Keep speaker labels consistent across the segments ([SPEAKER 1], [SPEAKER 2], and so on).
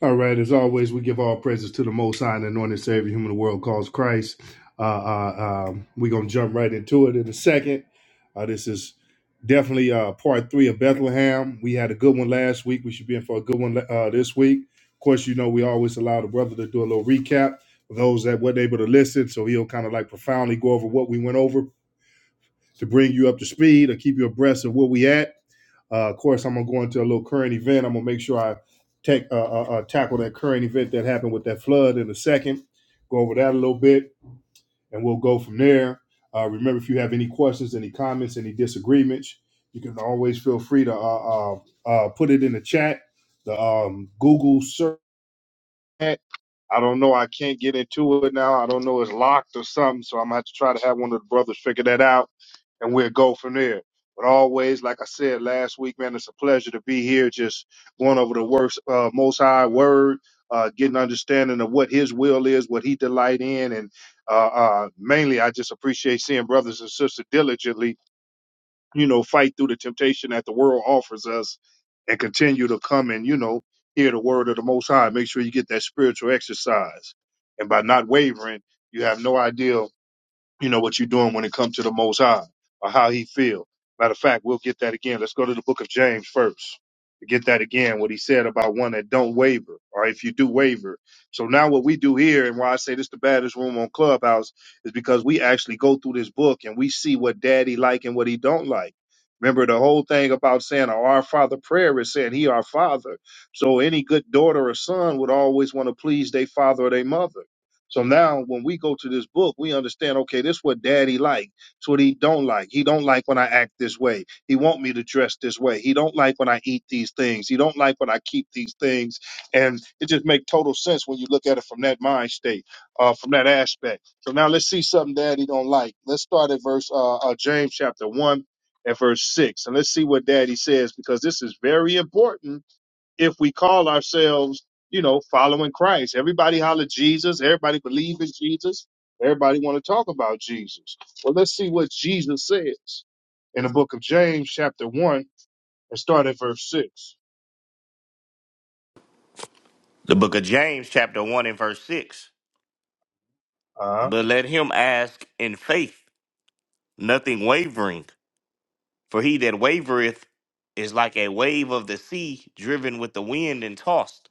[SPEAKER 1] All right. As always, we give all praises to the Most High and Anointed Savior, whom the world calls Christ. Uh, uh, um, we're gonna jump right into it in a second. Uh, this is definitely uh, part three of Bethlehem. We had a good one last week. We should be in for a good one uh, this week. Of course, you know we always allow the brother to do a little recap for those that weren't able to listen, so he'll kind of like profoundly go over what we went over to bring you up to speed or keep you abreast of where we at. Uh, of course, I'm gonna go into a little current event. I'm gonna make sure I take uh, uh, uh, tackle that current event that happened with that flood in a second. Go over that a little bit, and we'll go from there. Uh, remember, if you have any questions, any comments, any disagreements, you can always feel free to uh, uh, uh, put it in the chat. The um, Google search can't- I don't know. I can't get into it now. I don't know. It's locked or something. So I'm gonna have to try to have one of the brothers figure that out, and we'll go from there. But always, like I said last week, man, it's a pleasure to be here. Just going over the works, uh, Most High Word, uh, getting understanding of what His will is, what He delight in, and uh, uh, mainly, I just appreciate seeing brothers and sisters diligently you know, fight through the temptation that the world offers us and continue to come and, you know, hear the word of the Most High. Make sure you get that spiritual exercise. And by not wavering, you have no idea you know what you're doing when it comes to the most high or how he feel matter of fact we'll get that again let's go to the book of james first to get that again what he said about one that don't waver or if you do waver so now what we do here and why i say this the baddest room on clubhouse is because we actually go through this book and we see what daddy like and what he don't like remember the whole thing about saying a our father prayer is saying he our father so any good daughter or son would always want to please their father or their mother so now when we go to this book, we understand, okay, this what daddy like. It's what he don't like. He don't like when I act this way. He want me to dress this way. He don't like when I eat these things. He don't like when I keep these things. And it just make total sense when you look at it from that mind state, uh, from that aspect. So now let's see something daddy don't like. Let's start at verse uh, uh James chapter one and verse six. And let's see what daddy says, because this is very important if we call ourselves, you know, following Christ. Everybody holler Jesus. Everybody believe in Jesus. Everybody want to talk about Jesus. Well, let's see what Jesus says in the book of James, chapter one, and start at verse 6
[SPEAKER 2] The book of James, chapter 1 and verse 6.
[SPEAKER 1] Uh-huh.
[SPEAKER 2] But let him ask in faith, nothing wavering. For he that wavereth is like a wave of the sea, driven with the wind and tossed.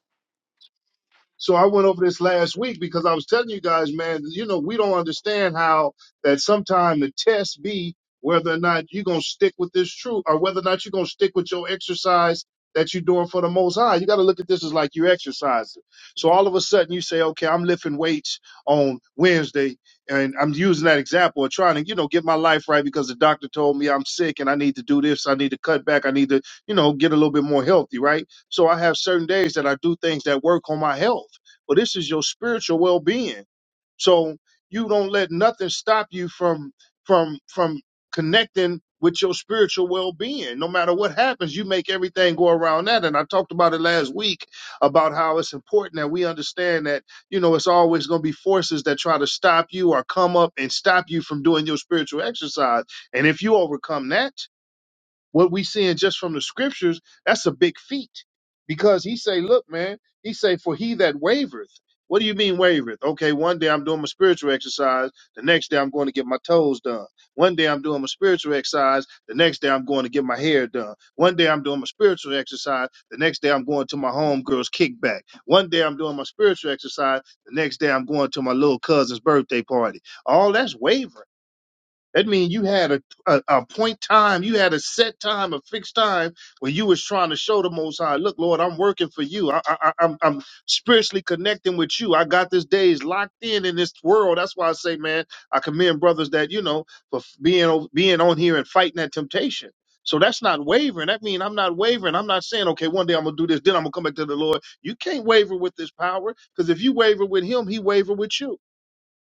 [SPEAKER 1] So I went over this last week because I was telling you guys, man, you know, we don't understand how that sometimes the test be whether or not you're going to stick with this truth or whether or not you're going to stick with your exercise that you're doing for the most high. You got to look at this as like you're exercising. So all of a sudden you say, okay, I'm lifting weights on Wednesday. And I'm using that example of trying to, you know, get my life right because the doctor told me I'm sick and I need to do this. I need to cut back. I need to, you know, get a little bit more healthy, right? So I have certain days that I do things that work on my health. But this is your spiritual well being. So you don't let nothing stop you from from from connecting with your spiritual well-being. No matter what happens, you make everything go around that. And I talked about it last week about how it's important that we understand that, you know, it's always going to be forces that try to stop you or come up and stop you from doing your spiritual exercise. And if you overcome that, what we seeing just from the scriptures, that's a big feat. Because he say, look, man, he say, for he that wavereth. What do you mean wavereth? Okay, one day I'm doing my spiritual exercise, the next day I'm going to get my toes done. One day I'm doing my spiritual exercise, the next day I'm going to get my hair done. One day I'm doing my spiritual exercise, the next day I'm going to my homegirl's kickback. One day I'm doing my spiritual exercise, the next day I'm going to my little cousin's birthday party. All that's wavering. That means you had a, a a point time, you had a set time, a fixed time when you was trying to show the Most High, look, Lord, I'm working for you. I, I, I- I'm I'm spiritually connecting with you. I got this days locked in in this world. That's why I say, man, I commend brothers that you know for f- being o- being on here and fighting that temptation. So that's not wavering. That means I'm not wavering. I'm not saying, okay, one day I'm gonna do this, then I'm gonna come back to the Lord. You can't waver with this power because if you waver with Him, He waver with you.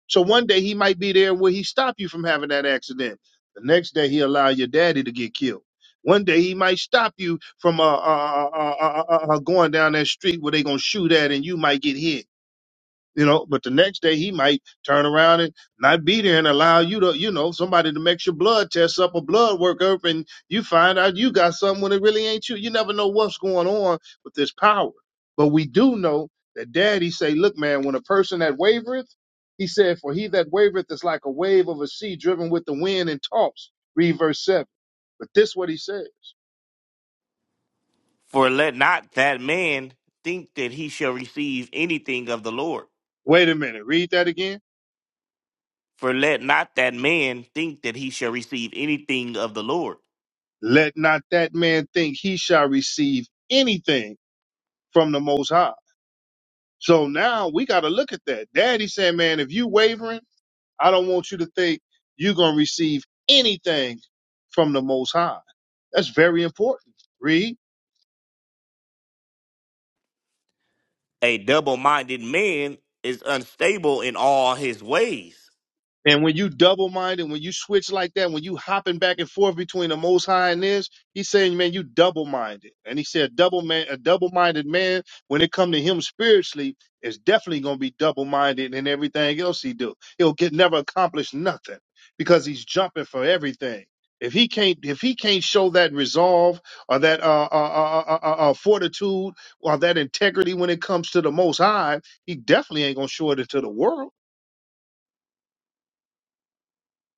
[SPEAKER 1] So one day he might be there where he stop you from having that accident. The next day he allow your daddy to get killed. One day he might stop you from uh, uh, uh, uh, uh, uh, uh, going down that street where they gonna shoot at and you might get hit you know, but the next day he might turn around and not be there and allow you to, you know, somebody to make your blood test up a blood work up and you find out you got something when it really ain't you. You never know what's going on with this power. But we do know that daddy say, look, man, when a person that wavereth, he said, for he that wavereth is like a wave of a sea driven with the wind and tossed. Read verse seven. But this what he said.
[SPEAKER 2] For let not that man think that he shall receive anything of the Lord.
[SPEAKER 1] Wait a minute. Read that again.
[SPEAKER 2] For let not that man think that he shall receive anything of the Lord.
[SPEAKER 1] Let not that man think he shall receive anything from the most high So now we got to look at that. Daddy said, man, if you wavering, I don't want you to think you're going to receive anything from the Most High. That's very important. Read.
[SPEAKER 2] A double minded man is unstable in all his ways.
[SPEAKER 1] And when you double minded, when you switch like that, when you hopping back and forth between the Most High and this, he's saying, man, you double minded. And he said, double man, a double minded man, when it come to him spiritually, is definitely gonna be double minded in everything else he do. He'll get never accomplish nothing because he's jumping for everything. If he can't, if he can't show that resolve or that uh, uh, uh, uh, uh, uh, uh, fortitude or that integrity when it comes to the Most High, he definitely ain't gonna show it into the world.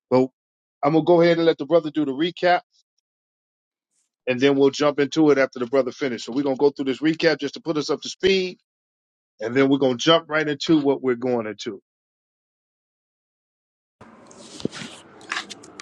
[SPEAKER 1] Well, I'm gonna go ahead and let the brother do the recap, and then we'll jump into it after the brother finishes. So we're gonna go through this recap just to put us up to speed, and then we're gonna jump right into what we're going into.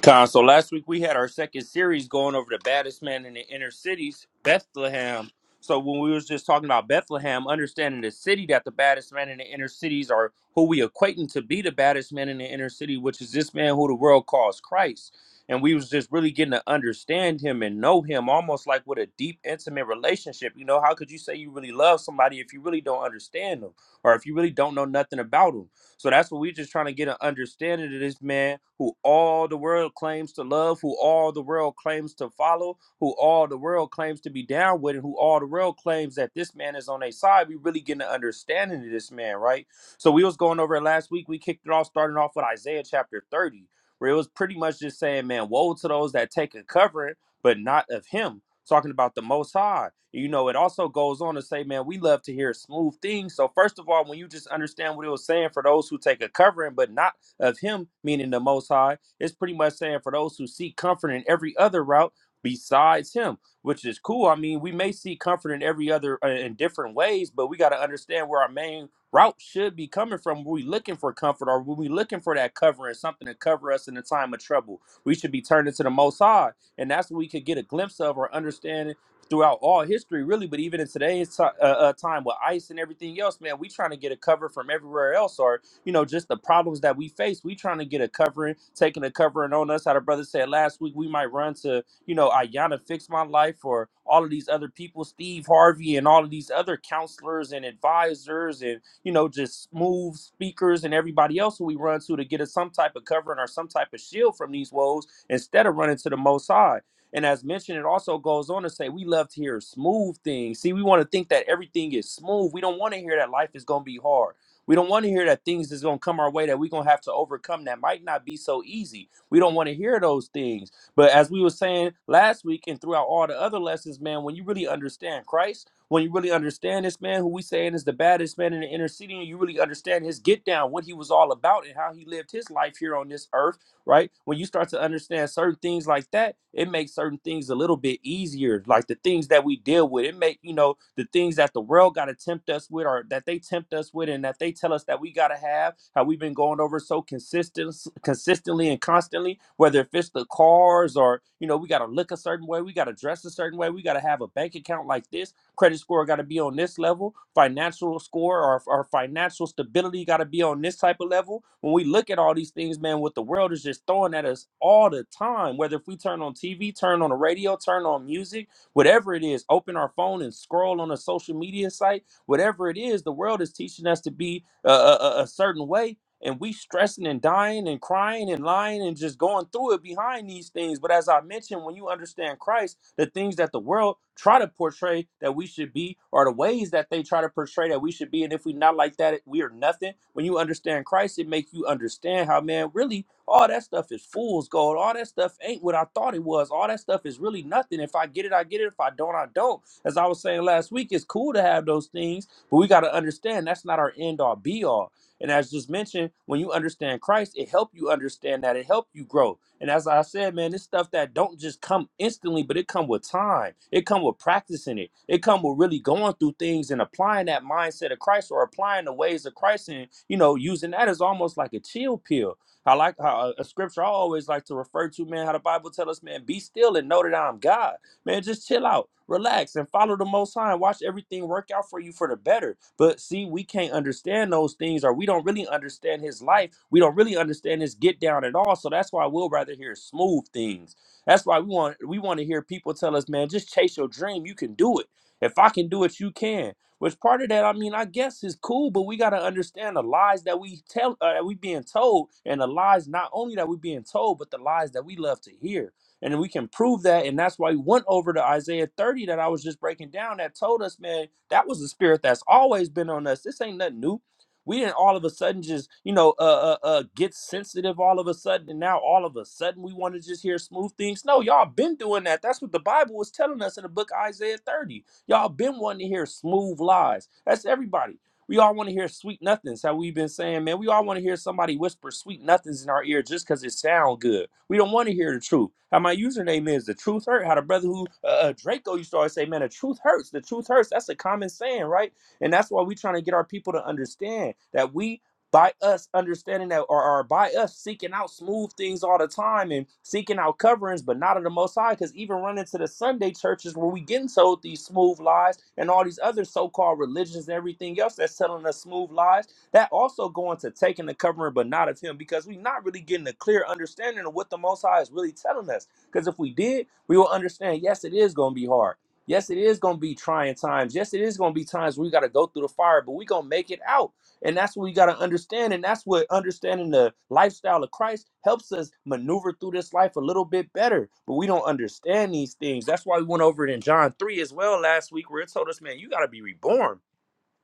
[SPEAKER 3] Con, so last week we had our second series going over the baddest man in the inner cities, Bethlehem. So when we was just talking about Bethlehem, understanding the city that the baddest man in the inner cities are who we equating to be the baddest man in the inner city, which is this man who the world calls Christ. And we was just really getting to understand him and know him almost like with a deep, intimate relationship. You know, how could you say you really love somebody if you really don't understand them or if you really don't know nothing about them? So that's what we're just trying to get an understanding of this man who all the world claims to love, who all the world claims to follow, who all the world claims to be down with, and who all the world claims that this man is on their side. We really getting an understanding of this man, right? So we was going over it last week. We kicked it off, starting off with Isaiah chapter 30, where it was pretty much just saying, man, woe to those that take a covering, but not of him talking about the Most High. You know, it also goes on to say, man, we love to hear smooth things. So first of all, when you just understand what it was saying for those who take a covering, but not of Him, meaning the Most High, it's pretty much saying for those who seek comfort in every other route besides Him, which is cool. I mean, we may seek comfort in every other uh, in different ways, but we got to understand where our main route should be coming from. Were we looking for comfort, or were we looking for that covering, something to cover us in a time of trouble? We should be turning to the Most High and that's what we could get a glimpse of or understanding throughout all history, really. But even in today's ti- uh, uh, time with ICE and everything else, man, we trying to get a cover from everywhere else, or you know, just the problems that we face. We trying to get a covering, taking a covering on us. How the brother said last week, we might run to you know Ayanna, Fix My Life or all of these other people, Steve Harvey, and all of these other counselors and advisors and you know, just smooth speakers and everybody else who we run to to get us some type of covering or some type of shield from these woes instead of running to the Most High. And as mentioned, it also goes on to say we love to hear smooth things. See, we want to think that everything is smooth. We don't want to hear that life is going to be hard. We don't want to hear that things is going to come our way that we're going to have to overcome that might not be so easy. We don't want to hear those things. But as we were saying last week and throughout all the other lessons, man, when you really understand Christ, when you really understand this man who we saying is the baddest man in the inner city, and you really understand his get down, what he was all about, and how he lived his life here on this earth right? When you start to understand certain things like that, it makes certain things a little bit easier. Like the things that we deal with, it make you know the things that the world got to tempt us with, or that they tempt us with, and that they tell us that we got to have. How we've been going over so consistent, consistently and constantly. Whether if it's the cars, or you know, we got to look a certain way, we got to dress a certain way, we got to have a bank account like this Credit score got to be on this level. Financial score or, or financial stability got to be on this type of level. When we look at all these things, man, what the world is just throwing at us all the time, whether if we turn on TV, turn on the radio, turn on music, whatever it is, open our phone and scroll on a social media site, whatever it is, the world is teaching us to be a, a, a a certain way and we stressing and dying and crying and lying and just going through it behind these things. But as I mentioned, when you understand Christ, the things that the world try to portray that we should be, or the ways that they try to portray that we should be, and if we not like that, we are nothing. When you understand Christ, it makes you understand how man really all that stuff is fool's gold. All that stuff ain't what I thought it was. All that stuff is really nothing. If I get it, I get it. If I don't, I don't. As I was saying last week, it's cool to have those things, but we got to understand that's not our end all be all and as just mentioned, when you understand Christ, it help you understand that. It help you grow. And as I said, man, it's stuff that don't just come instantly, but it come with time. It come with practicing it. It come with really going through things and applying that mindset of Christ or applying the ways of Christ and, you know, using that as almost like a chill pill. I like how a a scripture I always like to refer to, man, how the Bible tell us, man, be still and know that I'm God. Man, just chill out, relax, and follow the Most High and watch everything work out for you for the better. But see, we can't understand those things, or we don't really understand His life. We don't really understand His get down at all. So that's why we'll rather hear smooth things. That's why we want we want to hear people tell us, man, just chase your dream. You can do it. If I can do it, you can. Which part of that, I mean, I guess is cool, but we gotta understand the lies that we tell, uh, that we being told, and the lies not only that we being told, but the lies that we love to hear. And we can prove that. And that's why we went over to Isaiah 30 that I was just breaking down that told us, man, that was the spirit that's always been on us. This ain't nothing new. We didn't all of a sudden just, you know, uh, uh, uh, get sensitive all of a sudden. And now all of a sudden we want to just hear smooth things. No, y'all been doing that. That's what the Bible was telling us in the book of Isaiah 30. Y'all been wanting to hear smooth lies. That's everybody. We all want to hear sweet nothings. How we've been saying, man, we all want to hear somebody whisper sweet nothings in our ear just because it sound good. We don't want to hear the truth. How my username is the truth hurt. How the brother who uh, uh, Draco used to always say, man, the truth hurts. The truth hurts. That's a common saying, right? And that's why we're trying to get our people to understand that we by us understanding that or, or by us seeking out smooth things all the time and seeking out coverings but not of the most high because even running to the sunday churches where we getting told these smooth lies and all these other so-called religions and everything else that's telling us smooth lies that also going to taking the covering but not of him because we're not really getting a clear understanding of what the most high is really telling us because if we did we will understand yes it is going to be hard Yes, it is going to be trying times. Yes, it is going to be times where we got to go through the fire, but we going to make it out. And that's what we got to understand. And that's what understanding the lifestyle of Christ helps us maneuver through this life a little bit better. But we don't understand these things. That's why we went over it in John 3 as well last week, where it told us, man, you got to be reborn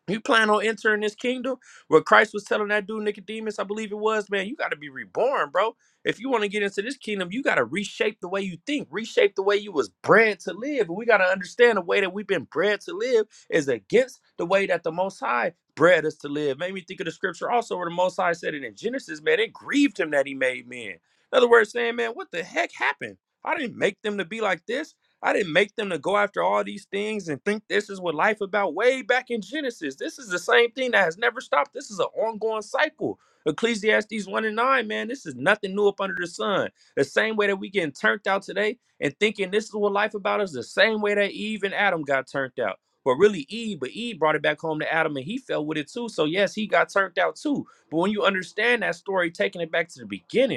[SPEAKER 3] you plan on entering this kingdom where Christ was telling that dude Nicodemus, I believe it was, man, you got to be reborn, bro. If you want to get into this kingdom, you got to reshape the way you think, reshape the way you was bred to live. And we got to understand the way that we've been bred to live is against the way that the Most High bred us to live. Made me think of the scripture also where the Most High said it in Genesis, man, it grieved him that he made men. In other words, saying, man, what the heck happened? I didn't make them to be like this. I didn't make them to go after all these things and think this is what life about way back in Genesis. This is the same thing that has never stopped. This is an ongoing cycle. Ecclesiastes 1 and 9, man, this is nothing new up under the sun. The same way that we getting turned out today and thinking this is what life about is the same way that Eve and Adam got turned out. Well, really Eve, but Eve brought it back home to Adam and he fell with it too. So yes, he got turned out too. But when you understand that story, taking it back to the beginning,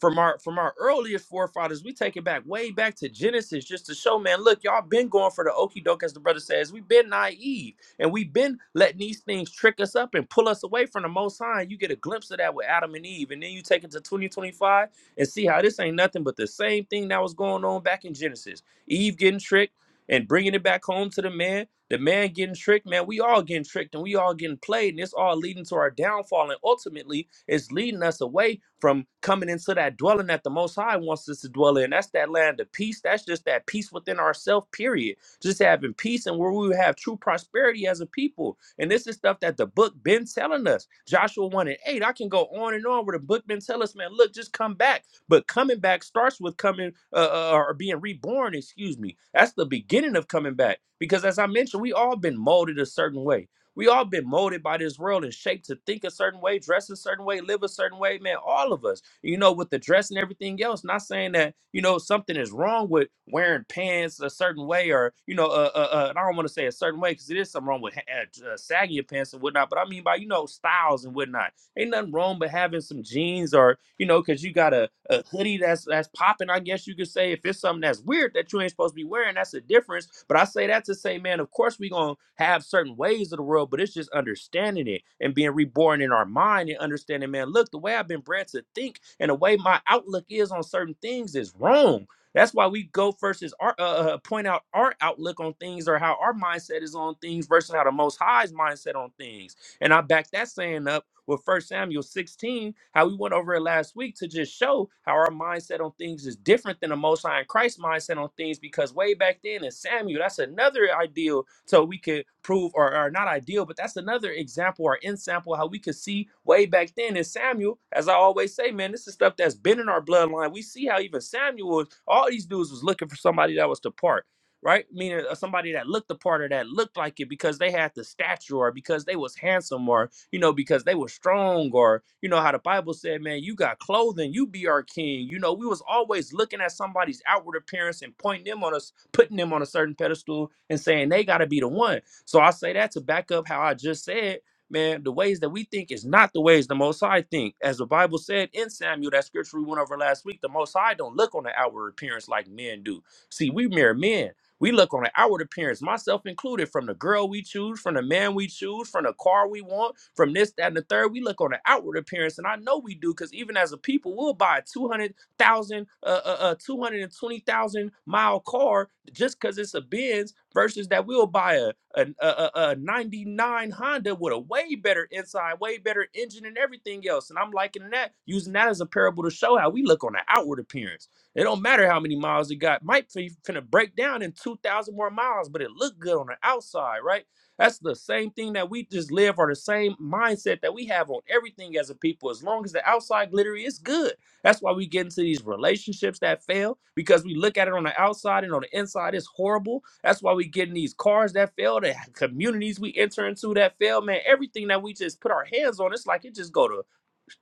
[SPEAKER 3] from our from our earliest forefathers, we take it back way back to Genesis just to show, man, look, y'all been going for the okie doke, as the brother says. We've been naive and we've been letting these things trick us up and pull us away from the most high. You get a glimpse of that with Adam and Eve, and then you take it to 2025 and see how this ain't nothing but the same thing that was going on back in Genesis. Eve getting tricked and bringing it back home to the man the man getting tricked, man, we all getting tricked and we all getting played, and it's all leading to our downfall. And ultimately, it's leading us away from coming into that dwelling that the Most High wants us to dwell in. That's that land of peace. That's just that peace within ourselves, period. Just having peace and where we would have true prosperity as a people. And this is stuff that the book been telling us. Joshua 1 and 8. I can go on and on where the book been telling us, man, look, just come back. But coming back starts with coming uh, uh, or being reborn, excuse me. That's the beginning of coming back. Because as I mentioned, we all been molded a certain way. We all been molded by this world and shaped to think a certain way, dress a certain way, live a certain way, man. All of us, you know, with the dress and everything else. Not saying that you know something is wrong with wearing pants a certain way, or you know, uh, uh, uh and I don't want to say a certain way because it is something wrong with ha- uh, sagging your pants and whatnot. But I mean by you know styles and whatnot Ain't nothing wrong with having some jeans or, you know, cause you got a, a hoodie that's that's popping, I guess you could say. If it's something that's weird that you ain't supposed to be wearing, that's a difference. But I say that to say, man, of course we gonna have certain ways of the world, but it's just understanding it and being reborn in our mind and understanding, man, look, the way I've been bred to think and the way my outlook is on certain things is wrong. That's why we go versus our uh, uh, point out our outlook on things or how our mindset is on things versus how the Most High's mindset on things. And I backed that saying up with First Samuel 16, how we went over it last week to just show how our mindset on things is different than the Most High and Christ's mindset on things. Because way back then in Samuel, that's another ideal. So we could prove, or, or not ideal, but that's another example or example how we could see way back then in Samuel. As I always say, man, this is stuff that's been in our bloodline. We see how even Samuel, all these dudes was looking for somebody that was to part right? Meaning uh, somebody that looked the part or that looked like it because they had the stature or because they was handsome or you know because they were strong or you know how the Bible said, man, you got clothing, you be our king. You know, we was always looking at somebody's outward appearance and pointing them on us, putting them on a certain pedestal and saying they got to be the one. So I say that to back up how I just said. Man, the ways that we think is not the ways the Most High think. As the Bible said in Samuel, that scripture we went over last week, the Most High don't look on the outward appearance like men do. See, we mere men. We look on the outward appearance, myself included, from the girl we choose, from the man we choose, from the car we want, from this, that, and the third. We look on the outward appearance, and I know we do because even as a people, we'll buy a 200,000, uh, uh, uh, 220,000 mile car just because it's a Benz versus that we'll buy a, a, a, a a 99 Honda with a way better inside, way better engine, and everything else. And I'm liking that, using that as a parable to show how we look on the outward appearance. It don't matter how many miles you got. Might be finna break down in 2,000 more miles, but it looked good on the outside, right? That's the same thing that we just live or the same mindset that we have on everything as a people. As long as the outside glittery is good. That's why we get into these relationships that fail because we look at it on the outside and on the inside it's horrible. That's why we get in these cars that fail, the communities we enter into that fail, man. Everything that we just put our hands on, it's like it just go to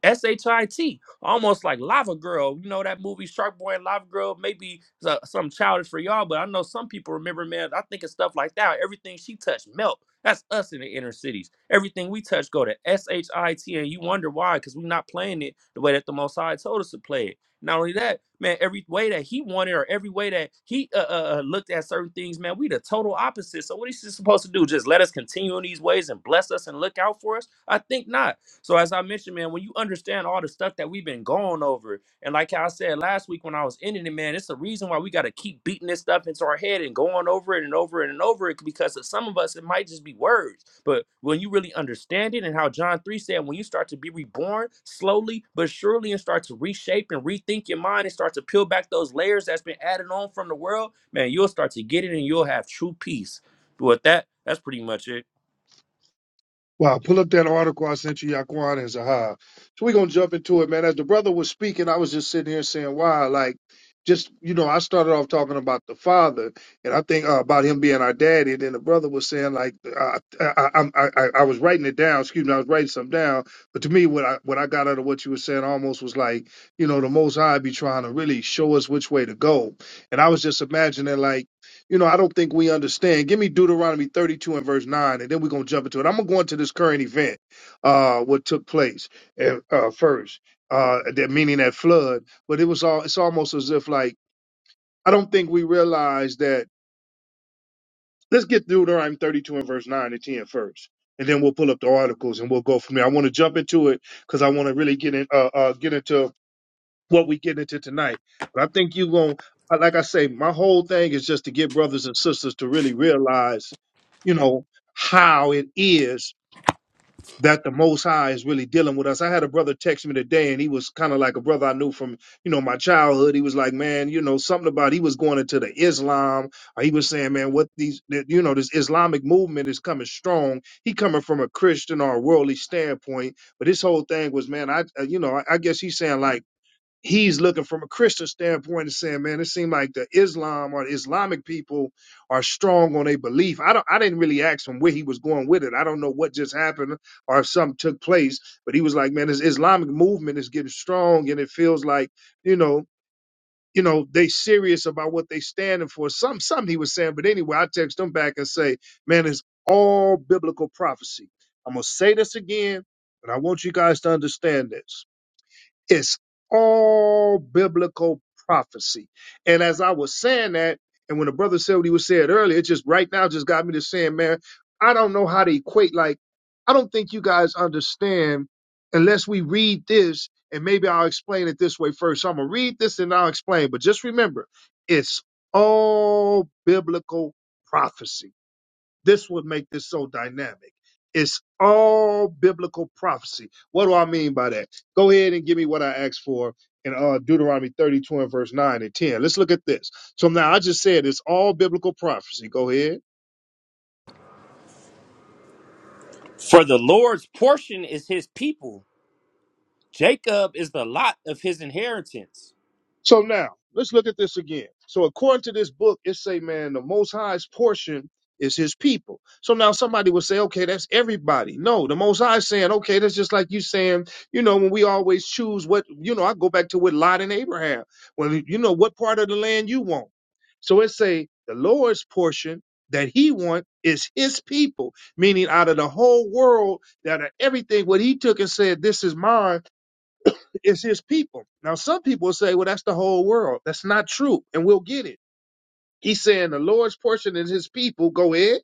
[SPEAKER 3] S H I T, almost like Lava Girl. You know that movie Shark Boy and Lava Girl. Maybe it's, uh, something childish for y'all, but I know some people remember, man. I think of stuff like that. Everything she touched melt. That's us in the inner cities. Everything we touch go to S H I T, and you wonder why, because we're not playing it the way that the Most High told us to play it. Not only that, man, every way that he wanted or every way that he uh, uh, uh, looked at certain things, man, we the total opposite. So what is he supposed to do? Just let us continue in these ways and bless us and look out for us? I think not. So as I mentioned, man, when you understand all the stuff that we've been going over, and like I said last week when I was ending it, man, it's the reason why we got to keep beating this stuff into our head and going over it and over it and over it because of some of us it might just be words, but when you really understand it and how John three said, when you start to be reborn slowly but surely and start to reshape and rethink your mind and start to peel back those layers that's been added on from the world, man, you'll start to get it and you'll have true peace. But with that, that's pretty much it.
[SPEAKER 1] Wow, pull up that article I sent you, Yaquan and Zaha. So we're gonna jump into it, man. As the brother was speaking, I was just sitting here saying, Wow, like just you know, I started off talking about the father, and I think uh, about him being our daddy. And then the brother was saying, like, uh, I, I, I, I, I was writing it down. Excuse me, I was writing something down. But to me, what I what I got out of what you were saying almost was like, you know, the Most High be trying to really show us which way to go. And I was just imagining, like you know, I don't think we understand. Give me Deuteronomy 32 and verse 9, and then we're going to jump into it. I'm going to go into this current event, uh, what took place uh, uh, first, uh, that meaning that flood. But it was all, it's almost as if like, I don't think we realize that. Let's get Deuteronomy 32 and verse 9 and 10 first, And then we'll pull up the articles and we'll go from there. I want to jump into it because I want to really get in, uh, uh, get into what we get into tonight. But I think you going to, like I say, my whole thing is just to get brothers and sisters to really realize, you know, how it is that the Most High is really dealing with us. I had a brother text me today, and he was kind of like a brother I knew from, you know, my childhood. He was like, man, you know, something about he was going into the Islam. Or he was saying, man, what these, that, you know, this Islamic movement is coming strong. He coming from a Christian or a worldly standpoint, but his whole thing was, man, I, uh, you know, I, I guess he's saying like he's looking from a Christian standpoint and saying, man, it seemed like the Islam or the Islamic people are strong on their belief. I don't I didn't really ask him where he was going with it. I don't know what just happened or if something took place, but he was like, man, this Islamic movement is getting strong and it feels like, you know, you know, they serious about what they standing for. Some something he was saying, but anyway, I text him back and say, man, it's all biblical prophecy. I'm gonna say this again, and I want you guys to understand this. It's all biblical prophecy. And as I was saying that, and when the brother said what he was saying earlier, it just right now just got me to saying, man, I don't know how to equate. Like, I don't think you guys understand unless we read this, and maybe I'll explain it this way first. So I'm gonna read this and I'll explain. But just remember, it's all biblical prophecy. This would make this so dynamic. It's all biblical prophecy. What do I mean by that? Go ahead and give me what I asked for in uh, Deuteronomy 32 and verse 9 and 10. Let's look at this. So now I just said it's all biblical prophecy. Go ahead.
[SPEAKER 3] For the Lord's portion is his people. Jacob is the lot of his inheritance.
[SPEAKER 1] So now let's look at this again. So according to this book, it say, man, the Most High's portion is His people. So now somebody would say, okay, that's everybody. No, the Most High is saying, okay, that's just like you saying, you know, when we always choose what, you know, I go back to with Lot and Abraham. When you know what part of the land you want. So it say the Lord's portion that He want is His people, meaning out of the whole world, that everything what He took and said, this is mine it's his people. Now, some people will say, well, that's the whole world. That's not true. And we'll get it. He's saying the Lord's portion is his people. Go ahead.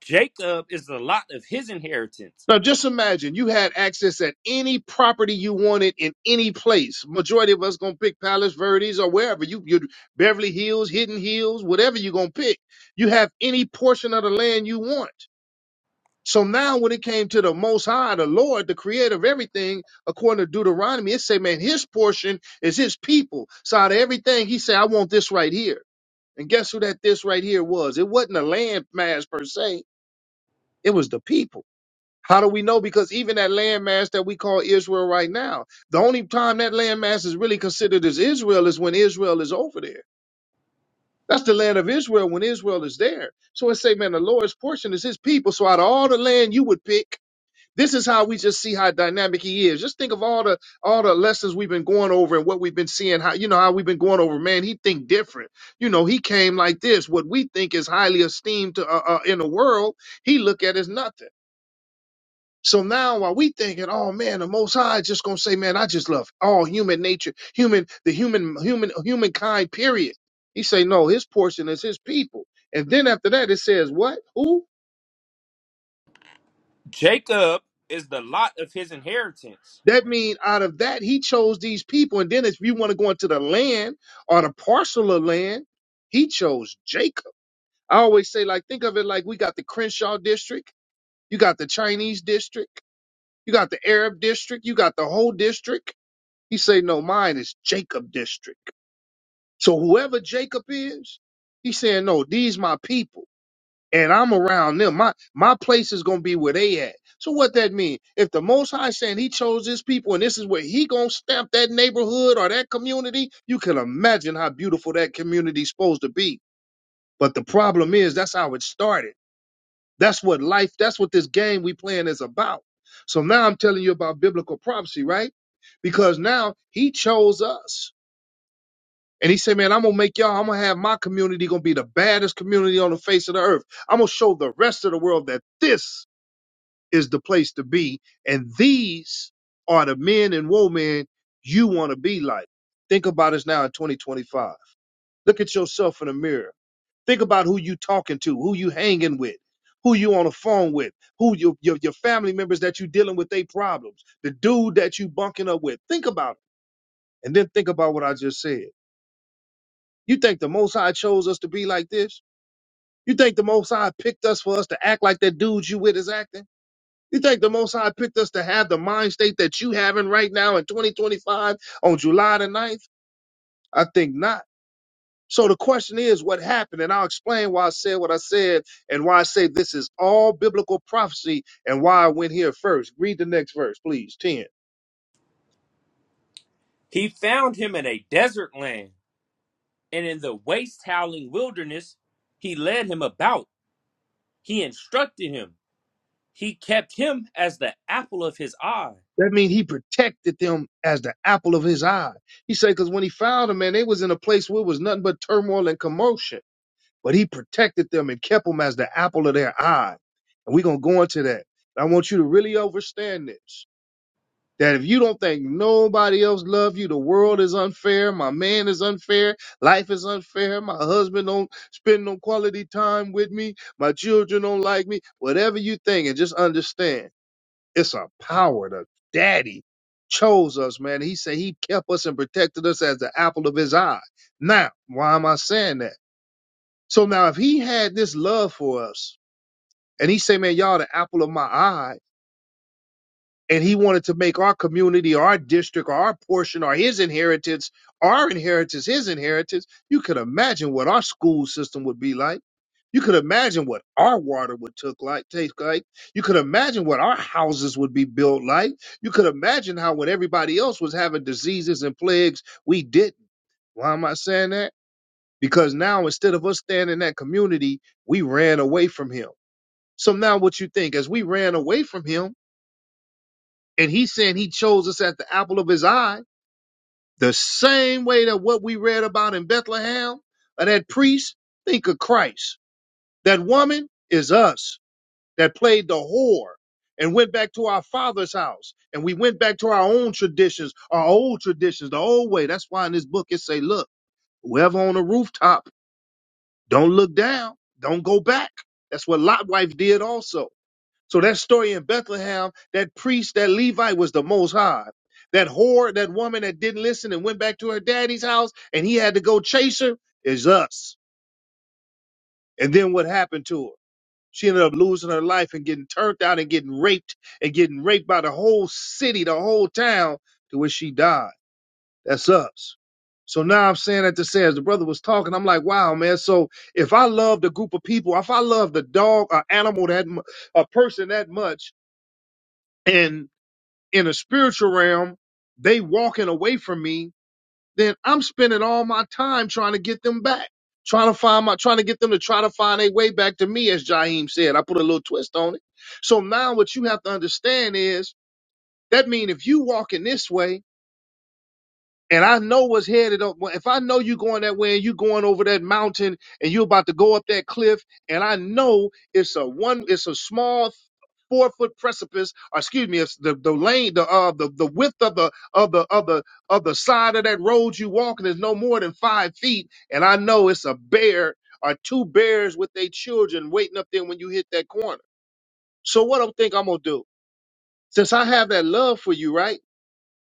[SPEAKER 3] Jacob is the lot of his inheritance.
[SPEAKER 1] Now, just imagine you had access at any property you wanted in any place. Majority of us going to pick Palace Verdes or wherever you, you Beverly Hills, Hidden Hills, whatever you're going to pick. You have any portion of the land you want. So now when it came to the most high, the Lord, the creator of everything, according to Deuteronomy, it say, man, his portion is his people. So out of everything, he said, I want this right here. And guess who that this right here was? It wasn't a land mass per se. It was the people. How do we know? Because even that land mass that we call Israel right now, the only time that land mass is really considered as Israel is when Israel is over there. That's the land of Israel when Israel is there. So it say, man, the Lord's portion is his people. So out of all the land you would pick, this is how we just see how dynamic he is. Just think of all the all the lessons we've been going over and what we've been seeing. How you know how we've been going over, man. He think different. You know, he came like this. What we think is highly esteemed to, uh, uh, in the world, he look at as nothing. So now, while we thinking, oh man, the Most High is just gonna say, man, I just love all human nature, human, the human, human, humankind. Period. He say, no, his portion is his people. And then after that, it says what? Who?
[SPEAKER 3] Jacob is the lot of his inheritance.
[SPEAKER 1] That mean out of that, he chose these people. And then if you want to go into the land or the parcel of land, he chose Jacob. I always say, like, think of it like we got the Crenshaw district, you got the Chinese district, you got the Arab district, you got the whole district. He say, no, mine is Jacob district. So whoever Jacob is, he's saying, no, these my people and I'm around them. My my place is gonna be where they at. So what that mean? If the Most High saying He chose His people, and this is where He gonna stamp that neighborhood or that community, you can imagine how beautiful that community's supposed to be. But the problem is that's how it started. That's what life. That's what this game we playing is about. So now I'm telling you about biblical prophecy, right? Because now He chose us. And he said, man, I'm going to make y'all, I'm going to have my community going to be the baddest community on the face of the earth. I'm going to show the rest of the world that this is the place to be. And these are the men and women you want to be like. Think about us now in 2025. Look at yourself in the mirror. Think about who you talking to, who you hanging with, who you on the phone with, who your, your, your family members that you dealing with their problems, the dude that you bunking up with. Think about it. And then think about what I just said You think the Most High chose us to be like this? You think the Most High picked us for us to act like that dude you with is acting? You think the Most High picked us to have the mind state that you having right now in 2025 on July the 9th? I think not. So the question is, what happened? And I'll explain why I said what I said and why I say this is all biblical prophecy and why I went here first. Read the next verse, please. 10.
[SPEAKER 3] He found him in a desert land, and in the waste howling wilderness, he led him about. He instructed him. He kept him as the apple of his eye.
[SPEAKER 1] That means he protected them as the apple of his eye. He said, because when he found them, man, they was in a place where it was nothing but turmoil and commotion. but he protected them and kept them as the apple of their eye. And we're going to go into that. I want you to really understand this that if you don't think nobody else loves you, the world is unfair, my man is unfair, life is unfair, my husband don't spend no quality time with me, my children don't like me, whatever you think, and just understand it's a power that daddy chose us, man. He said he kept us and protected us as the apple of his eye. Now, why am I saying that? So now if he had this love for us and he say, man, y'all the apple of my eye, and he wanted to make our community, our district, our portion, or his inheritance, our inheritance, his inheritance, you could imagine what our school system would be like. You could imagine what our water would took like, taste like. You could imagine what our houses would be built like. You could imagine how when everybody else was having diseases and plagues, we didn't. Why am I saying that? because now instead of us staying in that community, we ran away from him. So now what you think as we ran away from him and he's saying he chose us at the apple of his eye, the same way that what we read about in Bethlehem of that priest, think of Christ. That woman is us that played the whore and went back to our father's house and we went back to our own traditions, our old traditions, the old way. That's why in this book it say, look, whoever on the rooftop Don't look down. Don't go back. That's what Lot's wife did also. So that story in Bethlehem, that priest, that Levite was the most high. That whore, that woman that didn't listen and went back to her daddy's house and he had to go chase her is us. And then what happened to her? She ended up losing her life and getting turned out and getting raped and getting raped by the whole city, the whole town to where she died. That's us. So now I'm saying that to say, as the brother was talking, I'm like, wow, man. So if I loved a group of people, if I loved a dog, an animal that, mu- a person that much, and in a spiritual realm, they walking away from me, then I'm spending all my time trying to get them back, trying to find my, trying to get them to try to find a way back to me, as Jaheim said. I put a little twist on it. So now what you have to understand is that mean if you walking this way, and I know what's headed up. well, If I know you going that way and you going over that mountain and you're about to go up that cliff, and I know it's a one, it's a small four foot precipice, or excuse me, it's the, the lane, the uh the, the width of the of the of the of the side of that road you walking is no more than five feet, and I know it's a bear or two bears with their children waiting up there when you hit that corner. So what I think I'm gonna do, since I have that love for you, right?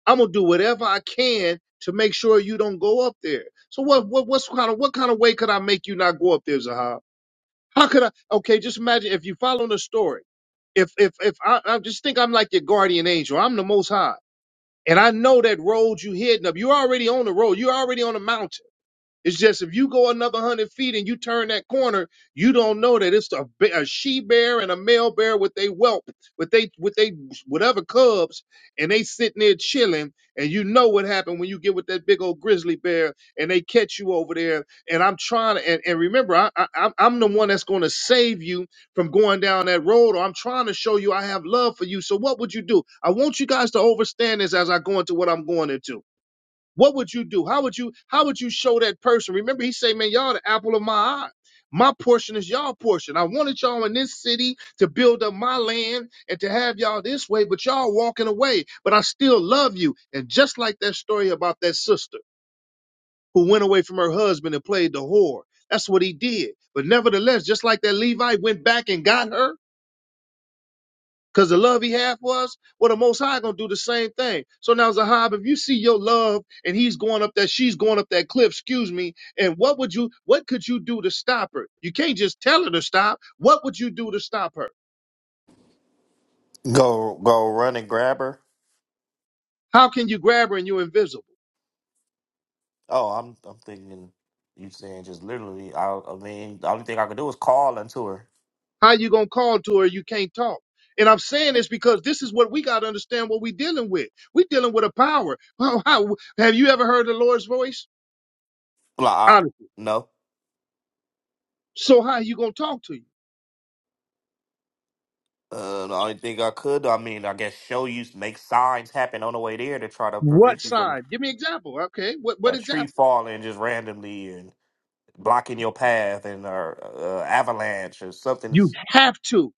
[SPEAKER 1] I'm gonna do whatever I can to make sure you don't go up there. So what what what's kind of what kind of way could I make you not go up there, Zahab? How could I okay, just imagine if you follow the story. If if if I, I just think I'm like your guardian angel, I'm the most high. And I know that road you heading up. You're already on the road, you're already on the mountain. It's just if you go another hundred feet and you turn that corner, you don't know that it's a, be- a she bear and a male bear with they whelp, with they with they whatever cubs, and they sitting there chilling. And you know what happened when you get with that big old grizzly bear and they catch you over there. And I'm trying to, and, and remember, I, I I'm I'm the one that's going to save you from going down that road, or I'm trying to show you I have love for you. So what would you do? I want you guys to understand this as I go into what I'm going into. What would you do? How would you how would you show that person? Remember, he say, Man, y'all the apple of my eye. My portion is y'all portion. I wanted y'all in this city to build up my land and to have y'all this way, but y'all walking away. But I still love you. And just like that story about that sister who went away from her husband and played the whore. That's what he did. But nevertheless, just like that Levi went back and got her, because the love he had for us, well, the Most High gonna do the same thing. So now, Zahab, if you see your love and he's going up that, she's going up that cliff, excuse me, and what would you, what could you do to stop her? You can't just tell her to stop. What would you do to stop her?
[SPEAKER 2] Go, go, run and grab her.
[SPEAKER 1] How can you grab her and you're invisible?
[SPEAKER 2] Oh, I'm I'm thinking you saying just literally. I I mean, the only thing I could do is call unto her.
[SPEAKER 1] How you gonna call to her? You can't talk. And I'm saying this because this is what we gotta understand. What we dealing with? We dealing with a power. How, how have you ever heard the Lord's voice?
[SPEAKER 2] Like, I,
[SPEAKER 1] Honest.
[SPEAKER 2] no,
[SPEAKER 1] So how you gonna talk to you?
[SPEAKER 2] uh, the only thing I could, I mean, I guess show you make signs happen on the way there to try to
[SPEAKER 1] What
[SPEAKER 2] prevent you from
[SPEAKER 1] sign? Give me an example. Okay, what what
[SPEAKER 2] a tree
[SPEAKER 1] example?
[SPEAKER 2] falling just randomly and blocking your path and or uh, avalanche or something.
[SPEAKER 1] You have to.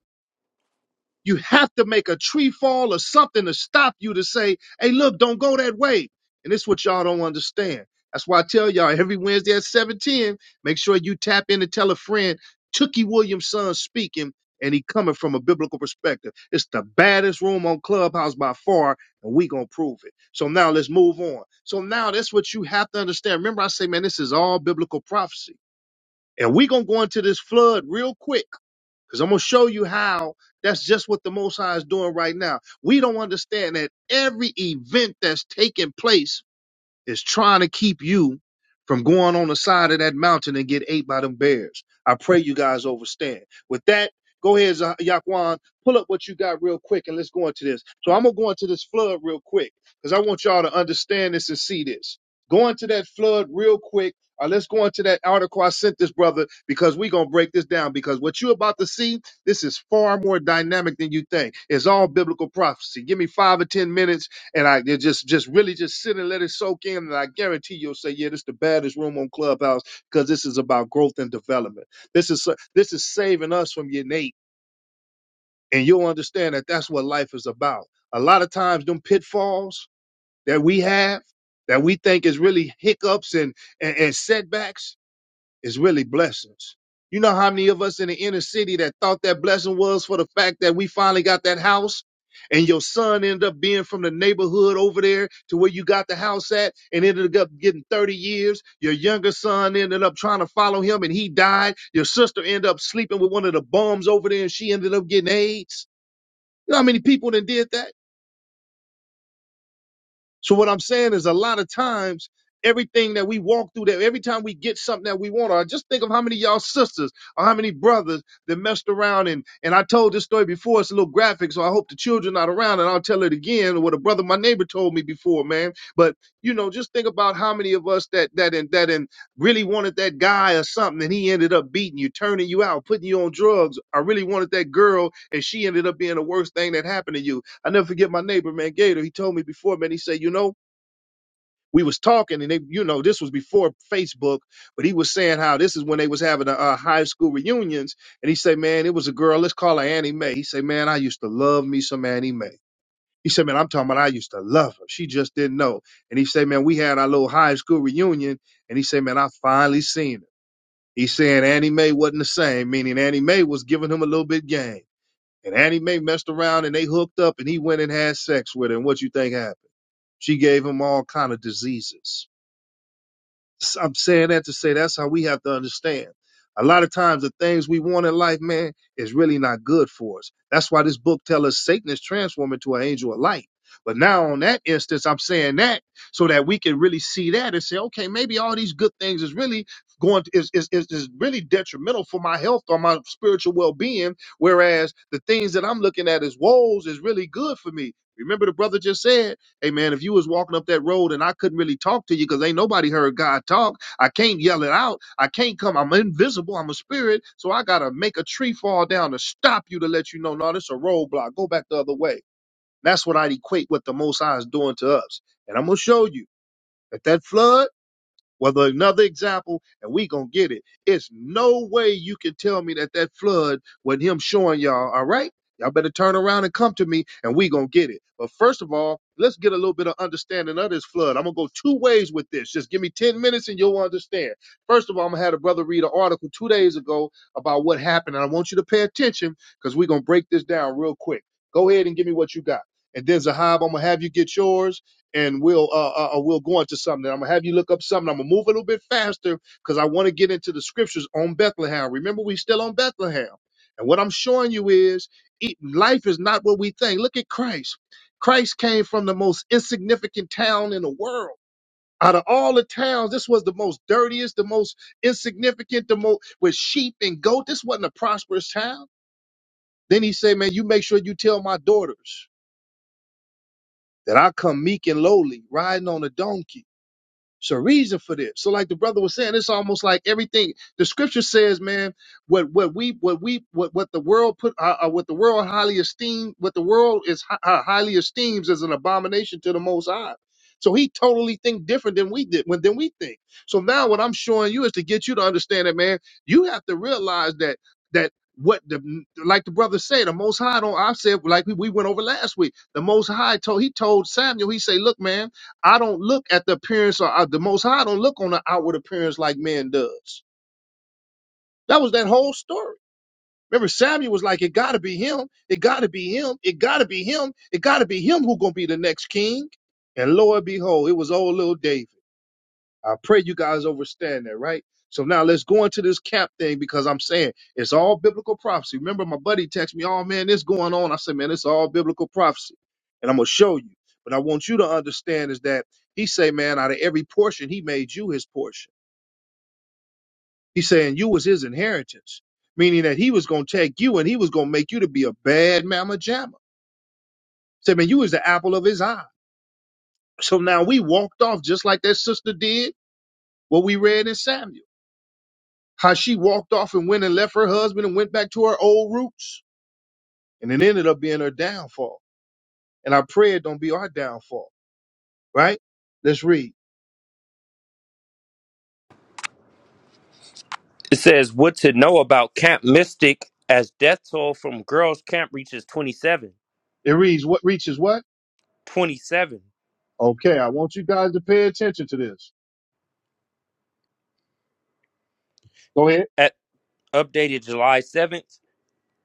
[SPEAKER 1] You have to make a tree fall or something to stop you to say, hey, look, don't go that way. And it's what y'all don't understand. That's why I tell y'all every Wednesday at 710, make sure you tap in and tell a friend, Tookie Williams' son speaking, and he coming from a biblical perspective. It's the baddest room on Clubhouse by far, and we gonna prove it. So now let's move on. So now that's what you have to understand. Remember, I say, man, this is all biblical prophecy. And we gonna go into this flood real quick because I'm going to show you how that's just what the Most High is doing right now. We don't understand that every event that's taking place is trying to keep you from going on the side of that mountain and get ate by them bears. I pray you guys overstand. With that, go ahead, Za- Yaquan, pull up what you got real quick and let's go into this. So I'm gonna go into this flood real quick because I want y'all to understand this and see this. Go into that flood real quick. Uh, let's go into that article I sent this brother because we're gonna break this down because what you're about to see, this is far more dynamic than you think. It's all biblical prophecy. Give me five or ten minutes and I you just just really just sit and let it soak in, and I guarantee you'll say, "Yeah, this is the baddest room on Clubhouse because this is about growth and development. This is so- this is saving us from your innate, and you'll understand that that's what life is about. A lot of times, them pitfalls that we have, that we think is really hiccups and and, and setbacks, is really blessings. You know how many of us in the inner city that thought that blessing was for the fact that we finally got that house and your son ended up being from the neighborhood over there to where you got the house at and ended up getting 30 years. Your younger son ended up trying to follow him and he died. Your sister ended up sleeping with one of the bums over there and she ended up getting AIDS. You know how many people that did that? So what I'm saying is a lot of times everything that we walk through that every time we get something that we want, or just think of how many of y'all sisters or how many brothers that messed around and and I told this story before, it's a little graphic, so I hope the children not around and I'll tell it again what a brother my neighbor told me before, man. But you know, just think about how many of us that that and that and really wanted that guy or something and he ended up beating you, turning you out, putting you on drugs. I really wanted that girl and she ended up being the worst thing that happened to you I never forget my neighbor, man, Gator. He told me before, man, he said, you know, we was talking and they, you know, this was before Facebook, but he was saying how this is when they was having a, uh high school reunions. And he said, man, it was a girl. Let's call her Annie Mae. He said, man, I used to love me some Annie Mae. He said, man, I'm talking about I used to love her. She just didn't know. And he said, man, we had our little high school reunion. And he said, man, I finally seen her. He said Annie Mae wasn't the same, meaning Annie Mae was giving him a little bit game. And Annie Mae messed around and they hooked up and he went and had sex with her. And what you think happened? She gave him all kind of diseases. i I'm saying that to say that's how we have to understand. A lot of times the things we want in life, man, is really not good for us. That's why this book tells us Satan is transformed into an angel of light. But now on that instance, I'm saying that so that we can really see that and say, okay, maybe all these good things is really going to, is, is, is is really detrimental for my health or my spiritual well-being. Whereas the things that I'm looking at as woes is really good for me. Remember the brother just said, Hey man, if you was walking up that road and I couldn't really talk to you because ain't nobody heard God talk, I can't yell it out. I can't come. I'm invisible. I'm a spirit. So I gotta make a tree fall down to stop you to let you know, no, this is a roadblock. Go back the other way. That's what I'd equate what the Most High is doing to us. And I'm gonna show you that that flood. Whether another example, and we gonna get it. It's no way you can tell me that that flood wasn't him showing y'all. All right, y'all better turn around and come to me, and we gonna get it. But first of all, let's get a little bit of understanding of this flood. I'm gonna go two ways with this. Just give me ten minutes, and you'll understand. First of all, I'm gonna have a brother read an article two days ago about what happened, and I want you to pay attention because we gonna break this down real quick. Go ahead and give me what you got, and then Zahab, I'm gonna have you get yours and we'll uh, uh uh, we'll go into something. I'm gonna have you look up something. I'm gonna move a little bit faster because I want to get into the scriptures on Bethlehem. Remember, we still on Bethlehem, and what I'm showing you is it, life is not what we think. Look at Christ. Christ came from the most insignificant town in the world. Out of all the towns, this was the most dirtiest, the most insignificant, the most with sheep and goat. This wasn't a prosperous town. Then he said, "Man, you make sure you tell my daughters that I come meek and lowly, riding on a donkey." It's a reason for this. So, like the brother was saying, it's almost like everything the scripture says, man. What what we what we what what the world put uh, uh, what the world highly esteem what the world is hi- uh, highly esteems is an abomination to the Most High. So he totally think different than we did when than we think. So now what I'm showing you is to get you to understand that, man. You have to realize that that what the like the brother said, the Most High don't. I said like we, we went over last week. The Most High told he told Samuel. He say, look, man. I don't look at the appearance or, or the Most High. I don't look on the outward appearance like man does. That was that whole story. Remember, Samuel was like, "It got to be him. It got to be him. It got to be him. It got to be him who gonna be the next king." And lo and behold, it was old little David. I pray you guys understand that, right? So now let's go into this cap thing because I'm saying it's all biblical prophecy. Remember, my buddy texted me, oh man, this going on. I said, man, it's all biblical prophecy. And I'm gonna show you. But I want you to understand is that he say, man, out of every portion, he made you his portion. He's saying you was his inheritance, meaning that he was gonna take you and he was gonna make you to be a bad mama jamma. Say, man, you was the apple of his eye. So now we walked off just like that sister did what we read in Samuel. How she walked off and went and left her husband and went back to her old roots. And it ended up being her downfall. And I pray it don't be our downfall, right? Let's read.
[SPEAKER 3] It says, What to know about Camp Mystic as death toll from girls' camp reaches 27.
[SPEAKER 1] It reads what reaches what?
[SPEAKER 3] 27
[SPEAKER 1] Okay, I want you guys to pay attention to this. Go ahead.
[SPEAKER 3] at updated July 7th.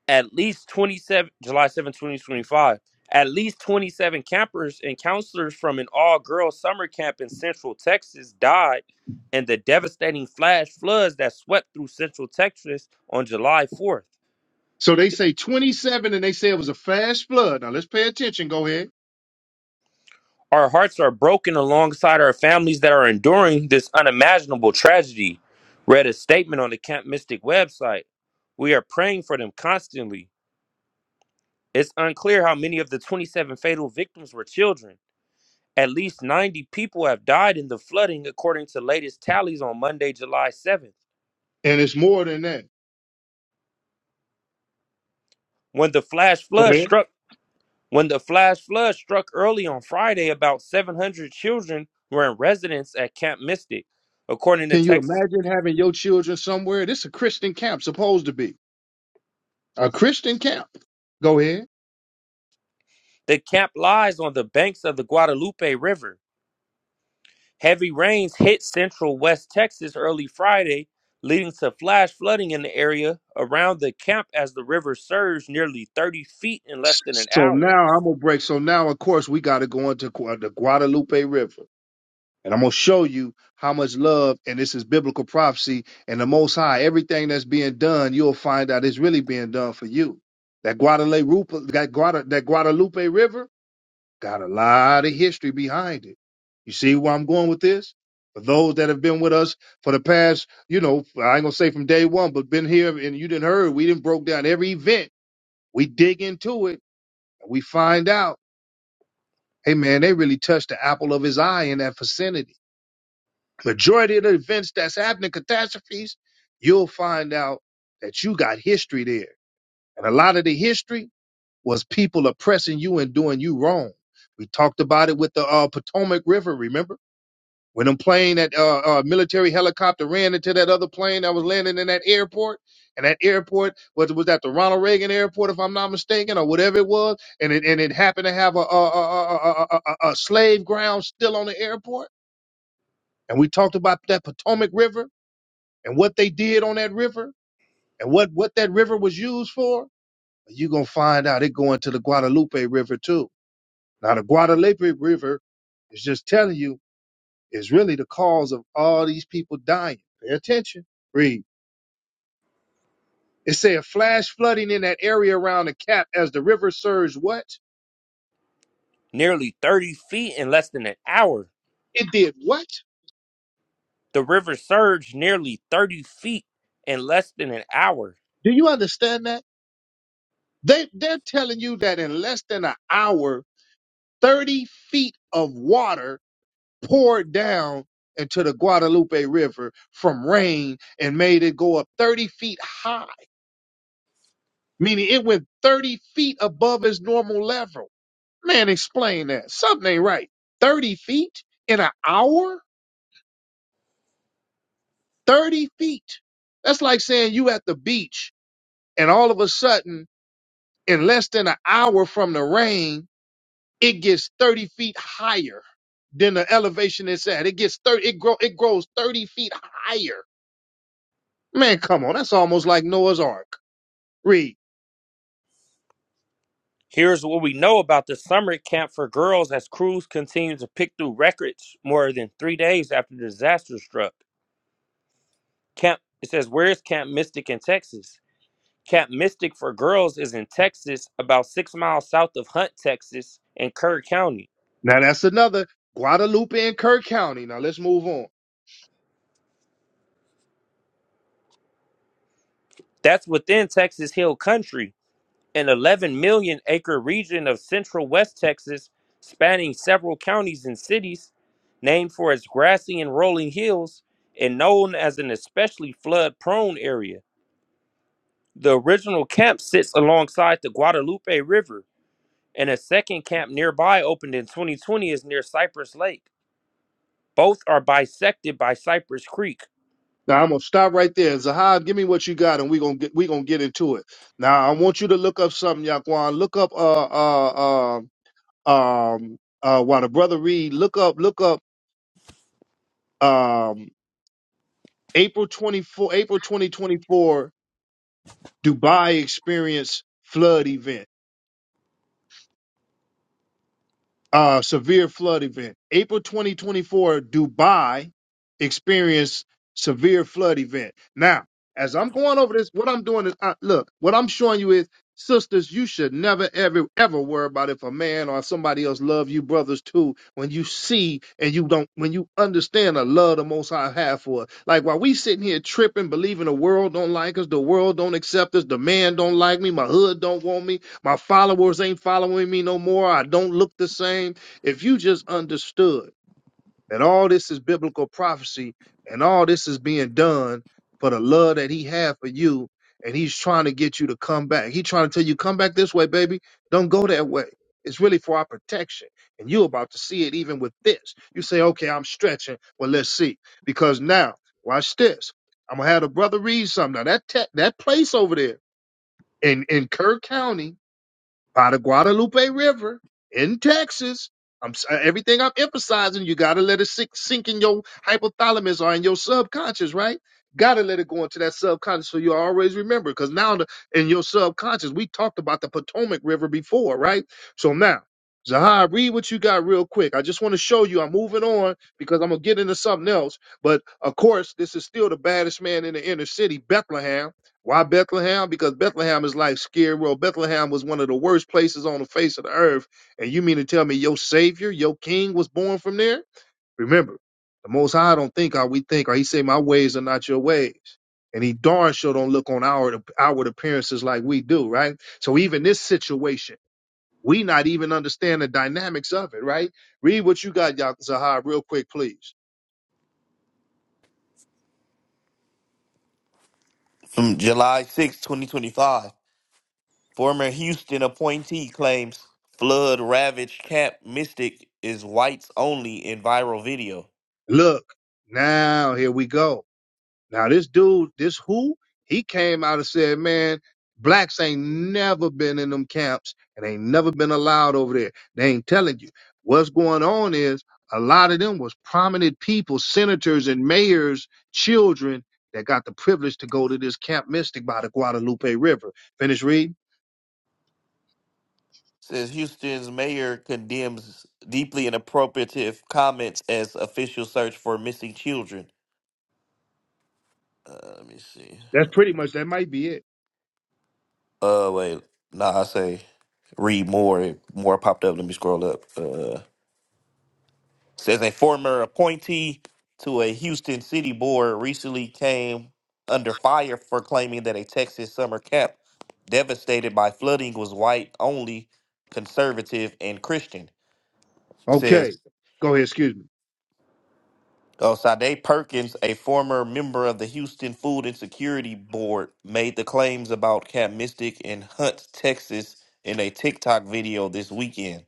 [SPEAKER 3] at least 27 July 7, 2025, at least 27 campers and counselors from an all-girls summer camp in Central Texas died in the devastating flash floods that swept through Central Texas on July 4th.
[SPEAKER 1] So they say 27 and they say it was a fast flood. Now let's pay attention. Go ahead.
[SPEAKER 3] Our hearts are broken alongside our families that are enduring this unimaginable tragedy. Read a statement on the Camp Mystic website. We are praying for them constantly. It's unclear how many of the 27 fatal victims were children At least 90 people have died in the flooding according to latest tallies on Monday, July 7th.
[SPEAKER 1] And it's more than that.
[SPEAKER 3] When the flash
[SPEAKER 1] Go
[SPEAKER 3] flood
[SPEAKER 1] ahead.
[SPEAKER 3] struck when the flash flood struck early on Friday, about 700 children were in residence at Camp Mystic. According to
[SPEAKER 1] Can you
[SPEAKER 3] Texas,
[SPEAKER 1] imagine having your children somewhere? This is a Christian camp, supposed to be. A Christian camp. Go ahead.
[SPEAKER 3] the camp lies on the banks of the Guadalupe River. Heavy rains hit central West Texas early Friday, leading to flash flooding in the area around the camp as the river surged nearly 30 feet in less than an
[SPEAKER 1] So
[SPEAKER 3] hour.
[SPEAKER 1] now I'm gonna break. So now, of course, we got to go into Gua- the Guadalupe River, and I'm gonna show you how much love, and this is biblical prophecy, and the Most High. Everything that's being done, you'll find out it's really being done for you. That Guadalupe, Rupa- that, Guada, that Guadalupe River, got a lot of history behind it. You see where I'm going with this? For those that have been with us for the past, you know, I ain't gonna say from day one, but been here and you didn't heard, we didn't broke down every event. We dig into it, and we find out. Hey man, they really touched the apple of his eye in that vicinity. Majority of the events that's happening, catastrophes, you'll find out that you got history there. And a lot of the history was people oppressing you and doing you wrong. We talked about it with the uh, Potomac River, remember? When a plane that uh, uh, military helicopter ran into that other plane that was landing in that airport, and that airport was was that the Ronald Reagan Airport, if I'm not mistaken, or whatever it was, and it and it happened to have a a, a, a, a, a a slave ground still on the airport, and we talked about that Potomac River and what they did on that river and what what that river was used for. You gonna find out it going to the Guadalupe River too. Now the Guadalupe River is just telling you is really the cause of all these people dying. Pay attention. Read. It said flash flooding in that area around the cap as the river surged what?
[SPEAKER 3] nearly 30 feet in less than an hour.
[SPEAKER 1] It did what?
[SPEAKER 3] The river surged nearly 30 feet in less than an hour.
[SPEAKER 1] Do you understand that? They they're telling you that in less than an hour, 30 feet of water poured down into the Guadalupe River from rain and made it go up 30 feet high, meaning it went 30 feet above its normal level Man, explain that. Something ain't right. 30 feet in an hour? 30 feet. That's like saying you at the beach and all of a sudden, in less than an hour from the rain, it gets 30 feet higher than the elevation it's at. It gets 30, it grow, it grows 30 feet higher. Man, come on. That's almost like Noah's Ark. Read.
[SPEAKER 3] Here's what we know about the summer camp for girls as crews continue to pick through records more than three days after the disaster struck. Camp it says, Where is Camp Mystic in Texas? Camp Mystic for girls is in Texas, about six miles south of Hunt, Texas, in Kerr County.
[SPEAKER 1] Now that's another Guadalupe and Kerr County. Now let's move on.
[SPEAKER 3] That's within Texas Hill Country. an 11 million acre region of central west Texas spanning several counties and cities, named for its grassy and rolling hills and known as an especially flood prone area. The original camp sits alongside the Guadalupe River, and a second camp nearby opened in 2020 is near Cypress Lake. Both are bisected by Cypress Creek.
[SPEAKER 1] Now I'm gonna stop right there. Zahab, give me what you got, and we gonna get we gonna get into it. Now I want you to look up something, Yaquan. Look up uh uh uh um uh while the brother read. Look up look up um April twenty four April twenty twenty four Dubai experience flood event. uh, severe flood event. April 2024, Dubai experienced severe flood event. Now, as I'm going over this, what I'm doing is, I, look, what I'm showing you is, sisters, you should never, ever, ever worry about if a man or somebody else love you, brothers too. When you see and you don't, when you understand the love the Most High have for us, like while we sitting here tripping, believing the world don't like us, the world don't accept us, the man don't like me, my hood don't want me, my followers ain't following me no more. I don't look the same. If you just understood that all this is biblical prophecy and all this is being done for the love that he had for you, and he's trying to get you to come back. He trying to tell you, come back this way, baby. Don't go that way. It's really for our protection. And you're about to see it even with this. You say, okay, I'm stretching. Well, let's see. Because now, watch this. I'm gonna have the brother read something. Now that te- that place over there in, in Kerr County by the Guadalupe River in Texas. I'm s- uh, everything I'm emphasizing. You got to let it sink, sink in your hypothalamus or in your subconscious, right? Got to let it go into that subconscious so you always remember. Because now the, in your subconscious, we talked about the Potomac River before, right? So now, Zahar, read what you got real quick. I just want to show you. I'm moving on because I'm gonna get into something else. But of course, this is still the baddest man in the inner city, Bethlehem. Why Bethlehem? Because Bethlehem is like scary world. Bethlehem was one of the worst places on the face of the earth. And you mean to tell me your savior, your king was born from there? Remember, the most high don't think how we think, or he say, My ways are not your ways. And he darn sure don't look on our outward appearances like we do, right? So even this situation, we not even understand the dynamics of it, right? Read what you got, Yaqzahar, real quick, please.
[SPEAKER 2] From July sixth, 2025, former Houston appointee claims flood ravaged Camp Mystic is whites only in viral video.
[SPEAKER 1] Look, now here we go Now this dude, this who, he came out and said, man, blacks ain't never been in them camps and ain't never been allowed over there. They ain't telling you. What's going on is a lot of them was prominent people, senators and mayors, children that got the privilege to go to this Camp Mystic by the Guadalupe River. Finish reading?
[SPEAKER 2] says Houston's mayor condemns deeply inappropriate comments as official search for missing children. Uh, let me see.
[SPEAKER 1] That's pretty much, that might be it.
[SPEAKER 2] Uh, wait. Nah, I say read more. It- More popped up. Let me scroll up. Uh, says a former appointee to a Houston city board recently came under fire for claiming that a Texas summer camp devastated by flooding was white only, conservative, and Christian. It
[SPEAKER 1] Okay.
[SPEAKER 2] says
[SPEAKER 1] Go ahead, excuse me.
[SPEAKER 2] Oh, Sade Perkins, a former member of the Houston Food and Security Board, made the claims about Camp Mystic in Hunt, Texas, in a TikTok video this weekend.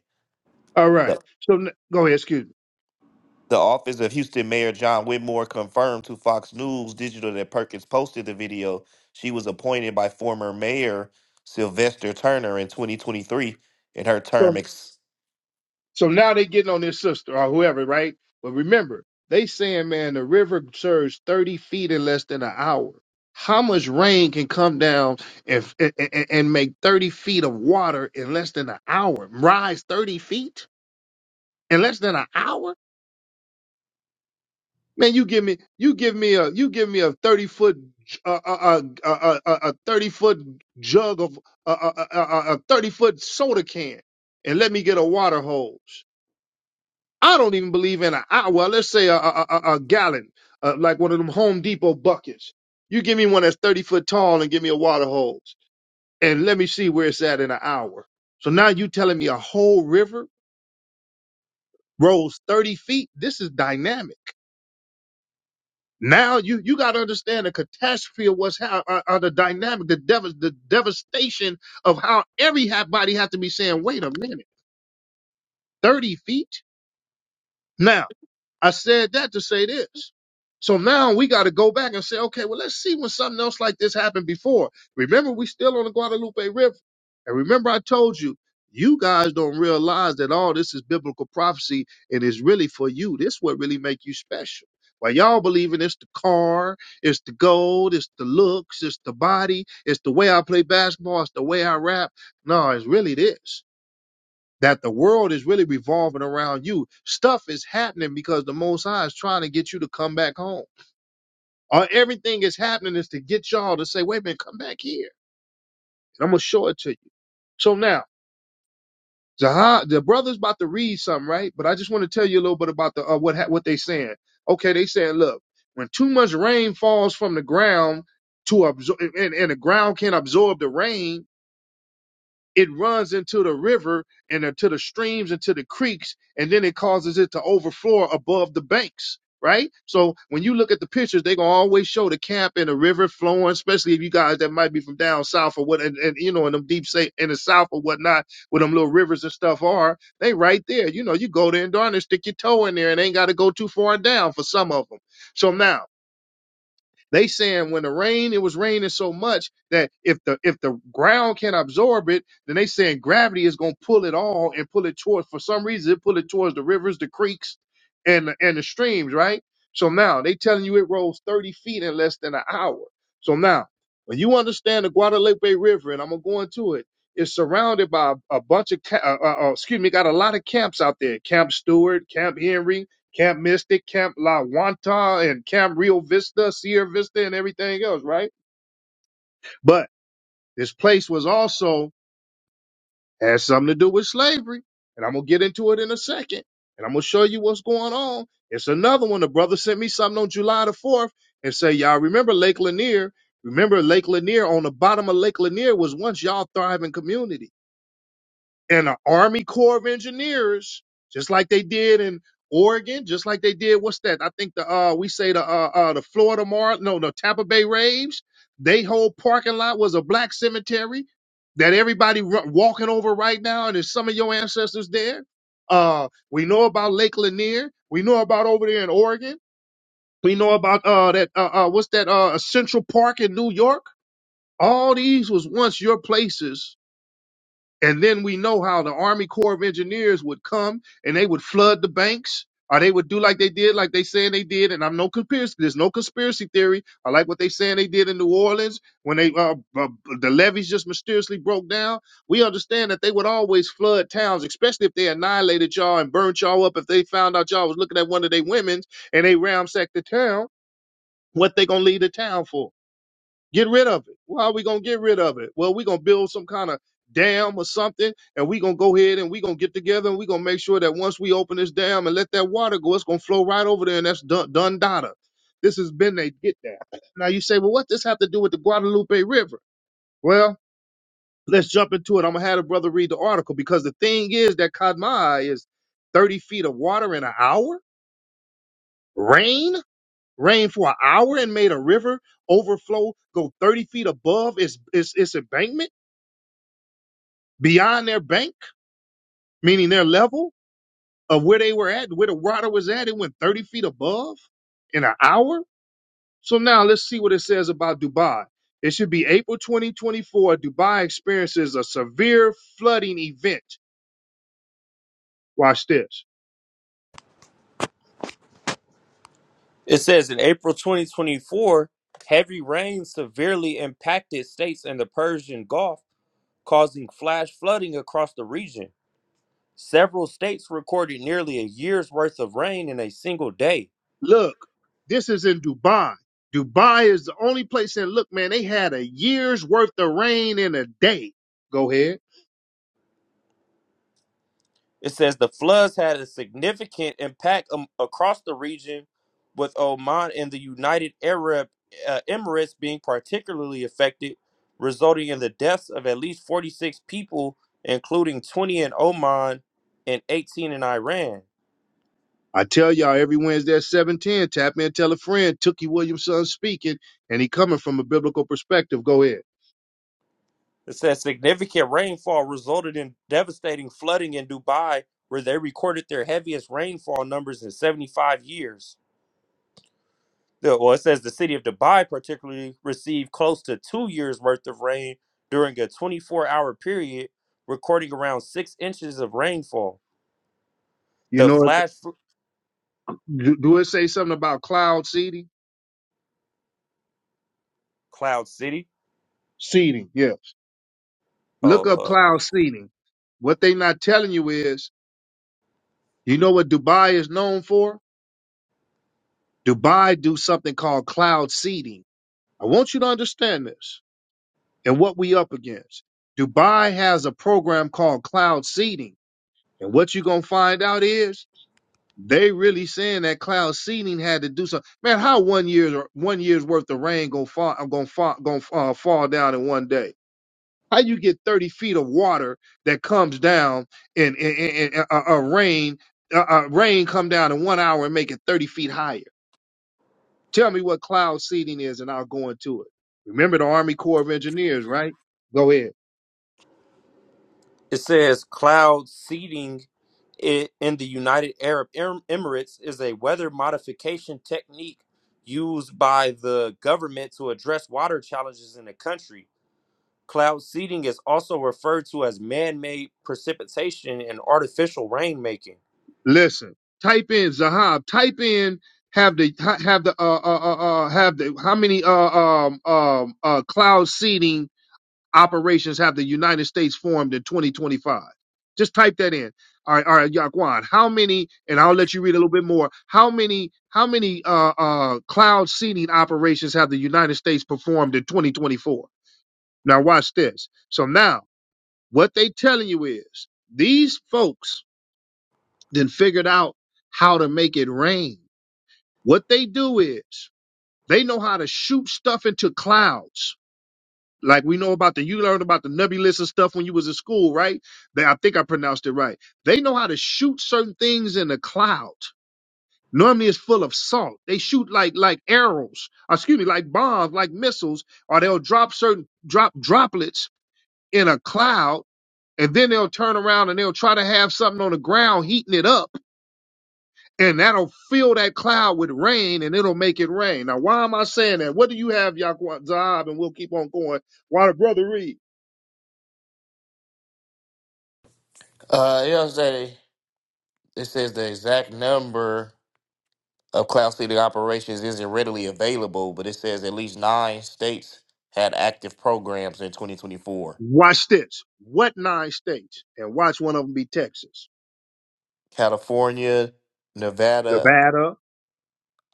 [SPEAKER 1] All
[SPEAKER 2] The,
[SPEAKER 1] right. So n- go ahead, excuse me.
[SPEAKER 2] the office of Houston Mayor John Whitmore confirmed to Fox News Digital that Perkins posted the video. She was appointed by former Mayor Sylvester Turner in 2023, and her
[SPEAKER 1] So
[SPEAKER 2] term ex-
[SPEAKER 1] So now they getting on this sister or whoever, right? But remember, they saying, man, the river surged 30 feet in less than an hour. How much rain can come down and, and, and make 30 feet of water in less than an hour? Rise 30 feet in less than an hour? Man, you give me, you give me a, you give me a 30 foot, uh, uh, uh, uh, uh, uh, a 30 foot jug of, uh, uh, uh, uh, uh, a 30 foot soda can and let me get a water hose I don't even believe in a I- well, let's say a, a, a, a gallon, uh, like one of them Home Depot buckets. You give me one that's 30 foot tall and give me a water hose and let me see where it's at in an hour. So now you telling me a whole river rose 30 feet. This is dynamic. Now you, you got to understand the catastrophe of what's how uh, uh, the dynamic, the dev- the devastation of how every ha- body has to be saying, wait a minute, 30 feet. now." I said that to say this. So now we got to go back and say, okay, well, let's see when something else like this happened before. Remember, we still on the Guadalupe River. And remember, I told you, you guys don't realize that all this is biblical prophecy and it's really for you. This what really make you special. While y'all believing it's the car, it's the gold, it's the looks, it's the body, it's the way I play basketball, it's the way I rap. No, it's really this that the world is really revolving around you. Stuff is happening because the Most High is trying to get you to come back home. Or everything is happening is to get y'all to say, wait a minute, come back here. And I'm going to show it to you. So now, Zaha, the brother's about to read something, right? But I just want to tell you a little bit about the uh, what ha- what they saying. Okay, they saying, look, when too much rain falls from the ground to absorb, and, and the ground can't absorb the rain, it runs into the river and into the streams into the creeks and then it causes it to overflow above the banks right so when you look at the pictures they gonna always show the camp and the river flowing especially if you guys that might be from down south or what and, and you know in them deep say in the south or whatnot where them little rivers and stuff are they right there you know you go there and darn it stick your toe in there and ain't got to go too far down for some of them so now they saying when the rain, it was raining so much that if the if the ground can absorb it, then they saying gravity is gonna pull it all and pull it towards. For some reason, it pull it towards the rivers, the creeks, and the, and the streams, right? So now they telling you it rose 30 feet in less than an hour. So now, when you understand the Guadalupe River, and I'm gonna go into it, is surrounded by a, a bunch of, ca- uh, uh, uh, excuse me, got a lot of camps out there. Camp Stewart, Camp Henry, Camp Mystic, Camp La Wanta, and Camp Rio Vista, Sierra Vista, and everything else, right? But this place was also had something to do with slavery. And I'm gonna get into it in a second. And I'm gonna show you what's going on. It's another one. The brother sent me something on July the 4th and say, Y'all remember Lake Lanier? Remember Lake Lanier on the bottom of Lake Lanier was once y'all thriving community. and an Army Corps of Engineers, just like they did in Oregon, just like they did. What's that? I think the uh we say the uh, uh the Florida Mar no the Tampa Bay Raves. They whole parking lot was a black cemetery that everybody r- walking over right now, and there's some of your ancestors there. Uh, we know about Lake Lanier. We know about over there in Oregon. We know about uh that uh, uh what's that uh Central Park in New York. All these was once your places and then we know how the Army Corps of Engineers would come and they would flood the banks, or they would do like they did, like they saying they did. And I'm no conspiracy. There's no conspiracy theory. I like what they saying they did in New Orleans when they uh, uh, the levees just mysteriously broke down. We understand that they would always flood towns, especially if they annihilated y'all and burnt y'all up. If they found out y'all was looking at one of their women's and they ramsacked the town, what they gonna leave the town for? Get rid of it. Well, how are we gonna get rid of it? Well, we're gonna build some kind of dam or something, and we're gonna go ahead and we're gonna get together and we're gonna make sure that once we open this dam and let that water go, it's gonna flow right over there, and that's done done data. This has been they get that. Now you say, well, what does this have to do with the Guadalupe River? Well, let's jump into it. I'm gonna have a brother read the article because the thing is that Kadmai is 30 feet of water in an hour, rain rained for an hour and made a river overflow, go 30 feet above its, its, its embankment, beyond their bank, meaning their level of where they were at, where the water was at. It went 30 feet above in an hour. So now let's see what it says about Dubai. It should be April 2024. Dubai experiences a severe flooding event. Watch this.
[SPEAKER 3] It says in April 2024, heavy rain severely impacted states in the Persian Gulf causing flash flooding across the region. Several states recorded nearly a year's worth of rain in a single day.
[SPEAKER 1] Look, this is in Dubai. Dubai is the only place, and look, man, they had a year's worth of rain in a day. Go ahead.
[SPEAKER 3] It says the floods had a significant impact um, across the region, with Oman and the United Arab uh, Emirates being particularly affected, resulting in the deaths of at least 46 people, including 20 in Oman and 18 in Iran.
[SPEAKER 1] I tell y'all every Wednesday at 710, tap in, tell a friend, Tookie Williamson speaking, and he coming from a biblical perspective. Go ahead.
[SPEAKER 3] It says significant rainfall resulted in devastating flooding in Dubai, where they recorded their heaviest rainfall numbers in 75 years. The- Well, it says the city of Dubai particularly received close to two years worth of rain during a 24 hour period, recording around six inches of rainfall.
[SPEAKER 1] You
[SPEAKER 3] The
[SPEAKER 1] know, it-
[SPEAKER 3] flash f-
[SPEAKER 1] do, do it say something about cloud seeding?
[SPEAKER 3] cloud city.
[SPEAKER 1] Seeding, yeah. Look
[SPEAKER 3] Oh,
[SPEAKER 1] up
[SPEAKER 3] uh,
[SPEAKER 1] cloud seeding. What they not telling you is, you know what Dubai is known for? Dubai do something called cloud seeding. I want you to understand this and what we up against. Dubai has a program called cloud seeding. And what you going to find out is They really saying that cloud seeding had to do something. Man, how one year's one year's worth of rain gonna fall? I'm gonna fall, gonna uh, fall down in one day. How you get thirty feet of water that comes down and and, and, and uh, uh, uh, rain uh, uh, rain come down in one hour and make it thirty feet higher? Tell me what cloud seeding is, and I'll go into it. Remember the Army Corps of Engineers, right? Go ahead.
[SPEAKER 3] It says cloud seeding i- in the United Arab Em- Emirates is a weather modification technique used by the government to address water challenges in the country. Cloud seeding is also referred to as man made precipitation and artificial rainmaking.
[SPEAKER 1] Listen, type in Zahab. Type in have the ha- have the uh uh uh uh, have the how many uh um um uh cloud seeding operations have the United States formed in 2025? Just type that in. All right, all right, Yaquan. How many? And I'll let you read a little bit more. How many? How many uh uh cloud seeding operations have the United States performed in 2024? Now watch this. So now what they telling you is these folks then figured out how to make it rain. What they do is they know how to shoot stuff into clouds. Like we know about the, you learned about the nebulous and stuff when you was in school, right? They, I think I pronounced it right. They know how to shoot certain things in a cloud. Normally it's full of salt. They shoot like, like arrows, or excuse me, like bombs, like missiles, or they'll drop certain, drop droplets in a cloud and then they'll turn around and they'll try to have something on the ground heating it up and that'll fill that cloud with rain and it'll make it rain. Now, why am I saying that? What do you have, Yaquan Zahab? And we'll keep on going while the brother read.
[SPEAKER 2] Uh, you know, what I'm saying? it says the exact number of cloud seeding operations isn't readily available, but it says at least nine states had active programs in 2024
[SPEAKER 1] Watch this. What nine states? And watch one of them be Texas,
[SPEAKER 2] California, Nevada,
[SPEAKER 1] Nevada.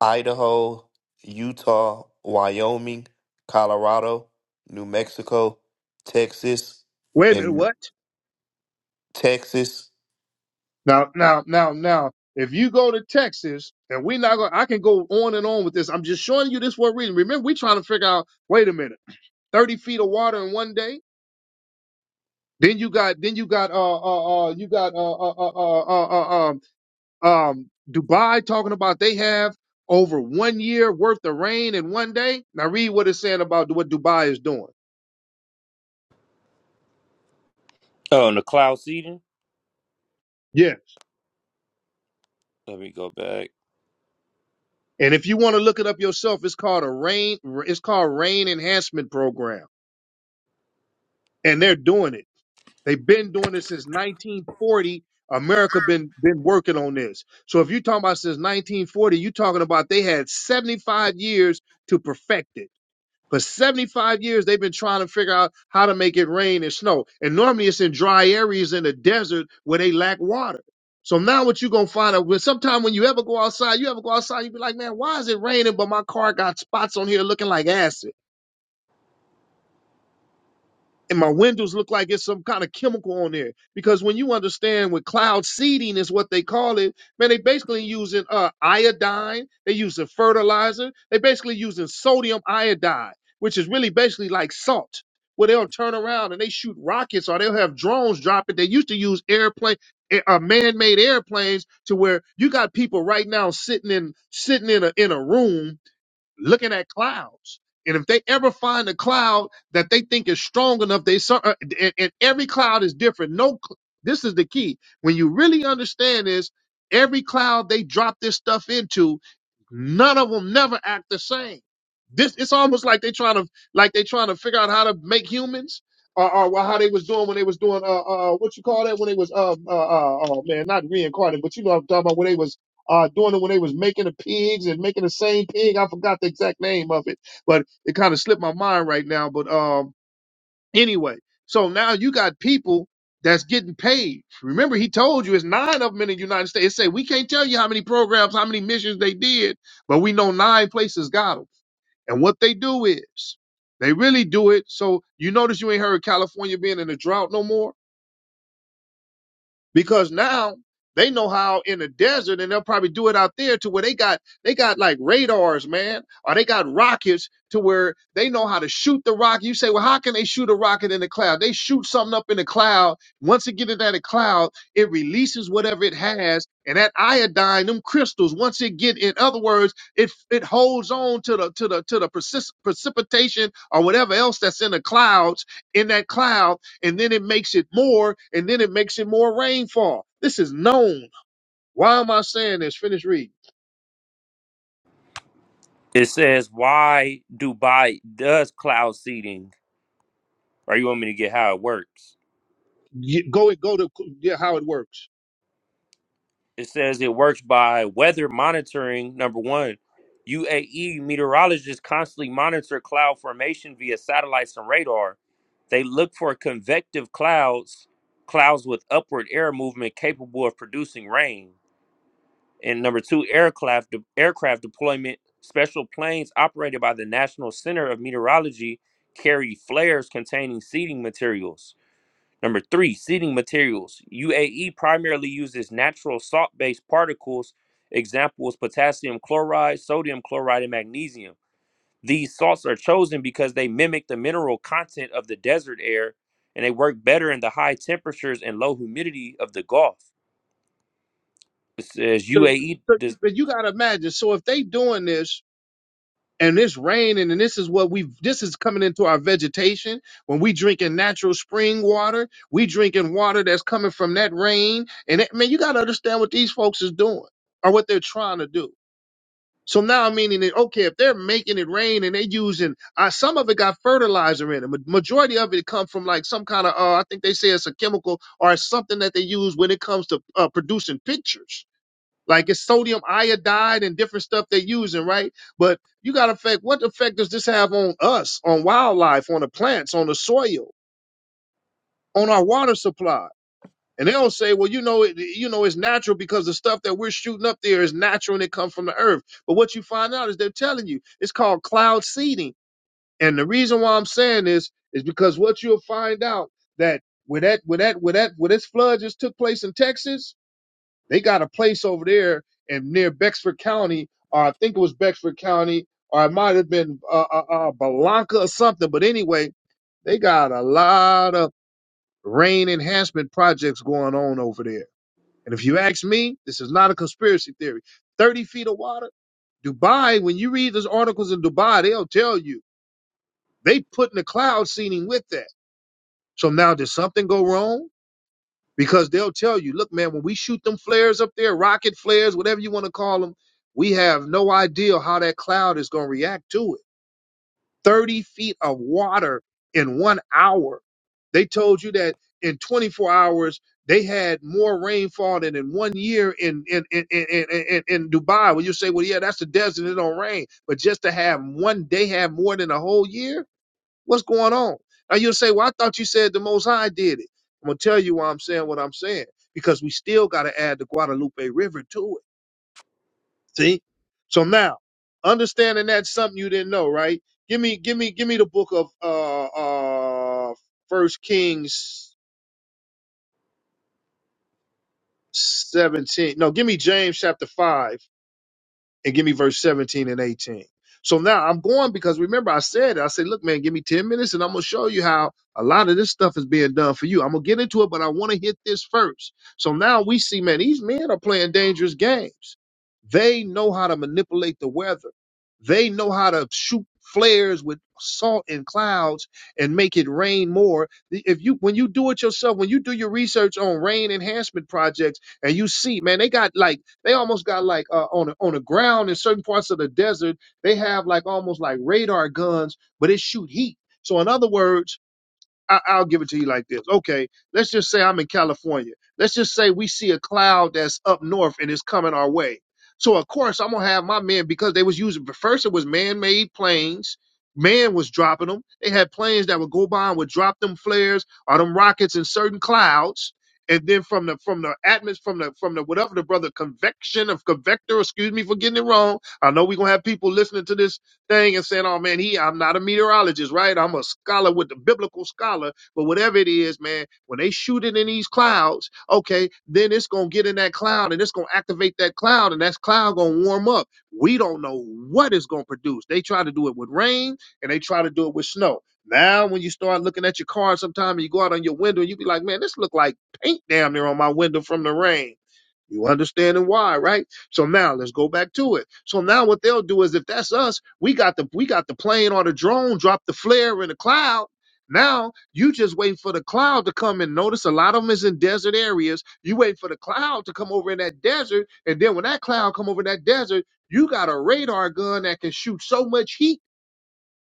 [SPEAKER 2] Idaho, Utah, Wyoming, Colorado, New Mexico, Texas,
[SPEAKER 1] Wait a minute.
[SPEAKER 2] and
[SPEAKER 1] What?
[SPEAKER 2] Texas.
[SPEAKER 1] Now, now, now, now, if you go to Texas and we're not going, to I can go on and on with this. I'm just showing you this for a reason. Remember, we're trying to figure out, wait a minute, 30 feet of water in one day. Then you got, then you got, uh, uh, uh, you got, uh, uh, uh, uh, uh, uh, um, Dubai talking about they have over one year worth of rain in one day. Now read what it's saying about what Dubai is doing.
[SPEAKER 3] Oh, and the cloud seeding?
[SPEAKER 1] Yes.
[SPEAKER 3] Let me go back.
[SPEAKER 1] And if you want to look it up yourself, it's called a rain. It's called rain enhancement program, and they're doing it. They've been doing it since 1940. America been been working on this. So if you're talking about since 1940, you're talking about they had 75 years to perfect it. For 75 years, they've been trying to figure out how to make it rain and snow. And normally it's in dry areas in the desert where they lack water. So now what you're going to find out, well, sometime when you ever go outside, you ever go outside, you be like, man, why is it raining? But my car got spots on here looking like acid and my windows look like it's some kind of chemical on there. Because when you understand what cloud seeding is what they call it, man, they basically using uh, iodine, they using fertilizer, they basically using sodium iodide, which is really basically like salt. Where they'll turn around and they shoot rockets, or they'll have drones drop it. They used to use airplane, a- uh, man-made airplanes, to where you got people right now sitting in sitting in a in a room looking at clouds. And if they ever find a cloud that they think is strong enough, they sur- uh, and, and every cloud is different. No, cl- this is the key. When you really understand this, every cloud they drop this stuff into, none of them never act the same. This it's almost like they trying to like they trying to figure out how to make humans or, or well, how they was doing when they was doing uh uh what you call that when they was uh uh, uh oh man not reincarnated but you know what I'm talking about when they was uh, doing it when they was making the pigs and making the same pig. I forgot the exact name of it, but it kind of slipped my mind right now. But um, anyway, so now you got people that's getting paid. Remember, he told you it's nine of them in the United States. It say we can't tell you how many programs, how many missions they did, but we know nine places got them. And what they do is they really do it. So you notice you ain't heard of California being in a drought no more because now they know how in the desert and they'll probably do it out there to where they got they got like radars man or they got rockets to where they know how to shoot the rocket you say well how can they shoot a rocket in the cloud they shoot something up in the cloud once it gets into that cloud it releases whatever it has and that iodine them crystals once it get in other words it it holds on to the to the to the precis- precipitation or whatever else that's in the clouds in that cloud and then it makes it more, and then it makes it more rainfall. This is known. Why am I saying this? Finish reading.
[SPEAKER 3] It says, Why Dubai does cloud seeding? Or you want me to get how it works?
[SPEAKER 1] You- Go and go to yeah, how it works.
[SPEAKER 3] It says it works by weather monitoring. Number one, UAE meteorologists constantly monitor cloud formation via satellites and radar. They look for convective clouds, clouds with upward air movement capable of producing rain. And number two, aircraft de- aircraft deployment. Special planes operated by the National Center of Meteorology carry flares containing seeding materials. Number three, seeding materials. UAE primarily uses natural salt based particles, examples potassium chloride, sodium chloride, and magnesium. These salts are chosen because they mimic the mineral content of the desert air and they work better in the high temperatures and low humidity of the Gulf. It says
[SPEAKER 1] So,
[SPEAKER 3] UAE,
[SPEAKER 1] so you-
[SPEAKER 3] this,
[SPEAKER 1] but you gotta imagine. So if they doing this and this raining and and this is what we this is coming into our vegetation when we drinking natural spring water, we drinking water that's coming from that rain. And it, man, you gotta understand what these folks is doing or what they're trying to do. So now I'm meaning that okay, if they're making it rain and they using uh, some of it got fertilizer in it, ma- majority of it come from like some kind of uh, I think they say it's a chemical or it's something that they use when it comes to uh, producing pictures. Like it's sodium iodide and different stuff they're using, right? But you got effect. What effect does this have on us, on wildlife, on the plants, on the soil, on our water supply? And they don't say, well, you know, it, you know, it's natural because the stuff that we're shooting up there is natural and it comes from the earth. But what you find out is they're telling you it's called cloud seeding. And the reason why I'm saying this is because what you'll find out that when that when that when that when this flood just took place in Texas, they got a place over there and near Bexford County, or I think it was Bexford County, or it might have been uh, uh, uh, Balanca or something. But anyway, they got a lot of rain enhancement projects going on over there and if you ask me, this is not a conspiracy theory. 30 feet of water, Dubai, when you read those articles in Dubai, they'll tell you they put in the cloud seeding with that. So now did something go wrong? Because they'll tell you, look, man, when we shoot them flares up there, rocket flares, whatever you want to call them, we have no idea how that cloud is going to react to it. 30 feet of water in one hour. They told you that in 24 hours, they had more rainfall than in one year in, in, in, in, in, in in Dubai. Well, you say, well, yeah, that's the desert. It don't rain. But just to have one day have more than a whole year, what's going on? Now you'll say, well, I thought you said the Most High did it. I'm going to tell you why I'm saying what I'm saying, because we still got to add the Guadalupe River to it. See? So now, understanding that's something you didn't know, right? Give me, give me, give me the book of uh uh First Kings seventeen. No, give me James chapter five and give me verse 17 and 18. So now I'm going because remember I said, I said, look, man, give me 10 minutes and I'm going to show you how a lot of this stuff is being done for you. I'm going to get into it, but I want to hit this first. So now we see, man, these men are playing dangerous games. They know how to manipulate the weather. They know how to shoot flares with salt and clouds and make it rain more. If you, when you do it yourself, when you do your research on rain enhancement projects and you see, man, they got like, they almost got like uh, on the, on the ground in certain parts of the desert. They have like almost like radar guns, but it shoot heat. So in other words, I, I'll give it to you like this. Okay, let's just say I'm in California. Let's just say we see a cloud that's up north and it's coming our way. So of course I'm gonna have my men because they was using but first it was man-made planes. Man was dropping them. They had planes that would go by and would drop them flares or them rockets in certain clouds. And then from the from the atmosphere from the from the whatever the brother convection of convector, excuse me for getting it wrong. I know we're gonna have people listening to this thing and saying, "Oh man, he I'm not a meteorologist, right? I'm a scholar with the biblical scholar, but whatever it is, man, when they shoot it in these clouds, okay, then it's gonna get in that cloud and it's gonna activate that cloud, and that cloud gonna warm up. We don't know what it's gonna produce. They try to do it with rain and they try to do it with snow. Now, when you start looking at your car sometime and you go out on your window and you be like, man, this look like paint damn near on my window from the rain you understanding why, right? So now let's go back to it. So now what they'll do is if that's us, we got the we got the plane or the drone, drop the flare in the cloud. Now you just wait for the cloud to come and notice a lot of them is in desert areas. You wait for the cloud to come over in that desert, and then when that cloud come over that desert, you got a radar gun that can shoot so much heat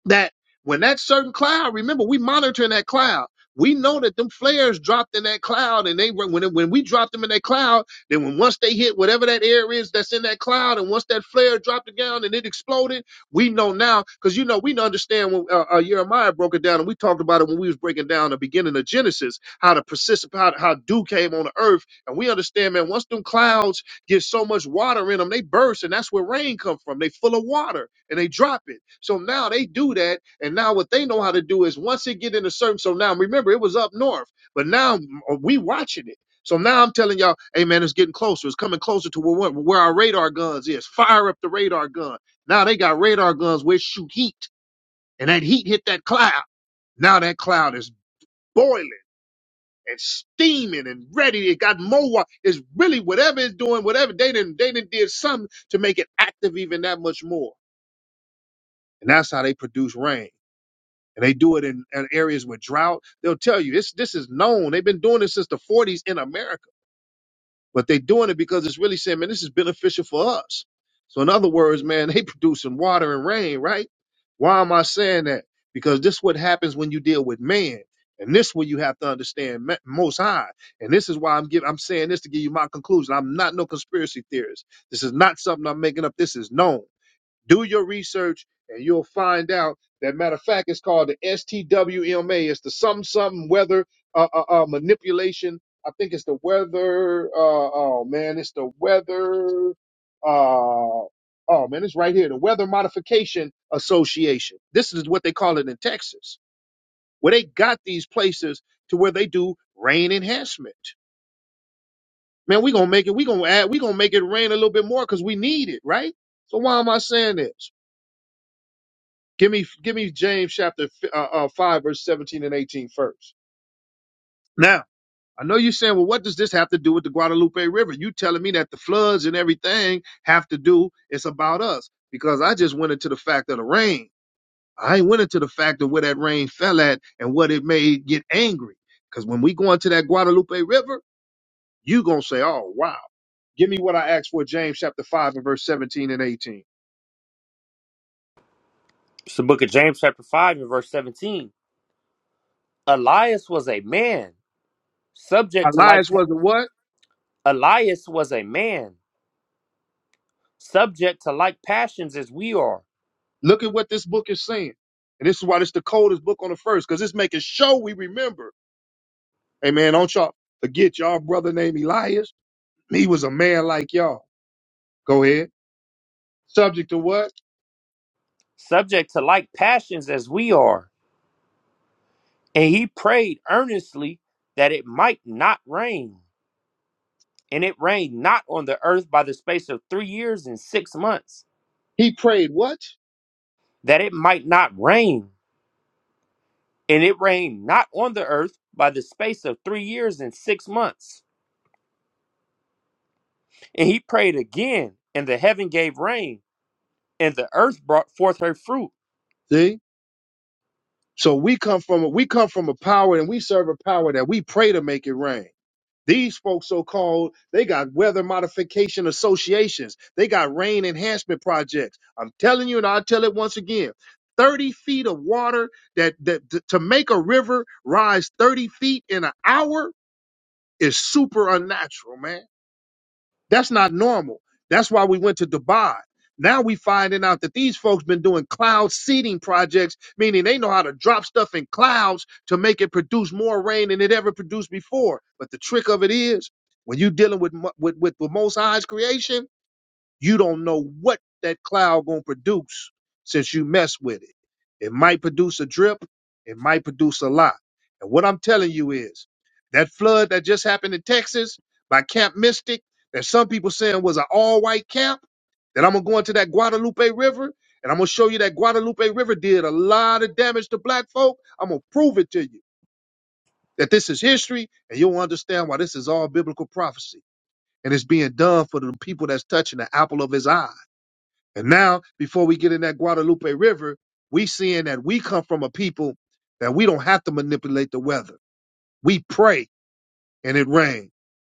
[SPEAKER 1] that when that certain cloud, remember we monitoring that cloud. We know that them flares dropped in that cloud, and they were when it, when we dropped them in that cloud. Then when once they hit whatever that air is that's in that cloud, and once that flare dropped it down and it exploded, we know now because you know we understand when uh, uh, Jeremiah broke it down, and we talked about it when we was breaking down the beginning of Genesis, how the persist, how, how dew came on the earth, and we understand man once them clouds Get so much water in them, they burst, and that's where rain come from. They full of water and they drop it. So now they do that, and now what they know how to do is once it get in a certain. So now remember, it was up north, but now mm, uh, we watching it. So now I'm telling y'all, hey man, it's getting closer. It's coming closer to where, where our radar guns is. Fire up the radar gun. Now they got radar guns which shoot heat, and that heat hit that cloud. Now that cloud is boiling and steaming and ready. It got more. It's really whatever it's doing, whatever they didn't they did not did something to make it active even that much more. And that's how they produce rain. And they do it in, in areas with drought. They'll tell you this this is known. They've been doing this since the 40s in America but they're doing it because it's really saying, man, this is beneficial for us. So in other words, man, they producing water and rain, right? Why am I saying that? Because this what happens when you deal with man. And this what you have to understand Ma- most high. And this is why I'm giving, I'm saying this to give you my conclusion. I'm not no conspiracy theorist. This is not something I'm making up. This is known. Do your research and you'll find out that matter of fact, it's called the STWMA. It's the some something weather uh, uh, uh, manipulation. I think it's the weather. Uh, oh man, it's the weather. Uh, oh man, it's right here. The Weather Modification Association. This is what they call it in Texas, where they got these places to where they do rain enhancement. Man, we gonna make it. We gonna add. We gonna make it rain a little bit more because we need it, right? So why am I saying this? Give me, give me James chapter uh, uh, five, verse 17 and 18 first. Now, I know you're saying, well, what does this have to do with the Guadalupe River? You telling me that the floods and everything have to do? It's about us because I just went into the fact of the rain. I ain't went into the fact of where that rain fell at and what it made get angry. Because when we go into that Guadalupe River, you gonna say, oh wow, give me what I asked for, James chapter five and verse 17 and 18.
[SPEAKER 3] it's the book of James, chapter 5, and verse 17. Elias was a man, subject to like,
[SPEAKER 1] Elias was the what?
[SPEAKER 3] Elias was a man, subject to like passions as we are
[SPEAKER 1] Look at what this book is saying. And this is why it's the coldest book on the first, because it's making sure we remember. Hey man, don't y'all forget y'all brother named Elias. He was a man like y'all. Go ahead. Subject to what?
[SPEAKER 3] subject to like passions as we are. And he prayed earnestly that it might not rain. And it rained not on the earth by the space of three years and six months,
[SPEAKER 1] He prayed what?
[SPEAKER 3] that it might not rain. And it rained not on the earth by the space of three years and six months. And he prayed again, and the heaven gave rain and the earth brought forth her fruit.
[SPEAKER 1] See? So we come from a we come from a power and we serve a power that we pray to make it rain. These folks, so called, they got weather modification associations. They got rain enhancement projects. I'm telling you, and I'll tell it once again 30 feet of water that, that to to make a river rise 30 feet in an hour is super unnatural, man. That's not normal. That's why we went to Dubai. Now we finding out that these folks been doing cloud seeding projects, meaning they know how to drop stuff in clouds to make it produce more rain than it ever produced before. But the trick of it is, when you dealing with mo- with with the Most High's creation you don't know what that cloud gonna produce since you mess with it. It might produce a drip, it might produce a lot. And what I'm telling you is that flood that just happened in Texas by Camp Mystic, that some people saying was an all-white camp, that I'm gonna go into that Guadalupe River and I'm gonna show you that Guadalupe River did a lot of damage to black folk. I'm gonna prove it to you that this is history and you'll understand why this is all biblical prophecy and it's being done for the people that's touching the apple of his eye. And now, before we get in that Guadalupe River, we seeing that we come from a people that we don't have to manipulate the weather. We pray and it rain.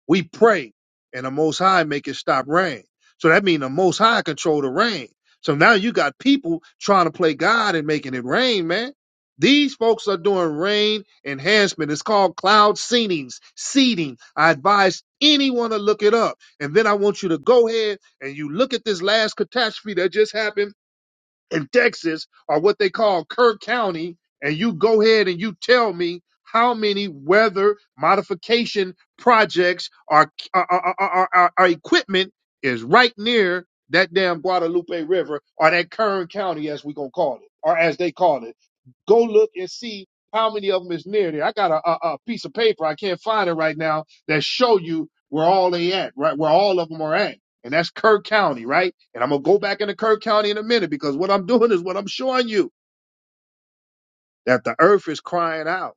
[SPEAKER 1] We pray and the Most High make it stop rain. So that means the Most High control the rain. So now you got people trying to play God and making it rain, man. These folks are doing rain enhancement. It's called cloud seedings, seeding. I advise anyone to look it up. And then I want you to go ahead and you look at this last catastrophe that just happened in Texas are what they call Kirk County, and you go ahead and you tell me how many weather modification projects are are, are, are, are- are equipment is right near that damn Guadalupe River or that Kern County, as we gonna call it, or as they call it. Go look and see how many of them is near there. I got a, a, a piece of paper I can't find it right now that show you where all they at, right? Where all of them are at, and that's Kirk County, right? And I'm gonna go back into Kirk County in a minute because what I'm doing is what I'm showing you that the earth is crying out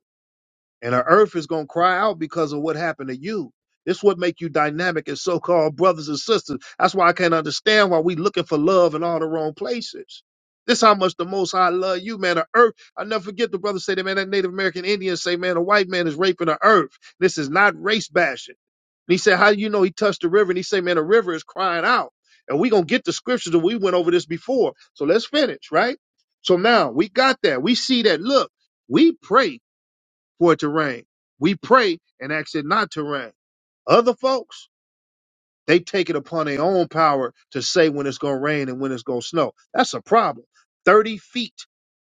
[SPEAKER 1] and the earth is going to cry out because of what happened to you this what make you dynamic as so-called brothers and sisters that's why i can't understand why we looking for love in all the wrong places this how much the most high love you man the earth i never forget the brother say that man that native american indian say man a white man is raping the earth this is not race bashing and he said, How do you know he touched the river? And he said, Man, the river is crying out. And we going to get the scriptures and we went over this before. So let's finish, right? So now we got that. We see that. Look, we pray for it to rain. We pray and ask it not to rain. Other folks, they take it upon their own power to say when it's going to rain and when it's going to snow. That's a problem. 30 feet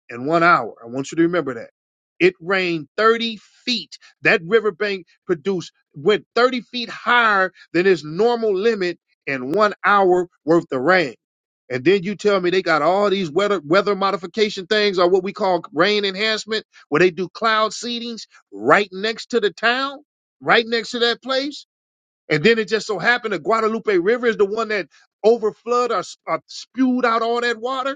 [SPEAKER 1] in one hour. I want you to remember that. It rained 30 feet. That riverbank produced went 30 feet higher than its normal limit in one hour worth of rain. And then you tell me they got all these weather weather modification things or what we call rain enhancement, where they do cloud seedings right next to the town, right next to that place. And then it just so happened the Guadalupe River is the one that overflowed or, or spewed out all that water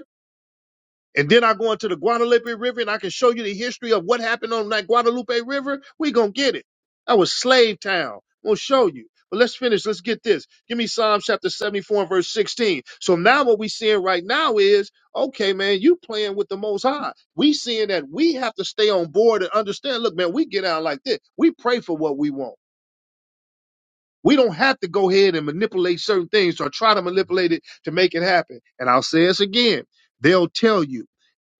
[SPEAKER 1] and then I go into the Guadalupe River and I can show you the history of what happened on that Guadalupe River, we gonna get it. That was slave town. We'll show you. But let's finish. Let's get this. Give me Psalm chapter 74 and verse 16. So now what we seeing right now is, okay, man, you playing with the most high. We seeing that we have to stay on board and understand, look, man, we get out like this. We pray for what we want. We don't have to go ahead and manipulate certain things or try to manipulate it to make it happen. And I'll say this again. They'll tell you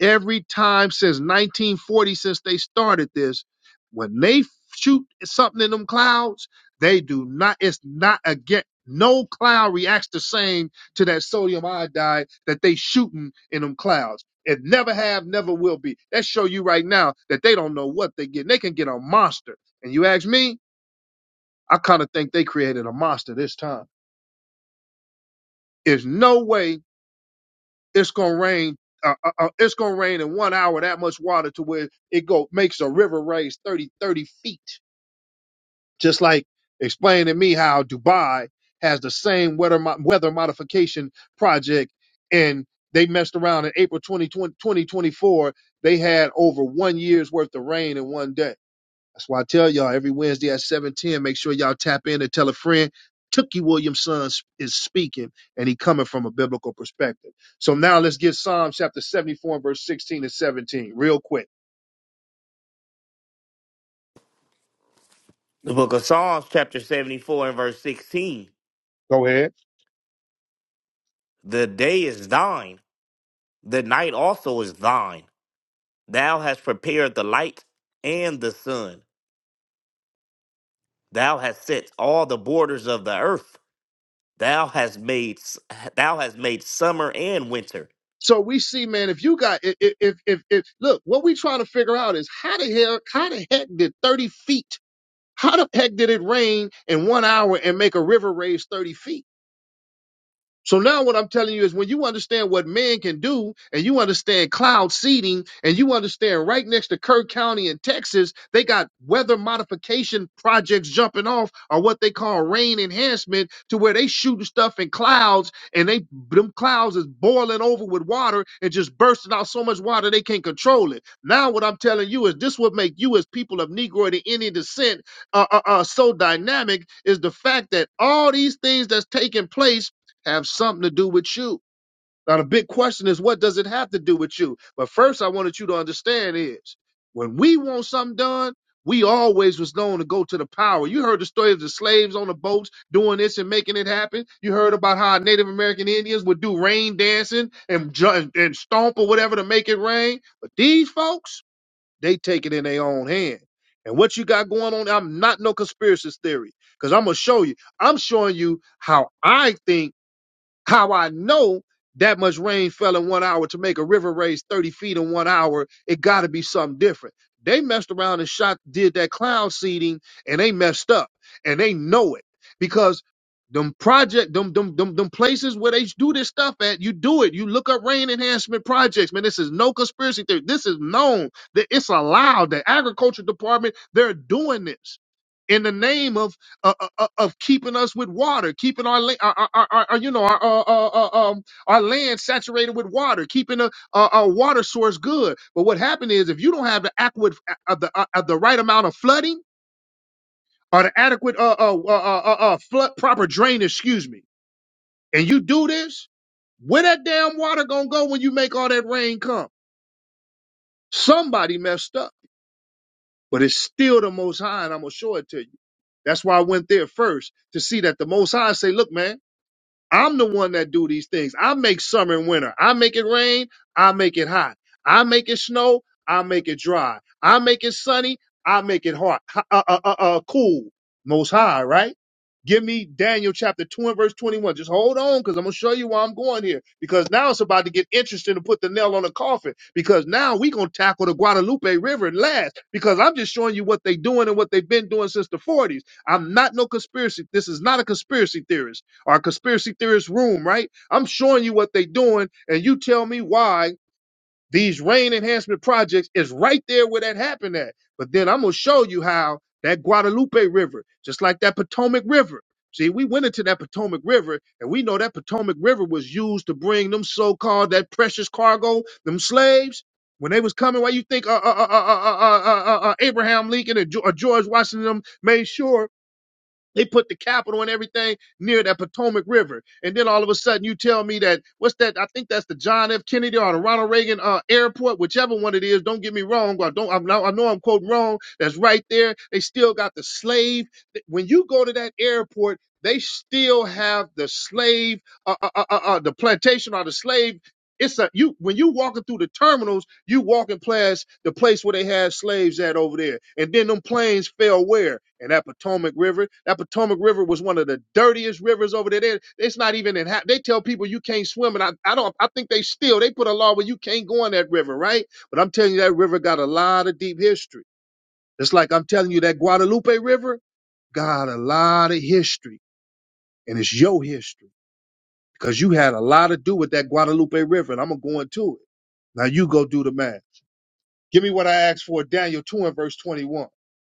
[SPEAKER 1] every time since 1940 since they started this when they shoot something in them clouds they do not it's not again no cloud reacts the same to that sodium iodide that they shooting in them clouds it never have never will be that show you right now that they don't know what they get they can get a monster and you ask me i kind of think they created a monster this time there's no way it's gonna rain. Uh, uh, uh, it's gonna rain in one hour that much water to where it go makes a river raise 30 30 feet. Just like explaining to me how Dubai has the same weather mo- weather modification project, and they messed around in April 2020 2024. They had over one year's worth of rain in one day that's why I tell y'all every Wednesday at 7:10, make sure y'all tap in and tell a friend. Tookie Williamson is speaking, and he coming from a biblical perspective. So now let's get Psalm chapter 74 and verse 16 and 17 real quick.
[SPEAKER 2] The book of Psalms, chapter 74 and verse 16.
[SPEAKER 1] Go ahead.
[SPEAKER 2] The day is thine, the night also is thine. Thou hast prepared the light and the sun. Thou hast set all the borders of the earth. Thou hast made s- thou hast made summer and winter.
[SPEAKER 1] So we see, man, if you got if if if, if look, what we trying to figure out is how the hell how the heck did 30 feet, how the heck did it rain in one hour and make a river raise 30 feet? So now what I'm telling you is when you understand what man can do and you understand cloud seeding and you understand right next to Kirk County in Texas, they got weather modification projects jumping off or what they call rain enhancement to where they shooting stuff in clouds and they them clouds is boiling over with water and just bursting out so much water they can't control it. Now what I'm telling you is this would make you as people of Negro to any descent uh, uh, uh, so dynamic is the fact that all these things that's taking place have something to do with you. Now, the big question is, what does it have to do with you? But first, I wanted you to understand is when we want something done, we always was known to go to the power. You heard the story of the slaves on the boats doing this and making it happen. You heard about how Native American Indians would do rain dancing and ju- and stomp or whatever to make it rain. But these folks, they take it in their own hand. And what you got going on, I'm not no conspiracy theory because I'm gonna show you. I'm showing you how I think how I know that much rain fell in one hour to make a river raise 30 feet in one hour, it got to be something different. They messed around and shot, did that cloud seeding, and they messed up, and they know it because them project, them them them, them places where they do this stuff at, you do it. You look up rain enhancement projects, man. This is no conspiracy theory. This is known that it's allowed. The agriculture department, they're doing this in the name of uh, uh, uh, of keeping us with water, keeping our, la- our, our, our our, you know our uh, uh, uh, um, our land saturated with water, keeping a, a, a water source good. But what happened is if you don't have the adequate of the uh, of the right amount of flooding or the adequate uh, uh, uh, uh, uh, uh, flood proper drainage, excuse me, and you do this, where that damn water gonna go when you make all that rain come? Somebody messed up, but it's still the Most High, and I'm gonna show it to you. That's why I went there first to see that the Most High say, "Look, man." I'm the one that do these things. I make summer and winter. I make it rain. I make it hot. I make it snow. I make it dry. I make it sunny. I make it hot. Uh, uh, uh, uh, cool. Most high, right? Give me Daniel chapter 2 and verse 21. Just hold on because I'm going to show you where I'm going here because now it's about to get interesting to put the nail on the coffin because now we going to tackle the Guadalupe River last because I'm just showing you what they doing and what they've been doing since the 40s. I'm not no conspiracy. This is not a conspiracy theorist our conspiracy theorist room, right? I'm showing you what they're doing, and you tell me why these rain enhancement projects is right there where that happened at. But then I'm gonna show you how that Guadalupe River, just like that Potomac River. See, we went into that Potomac River, and we know that Potomac River was used to bring them so-called that precious cargo, them slaves. When they was coming, why you think uh, uh, uh, uh, uh, uh, uh, uh, uh, Abraham Lincoln and Geo- uh, George Washington them made sure? They put the capital and everything near that Potomac River. And then all of a sudden you tell me that what's that? I think that's the John F. Kennedy or the Ronald Reagan uh, airport, whichever one it is. Don't get me wrong. I don't I'm not, I know I'm quoting wrong. That's right there. They still got the slave. When you go to that airport, they still have the slave, uh, uh, uh, uh, uh, the plantation or the slave. It's a you when you walking through the terminals you walking past the place where they had slaves at over there, and then them plains fell where? In that Potomac River. That Potomac River was one of the dirtiest rivers over there. They- It's not even in. ha- They tell people you can't swim, and I, I don't. I think they still they put a law where you can't go in that river, right? But I'm telling you, that river got a lot of deep history. It's like I'm telling you that Guadalupe River got a lot of history, and it's your history because you had a lot to do with that Guadalupe River, and I'm gonna go into it. Now you go do the math. Give me what I asked for, Daniel 2 and verse 21.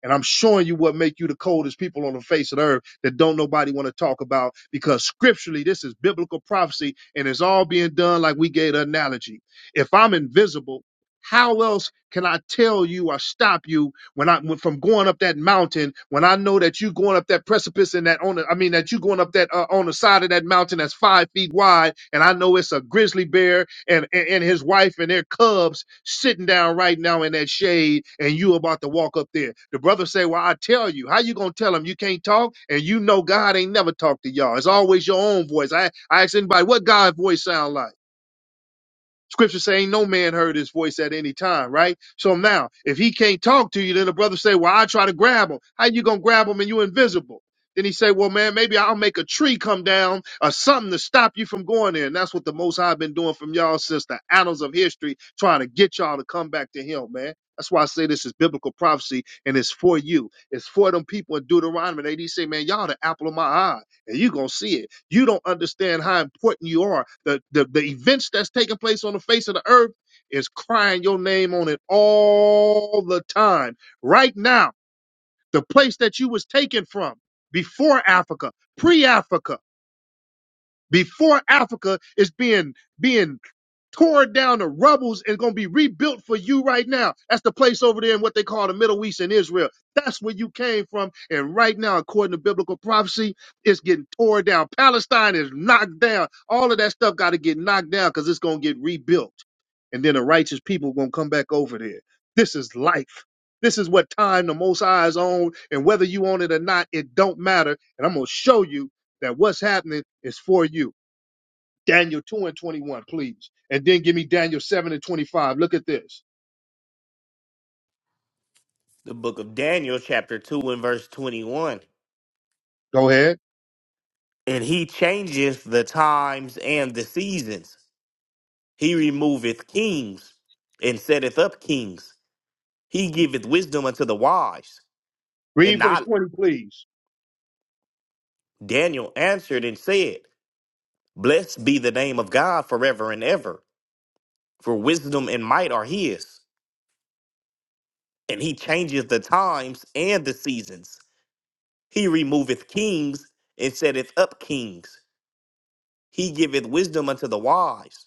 [SPEAKER 1] And I'm showing you what make you the coldest people on the face of the earth that don't nobody want to talk about because scripturally this is biblical prophecy and it's all being done like we gave the analogy. If I'm invisible, how else can I tell you or stop you when I when- from going up that mountain, when I know that you going up that precipice and that on the, I mean that you going up that uh, on the side of that mountain that's five feet wide, and I know it's a grizzly bear and, and and his wife and their cubs sitting down right now in that shade, and you about to walk up there. The brother say, "Well, I tell you, how you gonna tell him you can't talk?" And you know God ain't never talked to y'all. It's always your own voice. I I ask anybody, "What God voice sound like?" Scripture saying no man heard his voice at any time, right? So now, if he can't talk to you, then the brother say, "Well, I try to grab him. How you gonna grab him and you invisible?" Then he say, "Well, man, maybe I'll make a tree come down or something to stop you from going there." And that's what the Most High been doing from y'all since the annals of history, trying to get y'all to come back to Him, man. That's why I say this is biblical prophecy and it's for you. It's for them people in Deuteronomy. They, they say, man, y'all the apple of my eye and you going to see it. You don't understand how important you are. The, the, the events that's taking place on the face of the earth is crying your name on it all the time. Right now, the place that you was taken from before Africa, pre-Africa, before Africa is being being torn down the rubbles and going to be rebuilt for you right now. That's the place over there in what they call the Middle East in Israel. That's where you came from. And right now, according to biblical prophecy, it's getting torn down. Palestine is knocked down. All of that stuff got to get knocked down because it's going to get rebuilt. And then the righteous people going to come back over there. This is life. This is what time the Most High is on. And whether you on it or not, it don't matter. And I'm going to show you that what's happening is for you. Daniel 2 and 21, please. And then give me Daniel 7 and 25. Look at this.
[SPEAKER 2] The book of Daniel chapter 2 and verse 21.
[SPEAKER 1] Go ahead.
[SPEAKER 2] And he changeth the times and the seasons. He removeth kings and setteth up kings. He giveth wisdom unto the wise.
[SPEAKER 1] Read
[SPEAKER 2] And
[SPEAKER 1] verse
[SPEAKER 2] I,
[SPEAKER 1] 20, please.
[SPEAKER 2] Daniel answered and said, Blessed be the name of God forever and ever, for wisdom and might are his, and he changeth the times and the seasons. He removeth kings and setteth up kings. He giveth wisdom unto the wise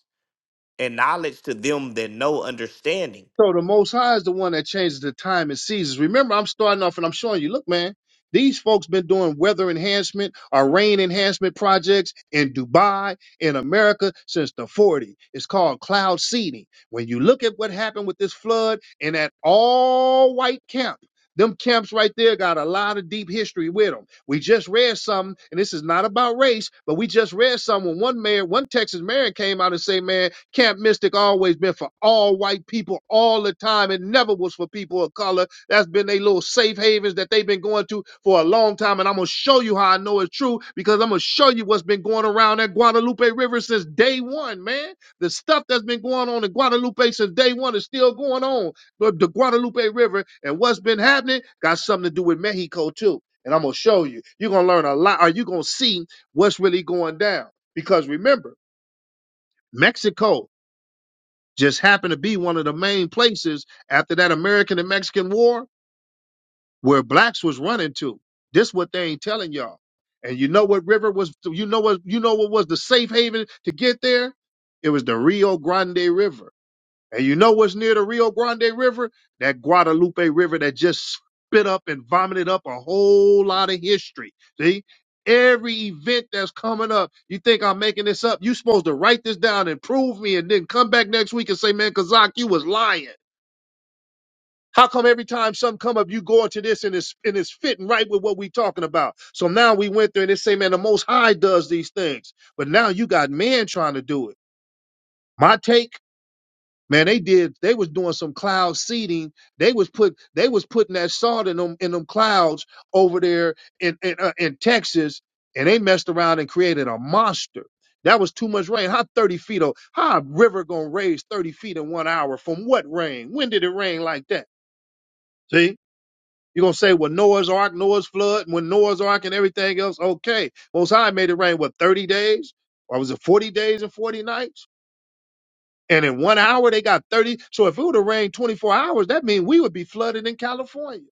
[SPEAKER 2] and knowledge to them that know understanding.
[SPEAKER 1] So the Most High is the one that changes the time and seasons. Remember, I'm starting off and I'm showing you. Look, man, these folks been doing weather enhancement or rain enhancement projects in Dubai, in America, since the '40s. It's called cloud seeding. When you look at what happened with this flood in that all white camp. Them camps right there got a lot of deep history with them. We just read something, and this is not about race, but we just read something. when One mayor, one Texas mayor came out and say, "Man, Camp Mystic always been for all white people all the time. It never was for people of color. That's been their little safe havens that they've been going to for a long time. And I'm gonna show you how I know it's true because I'm gonna show you what's been going around that Guadalupe River since day one, man. The stuff that's been going on in Guadalupe since day one is still going on. But the Guadalupe River and what's been happening got something to do with Mexico too. And I'm gonna show you. You're gonna learn a lot, or you're gonna see what's really going down. Because remember, Mexico just happened to be one of the main places after that American and Mexican War where blacks was running to. This what they ain't telling y'all. And you know what river was you know what you know what was the safe haven to get there? It was the Rio Grande River. And you know what's near the Rio Grande River? That Guadalupe River that just spit up and vomited up a whole lot of history. See? Every event that's coming up, you think I'm making this up? You supposed to write this down and prove me and then come back next week and say, man, Kazak, you was lying. How come every time something come up, you go into this and it's and it's fitting right with what we talking about? So now we went there and they say, man, the most high does these things. But now you got man trying to do it. My take Man, they did. They was doing some cloud seeding. They was put. They was putting that salt in them in them clouds over there in in, uh, in Texas, and they messed around and created a monster. That was too much rain. How thirty feet? Of, how a river gonna raise thirty feet in one hour? From what rain? When did it rain like that? See, you're gonna say, well, Noah's Ark, Noah's flood, when Noah's Ark and everything else. Okay, Most High made it rain. What thirty days? Or was it forty days and forty nights? And in one hour, they got 30. So if it would have rained 24 hours, that means we would be flooded in California.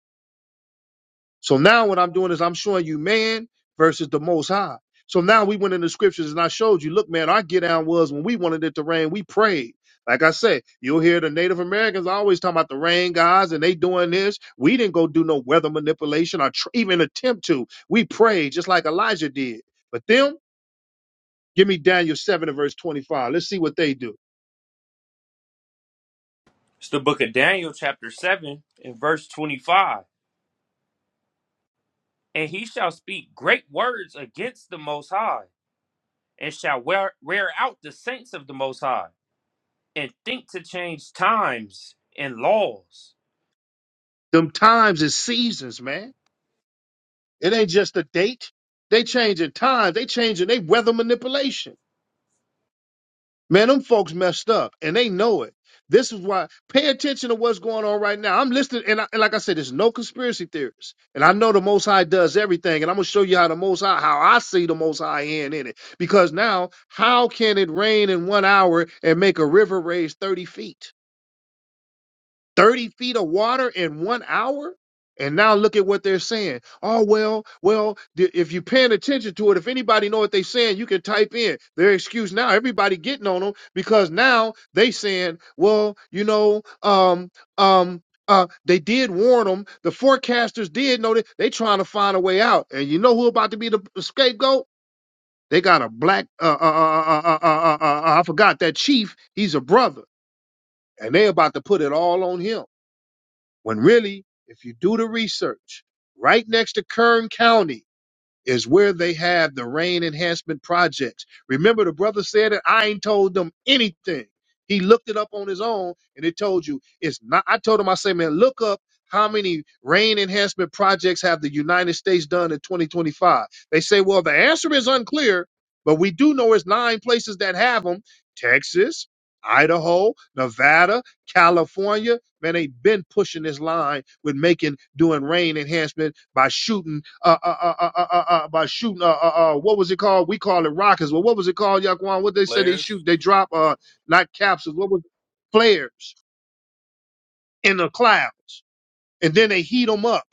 [SPEAKER 1] So now what I'm doing is I'm showing you man versus the most high. So now we went in the scriptures and I showed you, look, man, our get down was when we wanted it to rain, we prayed. Like I said, you'll hear the Native Americans always talking about the rain guys and they doing this. We didn't go do no weather manipulation or tr- even attempt to. We prayed just like Elijah did. But them, give me Daniel 7 and verse 25. Let's see what they do.
[SPEAKER 3] It's the book of Daniel, chapter 7, and verse 25. And he shall speak great words against the Most High, and shall wear, wear out the saints of the Most High, and think to change times and laws.
[SPEAKER 1] Them times is seasons, man It ain't just a date. They changing times. They changing. They weather manipulation. Man, them folks messed up, and they know it. This is why. Pay attention to what's going on right now. I'm listening, and, I, and like I said, there's no conspiracy theorists, and I know the Most High does everything, and I'm gonna show you how the Most High, how I see the Most High hand in it. Because now, how can it rain in one hour and make a river raise thirty feet? 30 feet of water in one hour? And now look at what they're saying. Oh, well, well, th- if you're paying attention to it, if anybody know what they're saying, you can type in their excuse now. Everybody getting on them because now they saying, well, you know, um, um, uh, they did warn them. The forecasters did know that they trying to find a way out. And you know who about to be the scapegoat? They got a black, uh, uh, uh, uh, uh, uh, uh, uh, I forgot that chief. He's a brother and they about to put it all on him. When really, if you do the research, right next to Kern County, is where they have the rain enhancement projects. Remember, the brother said it. I ain't told them anything. He looked it up on his own, and it told you it's not. I told him, I say, man, look up how many rain enhancement projects have the United States done in 2025. They say, well, the answer is unclear, but we do know it's nine places that have them: Texas, Idaho, Nevada, California. Man, they've been pushing this line with making doing rain enhancement by shooting uh, uh, uh, uh, uh, uh, uh, by shooting uh, uh, uh, what was it called? We call it rockets. Well, what was it called, Yaquan? What they say they shoot? They drop uh, not capsules. What was it? flares in the clouds, and then they heat them up.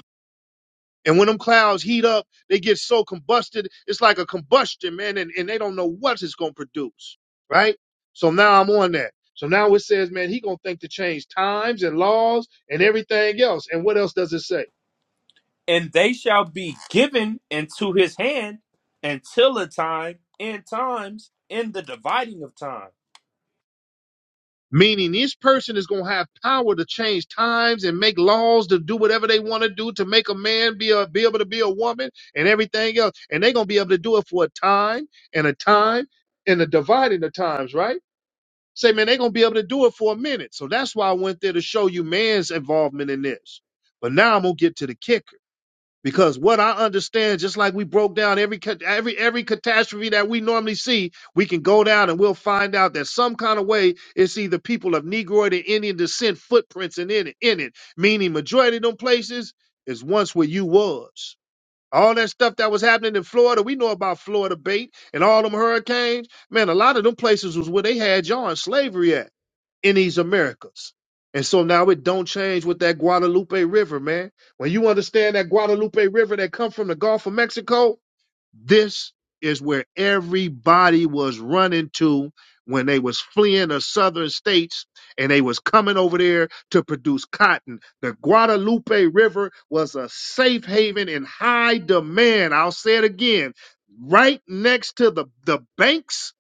[SPEAKER 1] And when them clouds heat up, they get so combusted. It's like a combustion, man, and, and they don't know what it's gonna produce, right? So now I'm on that. So now it says, man, he gonna think to change times and laws and everything else. And what else does it say?
[SPEAKER 3] and they shall be given into his hand until a time and times in the dividing of time.
[SPEAKER 1] Meaning this person is going to have power to change times and make laws to do whatever they want to do to make a man be a, be able to be a woman and everything else. And they're going to be able to do it for a time and a time and a dividing of times, right? Say, man, they're going to be able to do it for a minute. So that's why I went there to show you man's involvement in this. But now I'm going to get to the kicker. Because what I understand, just like we broke down every ca- every every catastrophe that we normally see, we can go down and we'll find out that some kind of way it's either people of Negroid or Indian descent footprints in it, in it. Meaning majority of them places is once where you was. All that stuff that was happening in Florida, we know about Florida bait and all them hurricanes. Man, a lot of them places was where they had y'all in slavery at in these Americas. And so now it don't change with that Guadalupe River, man. When you understand that Guadalupe River that come from the Gulf of Mexico, this is where everybody was running to when they was fleeing the southern states and they was coming over there to produce cotton. The Guadalupe River was a safe haven in high demand. I'll say it again. Right next to the, the banks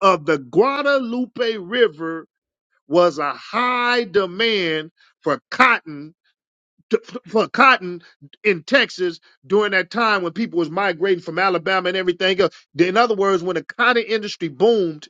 [SPEAKER 1] of the Guadalupe River was a high demand for cotton t- f- for cotton in Texas during that time when people was migrating from Alabama and everything else. In other words, when the cotton industry boomed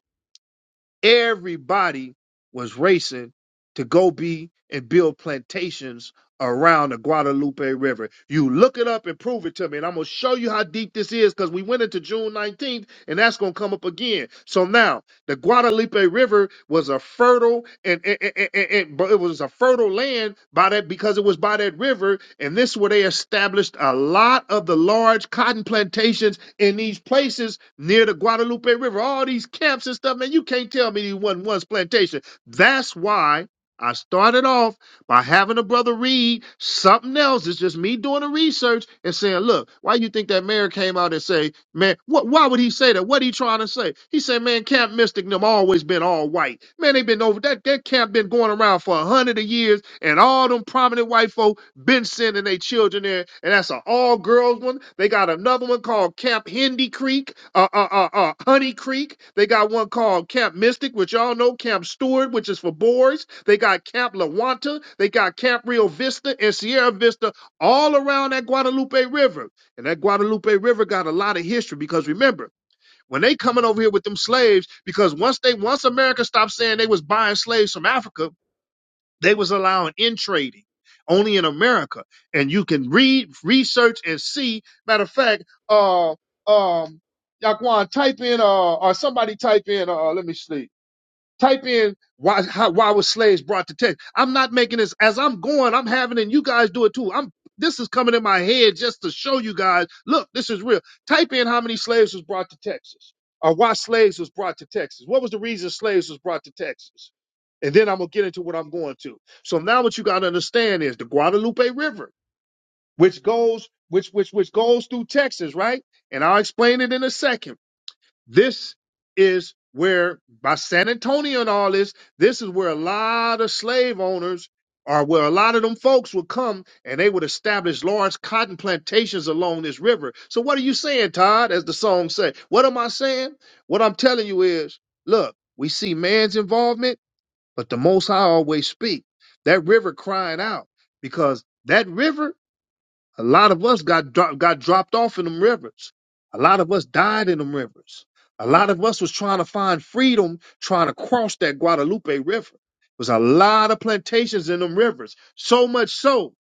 [SPEAKER 1] Everybody was racing to go be and build plantations around the Guadalupe River. You look it up and prove it to me, and I'm gonna show you how deep this is because we went into June 19th, and that's gonna come up again. So now the Guadalupe River was a fertile and, and, and, and- and- but it was a fertile land by that because it was by that river, and this is where they established a lot of the large cotton plantations in these places near the Guadalupe River, all these camps and stuff, man. You can't tell me these wasn't once plantation. That's why I started off by having a brother read something else. It's just me doing the research and saying, look, why you think that mayor came out and say Man, what, why would he say that? What he trying to say? He said, man, Camp Mystic and them always been all white. Man, they been over that that camp been going around for a hundred of years, and all them prominent white folk been sending their children there. And that's an all girls one. They got another one called Camp Hendy Creek, uh, uh, uh, uh, Honey Creek. They got one called Camp Mystic, which y'all know, Camp Stewart, which is for boys. They got Camp Lawanta. They got Camp Rio Vista and Sierra Vista all around that Guadalupe River. And that Guadalupe River got a lot of history because remember, when they coming over here with them slaves, because once they once America stopped saying they was buying slaves from Africa, they was allowing in trading only in America. And you can read, research, and see. Matter of fact, uh um Yaquan, type in uh or somebody type in uh let me see. Type in why how, why were slaves brought to Texas? I'm not making this as I'm going. I'm having and you guys do it too. I'm this is coming in my head just to show you guys. Look, this is real. Type in how many slaves was brought to Texas, or why slaves was brought to Texas. What was the reason slaves was brought to Texas? And then I'm gonna get into what I'm going to. So now what you gotta understand is the Guadalupe River, which goes which which which goes through Texas, right? And I'll explain it in a second this is where, by San Antonio and all this, this is where a lot of slave owners or where a lot of them folks would come and they would establish large cotton plantations along this river. So, what are you saying, Todd, as the song say? What am I saying? What I'm telling you is look, we see man's involvement, but the Most High always speak. That river crying out because that river a lot of us got dro- got dropped off in them rivers. A lot of us died in them rivers. A lot of us was trying to find freedom, trying to cross that Guadalupe River. There was a lot of plantations in them rivers. So much so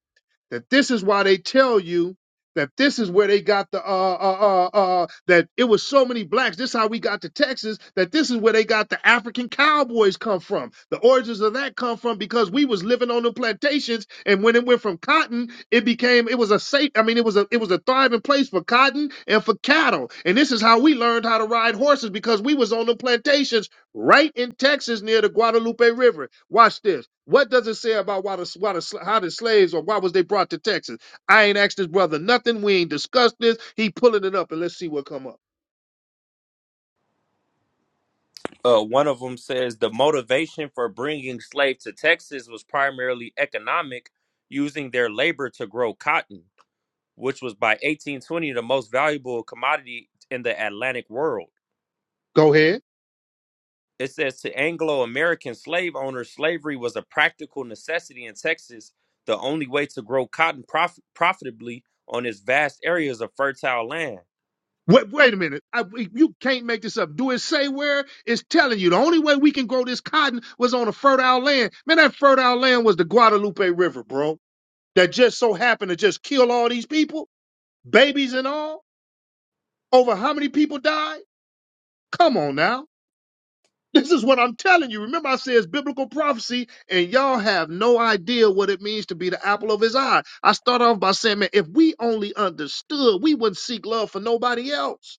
[SPEAKER 1] that this is why they tell you that this is where they got the uh uh uh, uh that it was so many blacks. This is how we got to Texas. That this is where they got the African cowboys come from. The origins of that come from because we was living on the plantations, and when it went from cotton, it became it was a safe. I mean, it was a it was a thriving place for cotton and for cattle. And this is how we learned how to ride horses because we was on the plantations right in Texas near the Guadalupe River. Watch this. What does it say about why the, why the how the slaves or why was they brought to Texas? I ain't asked this brother nothing. We ain't discussed this. He pulling it up and let's see what come up.
[SPEAKER 3] Uh, one of them says the motivation for bringing slaves to Texas was primarily economic, using their labor to grow cotton, which was by 1820 the most valuable commodity in the Atlantic world.
[SPEAKER 1] Go ahead.
[SPEAKER 3] It says to Anglo American slave owners, slavery was a practical necessity in Texas, the only way to grow cotton prof- profitably on its vast areas of fertile land.
[SPEAKER 1] Wait, wait a minute. I, you can't make this up. Do it say where? It's telling you the only way we can grow this cotton was on a fertile land. Man, that fertile land was the Guadalupe River, bro. That just so happened to just kill all these people, babies and all. Over how many people died? Come on now. This is what I'm telling you. Remember, I said it's biblical prophecy, and y'all have no idea what it means to be the apple of his eye. I start off by saying, man, if we only understood, we wouldn't seek love for nobody else.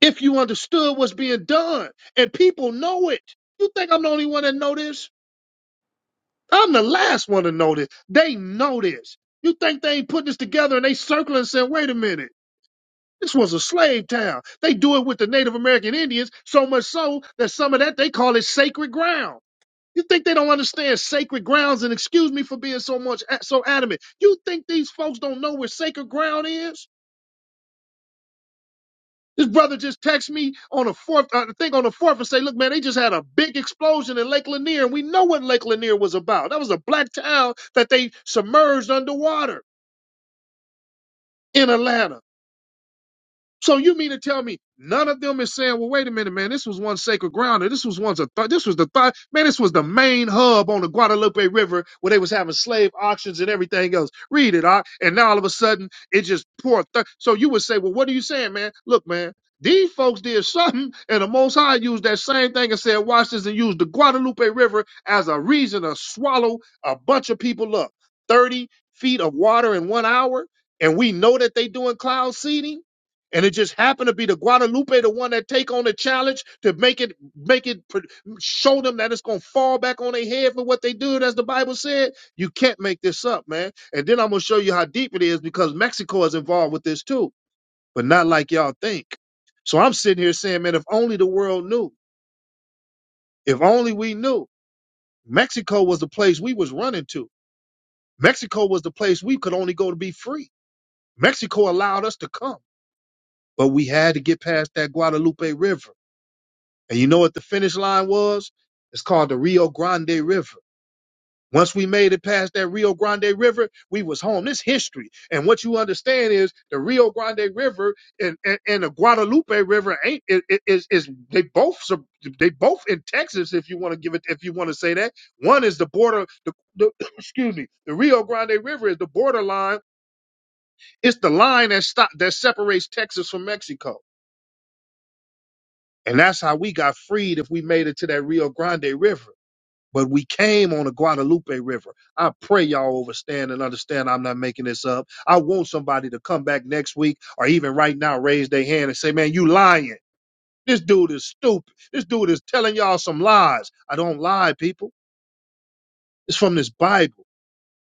[SPEAKER 1] If you understood what's being done, and people know it, you think I'm the only one that know this? I'm the last one to know this. They know this. You think they ain't put this together and they circling and saying, wait a minute. This was a slave town. They do it with the Native American Indians, so much so that some of that they call it sacred ground. You think they don't understand sacred grounds? And excuse me for being so much so adamant. You think these folks don't know where sacred ground is? This brother just texted me on the fourth, uh, I think on the fourth, and say, "Look, man, they just had a big explosion in Lake Lanier, and we know what Lake Lanier was about. That was a black town that they submerged underwater in Atlanta." So you mean to tell me none of them is saying, well, wait a minute, man, this was one sacred ground, or this was one's a th- this was the th- man, this was the main hub on the Guadalupe River where they was having slave auctions and everything else. Read it, I and now all of a sudden it just poured. Th- so you would say, well, what are you saying, man? Look, man. These folks did something, and the Most High used that same thing and said, "Watch this," and used the Guadalupe River as a reason to swallow a bunch of people up. Thirty feet of water in one hour, and we know that they doing cloud seeding and it just happened to be the Guadalupe, the one that take on the challenge to make it, make it, show them that it's gonna fall back on their head for what they do, as the Bible said. You can't make this up, man. And then I'm gonna show you how deep it is because Mexico is involved with this too, but not like y'all think. So I'm sitting here saying, man, if only the world knew, if only we knew, Mexico was the place we was running to. Mexico was the place we could only go to be free. Mexico allowed us to come, but we had to get past that Guadalupe River. And you know what the finish line was? It's called the Rio Grande River. Once we made it past that Rio Grande River, we was home. This history. And what you understand is the Rio Grande River and, and, and the Guadalupe River ain't i- i- is is they both sub- they both in Texas if you want to give it if you want to say that. One is the border the, the excuse me, the Rio Grande River is the borderline. It's the line that stop that separates Texas from Mexico. And that's how we got freed if we made it to that Rio Grande River. but we came on the Guadalupe River. I pray y'all understand and understand I'm not making this up. I want somebody to come back next week or even right now raise their hand and say, man, you lying. This dude is stupid. This dude is telling y'all some lies. I don't lie, people. It's from this Bible.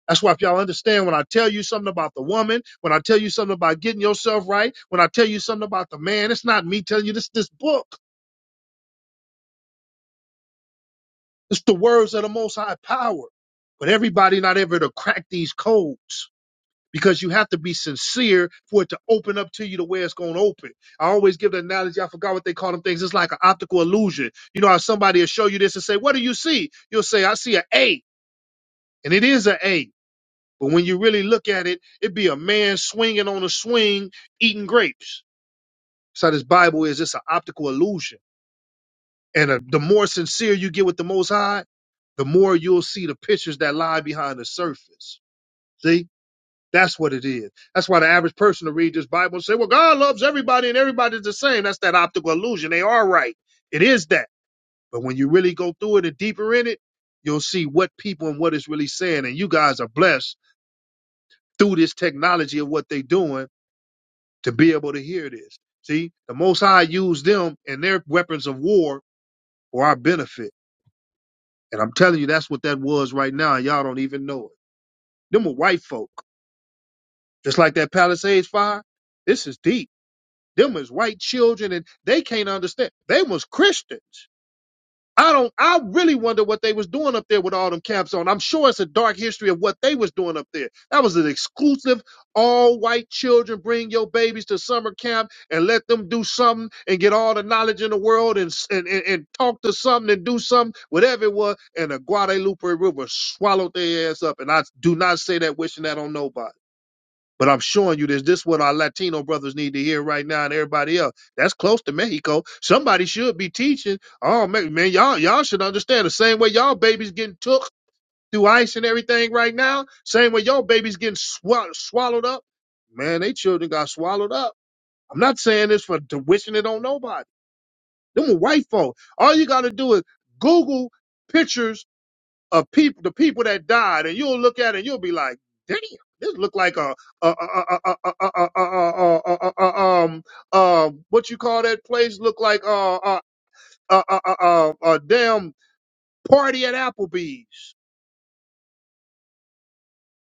[SPEAKER 1] That's why if y'all understand when I tell you something about the woman, when I tell you something about getting yourself right, when I tell you something about the man, it's not me telling you this this book. It's the words of the most high power. But everybody not ever to crack these codes. because you have to be sincere for it to open up to you to where it's going to open. I always give the analogy. I forgot what they call them things. It's like an optical illusion. You know how somebody will show you this and say, "What do you see?" You'll say, "I see an A," and it is an A. But when you really look at it, it'd be a man swinging on a swing eating grapes. So this Bible is just an optical illusion. And uh the more sincere you get with the Most High, the more you'll see the pictures that lie behind the surface. See? That's what it is. That's why the average person will read this Bible and say, well, God loves everybody and everybody's the same. That's that optical illusion. They are right. It is that. But when you really go through it and deeper in it, you'll see what people and what it's really saying. And you guys are blessed through this technology of what they're doing to be able to hear this. See, the Most High used them and their weapons of war for our benefit. And I'm telling you, that's what that was right now. And y'all don't even know it. Them were white folk. Just like that Palisades fire. This is deep Them was white children and they can't understand. They was Christians. I don't I really wonder what they was doing up there with all them caps on. I'm sure it's a dark history of what they was doing up there. That was an exclusive all white children bring your babies to summer camp and let them do something and get all the knowledge in the world and and, and, and talk to something and do something, whatever it was, and the Guadalupe River swallowed their ass up. And I do not say that wishing that on nobody. But I'm showing you this. This is what our Latino brothers need to hear right now, and everybody else. That's close to Mexico. Somebody should be teaching. Oh man, man y'all y'all should understand the same way y'all babies getting took through ice and everything right now. Same way y'all babies getting swall- swallowed up. Man, they children got swallowed up. I'm not saying this for to wishing it on nobody. Them white folk. All you got to do is Google pictures of people, the people that died, and you'll look at it and you'll be like, "Damn, this look like a, a, a, a, a, a, a, a, a, a, a um, um, what you call that place? Look like a, a, a, a, a, a a damn party at Applebee's."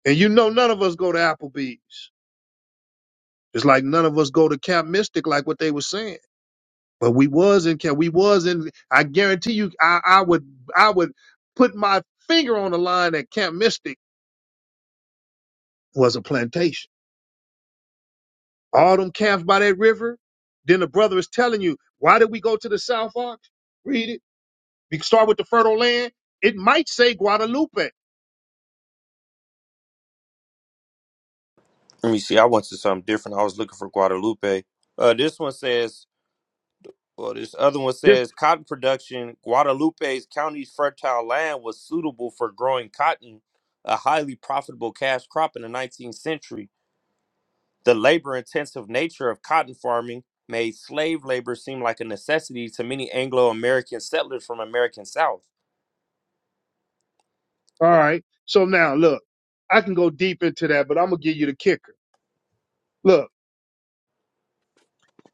[SPEAKER 1] And you know, none of us go to Applebee's. It's like none of us go to Camp Mystic, like what they were saying. But we was in Camp. We was in. I guarantee you, I, I would, I would put my finger on the line that Camp Mystic was a plantation all them camps by that river. Then the brother is telling you, why did we go to the South Ox? Read it. We can start with the fertile land. It might say Guadalupe.
[SPEAKER 3] Let me see. I went to something different. I was looking for Guadalupe. Uh, this one says, well, this other one
[SPEAKER 1] Yes.
[SPEAKER 3] says cotton production. Guadalupe's county's fertile land was suitable for growing cotton, a highly profitable cash crop in the 19th century. The labor intensive nature of cotton farming made slave labor seem like a necessity to many Anglo American settlers from American South.
[SPEAKER 1] All right. So now look, I can go deep into that, but I'm gonna give you the kicker. Look.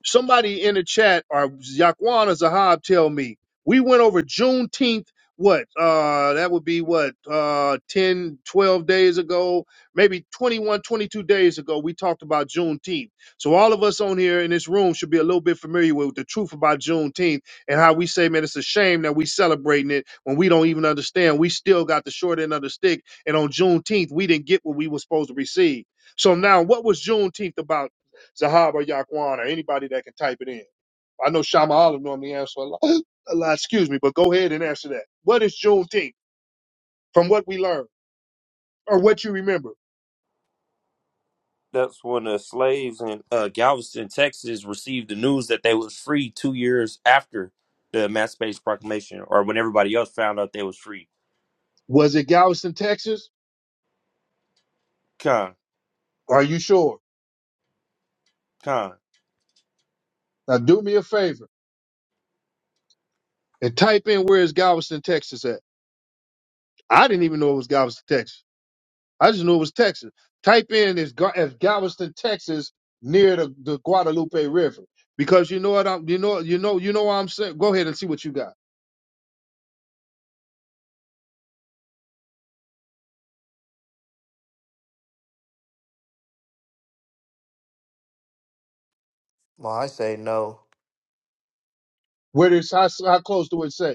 [SPEAKER 1] Somebody in the chat or Yaquan or Zahab tell me we went over Juneteenth. What? Uh, that would be what? Uh, 10, twelve days ago, maybe 21, 22 days ago, we talked about Juneteenth. So all of us on here in this room should be a little bit familiar with the truth about Juneteenth and how we say, man, it's a shame that we celebrating it when we don't even understand. We still got the short end of the stick, and on Juneteenth, we didn't get what we were supposed to receive. So now, what was Juneteenth about? Zahab or Yaquan or anybody that can type it in. I know Shama Olive normally answers a lot, a lot, excuse me, but go ahead and answer that. What is Juneteenth from what we learned or what you remember?
[SPEAKER 3] That's when the slaves in uh, Galveston, Texas received the news that they was free two years after the Emancipation Proclamation or when everybody else found out they was free.
[SPEAKER 1] Was it Galveston, Texas?
[SPEAKER 3] Con,
[SPEAKER 1] Are you sure?
[SPEAKER 3] con.
[SPEAKER 1] Now do me a favor and type in where is Galveston, Texas at. I didn't even know it was Galveston, Texas. I just knew it was Texas. Type in is, Ga- is Galveston, Texas near the, the Guadalupe River because you know what I'm, you know, you know, you know what I'm saying. Go ahead and see what you got.
[SPEAKER 2] Well, I say no.
[SPEAKER 1] Where is how, how close do it say?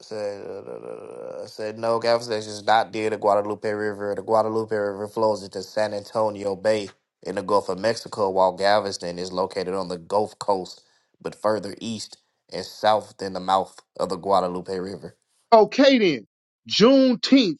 [SPEAKER 2] I Said, uh, uh, uh, said no. Galveston is not near the Guadalupe River. The Guadalupe River flows into San Antonio Bay in the Gulf of Mexico, while Galveston is located on the Gulf Coast, but further east and south than the mouth of the Guadalupe River.
[SPEAKER 1] Okay then, Juneteenth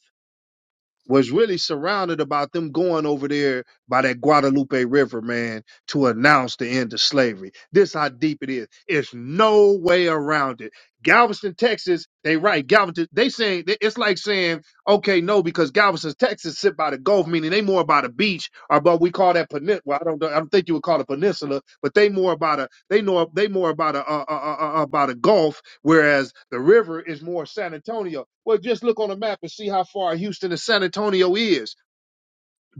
[SPEAKER 1] was really surrounded about them going over there by that Guadalupe River, man, to announce the end of slavery. This how deep it is. It's no way around it. Galveston, Texas, they right. Galveston, they saying it's like saying, okay, no, because Galveston, Texas, sit by the Gulf, meaning they more about a beach or but we call that peninsula. Well, I don't, know- I don't think you would call it peninsula, but they more about a they know they more about a uh, uh, uh, uh, about a Gulf Whereas the river is more San Antonio. Well, just look on a map and see how far Houston to San Antonio is.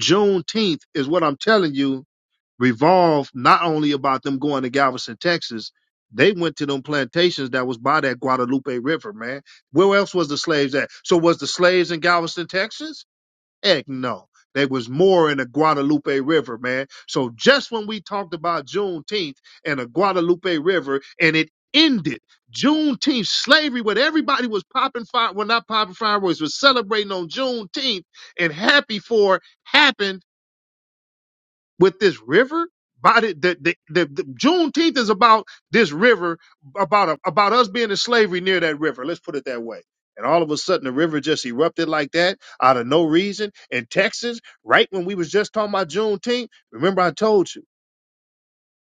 [SPEAKER 1] Juneteenth is what I'm telling you, revolved not only about them going to Galveston, Texas, they went to them plantations that was by that Guadalupe River, man. Where else was the slaves at? So was the slaves in Galveston, Texas? Heck no. There was more in the Guadalupe River, man. So just when we talked about Juneteenth and the Guadalupe River and it ended, Juneteenth slavery, when everybody was popping fire, well, not popping fireworks, was celebrating on Juneteenth and happy for happened with this river. By the, the, the, the, the Juneteenth is about this river, about a, about us being in slavery near that river. Let's put it that way. And all of a sudden, the river just erupted like that out of no reason in Texas, right when we was just talking about Juneteenth. Remember, I told you.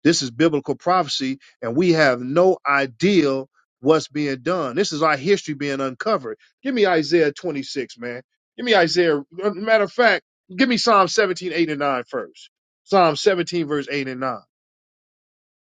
[SPEAKER 1] This is biblical prophecy, and we have no idea what's being done. This is our history being uncovered. Give me Isaiah 26, man. Give me Isaiah. uh, Matter of fact, give me Psalm 17, 8, and 9 first. Psalm 17, verse 8 and 9.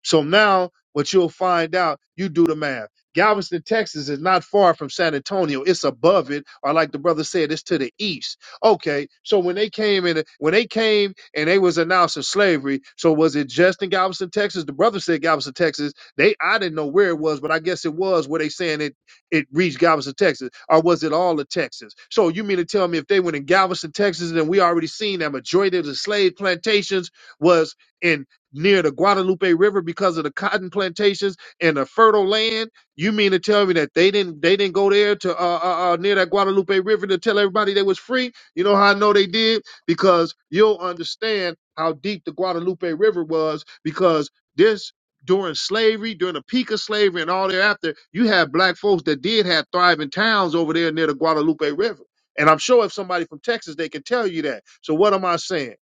[SPEAKER 1] So now what you'll find out, you do the math. Galveston, Texas is not far from San Antonio. It's above it, or like the brother said, it's to the east. Okay, so when they came in, when they came and they was announcing slavery, so was it just in Galveston, Texas? The brother said Galveston, Texas. They I didn't know where it was, but I guess it was where they saying it it reached Galveston, Texas, or was it all of Texas? So you mean to tell me if they went in Galveston, Texas, then we already seen that majority of the slave plantations was in near the Guadalupe River because of the cotton plantations and the fertile land. You mean to tell me that they didn't they didn't go there to uh, uh, uh near that Guadalupe River to tell everybody they was free? You know how I know they did because you'll understand how deep the Guadalupe River was because this during slavery, during the peak of slavery and all thereafter, you had black folks that did have thriving towns over there near the Guadalupe River. And I'm sure if somebody from Texas, they can tell you that. So what am I saying?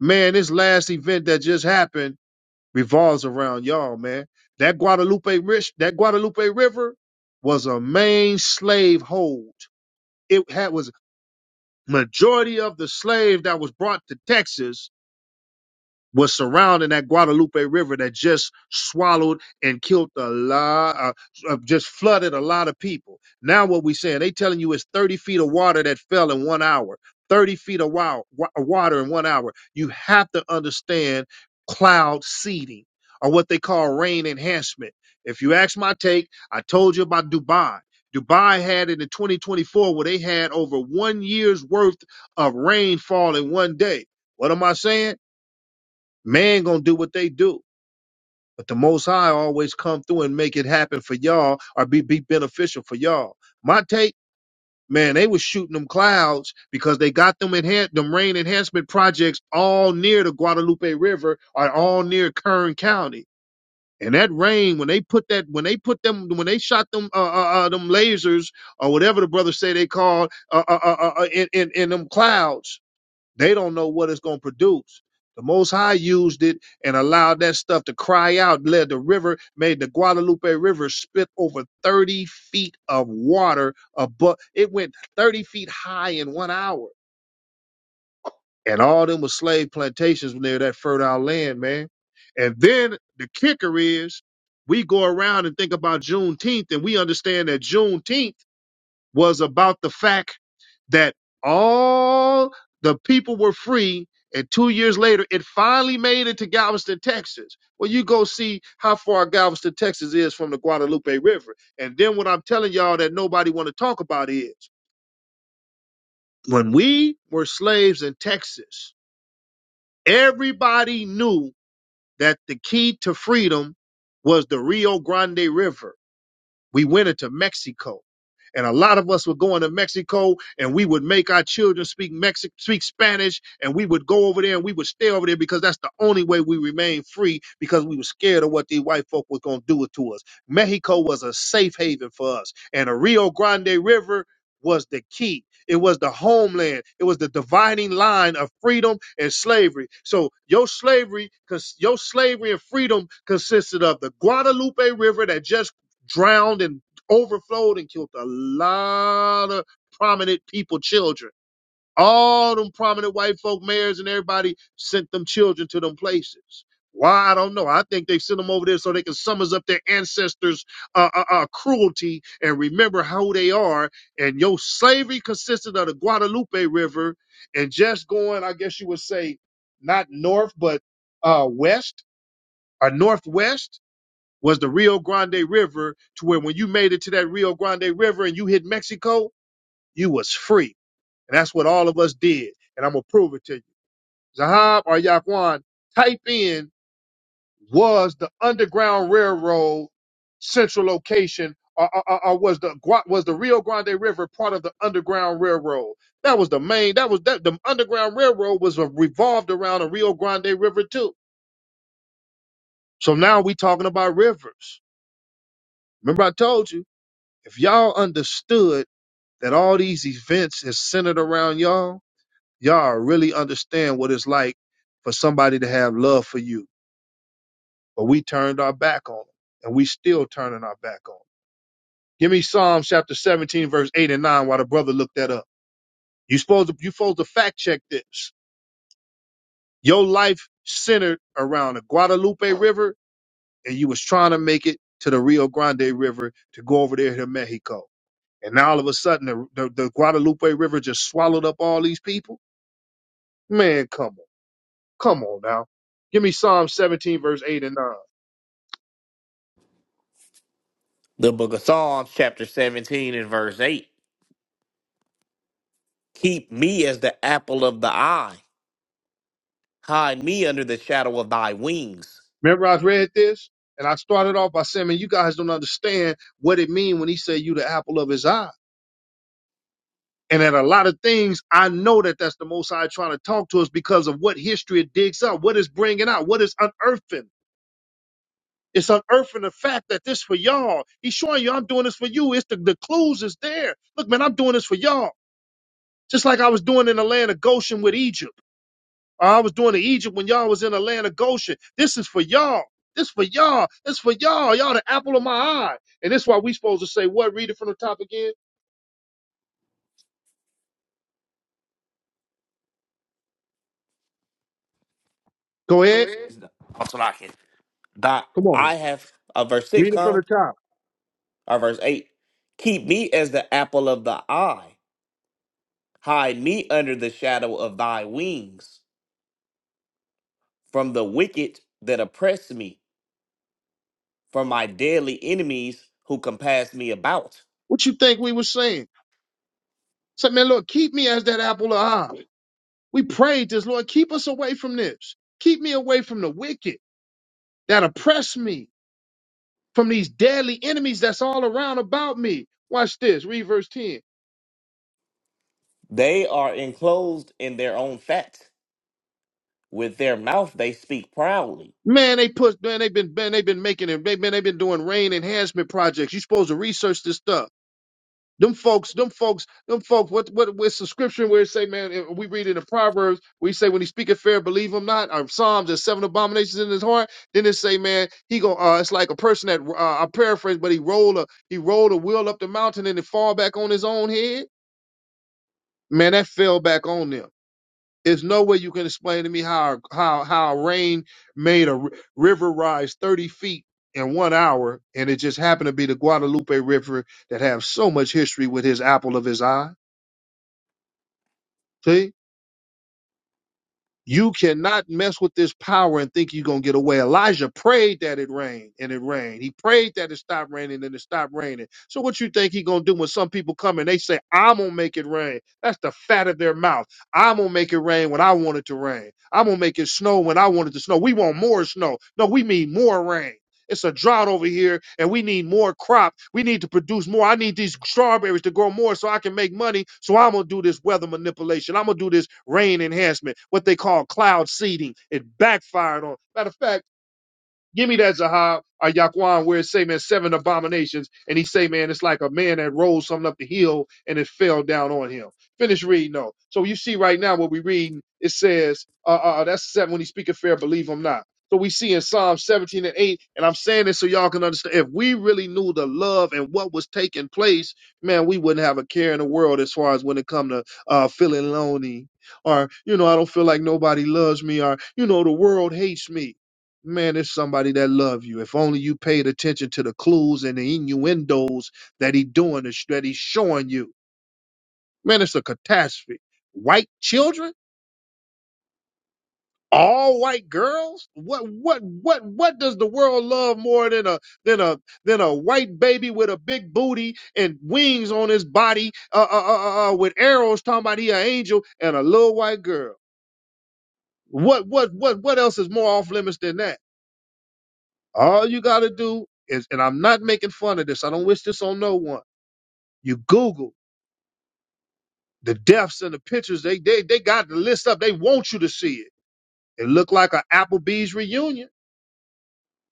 [SPEAKER 1] Man, this last event that just happened revolves around y'all, man. That Guadalupe rich, that Guadalupe River was a main slave hold. It had was majority of the slave that was brought to Texas was surrounding that Guadalupe River that just swallowed and killed a lot, uh, uh, just flooded a lot of people. Now what we saying? They telling you it's 30 feet of water that fell in one hour. 30 feet of wow, wa- water in one hour. You have to understand cloud seeding or what they call rain enhancement. If you ask my take, I told you about Dubai. Dubai had it in 2024 where they had over one year's worth of rainfall in one day. What am I saying? Man gonna do what they do, but the Most High always come through and make it happen for y'all or be be beneficial for y'all. My take, man, they was shooting them clouds because they got them enhan- them rain enhancement projects all near the Guadalupe River or all near Kern County. And that rain, when they put that, when they put them, when they shot them, uh, uh, uh them lasers or whatever the brothers say they called, uh, uh, uh, uh, uh, in, in, in them clouds, they don't know what it's going to produce. The Most High used it and allowed that stuff to cry out, led the river, made the Guadalupe River spit over 30 feet of water above. It went 30 feet high in one hour. And all them was slave plantations near that fertile land, man. And then the kicker is we go around and think about Juneteenth and we understand that Juneteenth was about the fact that all the people were free. And two years later, it finally made it to Galveston, Texas. Well, you go see how far Galveston, Texas is from the Guadalupe River. And then what I'm telling y'all that nobody want to talk about is when we were slaves in Texas, everybody knew that the key to freedom was the Rio Grande River We went into Mexico. And a lot of us were going to Mexico and we would make our children speak Mexican, speak Spanish and we would go over there and we would stay over there because that's the only way we remained free because we were scared of what these white folk was gonna do it to us. Mexico was a safe haven for us. And the Rio Grande River was the key. It was the homeland. It was the dividing line of freedom and slavery. So your slavery, because your slavery and freedom consisted of the Guadalupe River that just drowned and overflowed and killed a lot of prominent people, children. All them prominent white folk mayors and everybody sent them children to them places. Why? I don't know. I think they sent them over there so they can summons up their ancestors' uh, uh, uh, cruelty and remember who they are. And your slavery consisted of the Guadalupe River and just going, I guess you would say, not north, but uh, west or northwest was the Rio Grande River to where when you made it to that Rio Grande River and you hit Mexico, you was free. And that's what all of us did. And I'm going to prove it to you. Zahab or Yaquan, type in was the Underground Railroad central location or, or, or- was the Gua- was the Rio Grande River part of the Underground Railroad? That was the main. That was that the Underground Railroad was a, revolved around the Rio Grande River too. So now we talking about rivers. Remember I told you If y'all understood that all these events is centered around y'all, y'all really understand what it's like for somebody to have love for you. But we turned our back on them, and we still turning our back on them. Give me Psalms chapter 17, verse 8 and 9 while the brother looked that up. You supposed to, you supposed to fact check this. Your life centered around the Guadalupe River, and you was trying to make it to the Rio Grande River to go over there to Mexico. And now all of a sudden, the, the, the Guadalupe River just swallowed up all these people. Man, come on. Come on now. Give me Psalm 17, verse 8 and 9.
[SPEAKER 2] The book of Psalms, chapter 17 and verse 8. Keep me as the apple of the eye. Hide me under the shadow of thy wings.
[SPEAKER 1] Remember, I read this and I started off by saying, man, you guys don't understand what it mean when he said you the apple of his eye. And at a lot of things, I know that that's the Most High trying to talk to us because of what history it digs up, what it's bringing out, what it's unearthing. It's unearthing the fact that this for y'all. He's showing you I'm doing this for you. It's the, the clues is there. Look, man, I'm doing this for y'all. just like I was doing in the land of Goshen with Egypt. Or I was doing in Egypt when y'all was in the land of Goshen. This is for y'all. This for y'all. This for y'all. Y'all the apple of my eye. And that's why we supposed to say what? Read it from the top again. Go ahead.
[SPEAKER 2] That's what I can. Thy
[SPEAKER 1] Come on.
[SPEAKER 2] I have uh, verse six,
[SPEAKER 1] Read it from
[SPEAKER 2] huh?
[SPEAKER 1] the top.
[SPEAKER 2] Or verse eight. Keep me as the apple of the eye. Hide me under the shadow of thy wings from the wicked that oppress me, from my deadly enemies who compass me about.
[SPEAKER 1] What you think we were saying? Say, man, Lord, keep me as that apple of eye. We prayed this, Lord, keep us away from this. Keep me away from the wicked that oppress me, from these deadly enemies that's all around about me. Watch this. Read verse 10.
[SPEAKER 2] They are enclosed in their own fat. With their mouth they speak proudly.
[SPEAKER 1] Man, they put man, they've been man, they've been making it. They, man, they've been doing rain enhancement projects. You supposed to research this stuff. Them folks, them folks, them folks. What what with subscription where it say, man, eh, we read it in Proverbs. We say when he speaketh fair, believe him not. Or Psalms, there's seven abominations in his heart. Then it say, man, he go. Uh, it's like a person that uh, I paraphrase, but he rolled a he rolled a wheel up the mountain and it fall back on his own head. Man, that fell back on them. There's no way you can explain to me how how how rain made a r- river rise 30 feet in one hour, and it just happened to be the Guadalupe River that have so much history with his apple of his eye. See? You cannot mess with this power and think you're going to get away. Elijah prayed that it rained and it rained. He prayed that it stopped raining and it stopped raining. So what you think he going to do when some people come and they say, I'm going to make it rain. That's the fat of their mouth. I'm going to make it rain when I want it to rain. I'm going to make it snow when I want it to snow. We want more snow. No, we mean more rain. It's a drought over here, and we need more crop. We need to produce more. I need these strawberries to grow more so I can make money. So I'm gonna do this weather manipulation. I'm gonna do this rain enhancement, what they call cloud seeding. It backfired on. Matter of fact. Give me that Zahab or Yaquan where it say, man, seven abominations. And he say, man, it's like a man that rolled something up the hill and it fell down on him. Finish reading though. So you see right now what we reading, it says, uh, uh, uh, that's seven when he speak fair, believe him not. So we see in Psalm 17 and 8, and I'm saying this so y'all can understand. If we really knew the love and what was taking place, man, we wouldn't have a care in the world as far as when it come to uh, feeling lonely or, you know, I don't feel like nobody loves me or, you know, the world hates me man, it's somebody that love you. If only you paid attention to the clues and the innuendos that he doing, the sh- that he's showing you. Man, it's a catastrophe. White children, all white girls. What, what, what, what does the world love more than a than a than a white baby with a big booty and wings on his body, uh, uh, uh, uh, uh, with arrows talking about he an angel and a little white girl. What, what, what, what else is more off limits than that? All you got to do is, and I'm not making fun of this. I don't wish this on no one. You Google the deaths and the pictures. They they they got the list up. They want you to see it. It looked like an Applebee's reunion.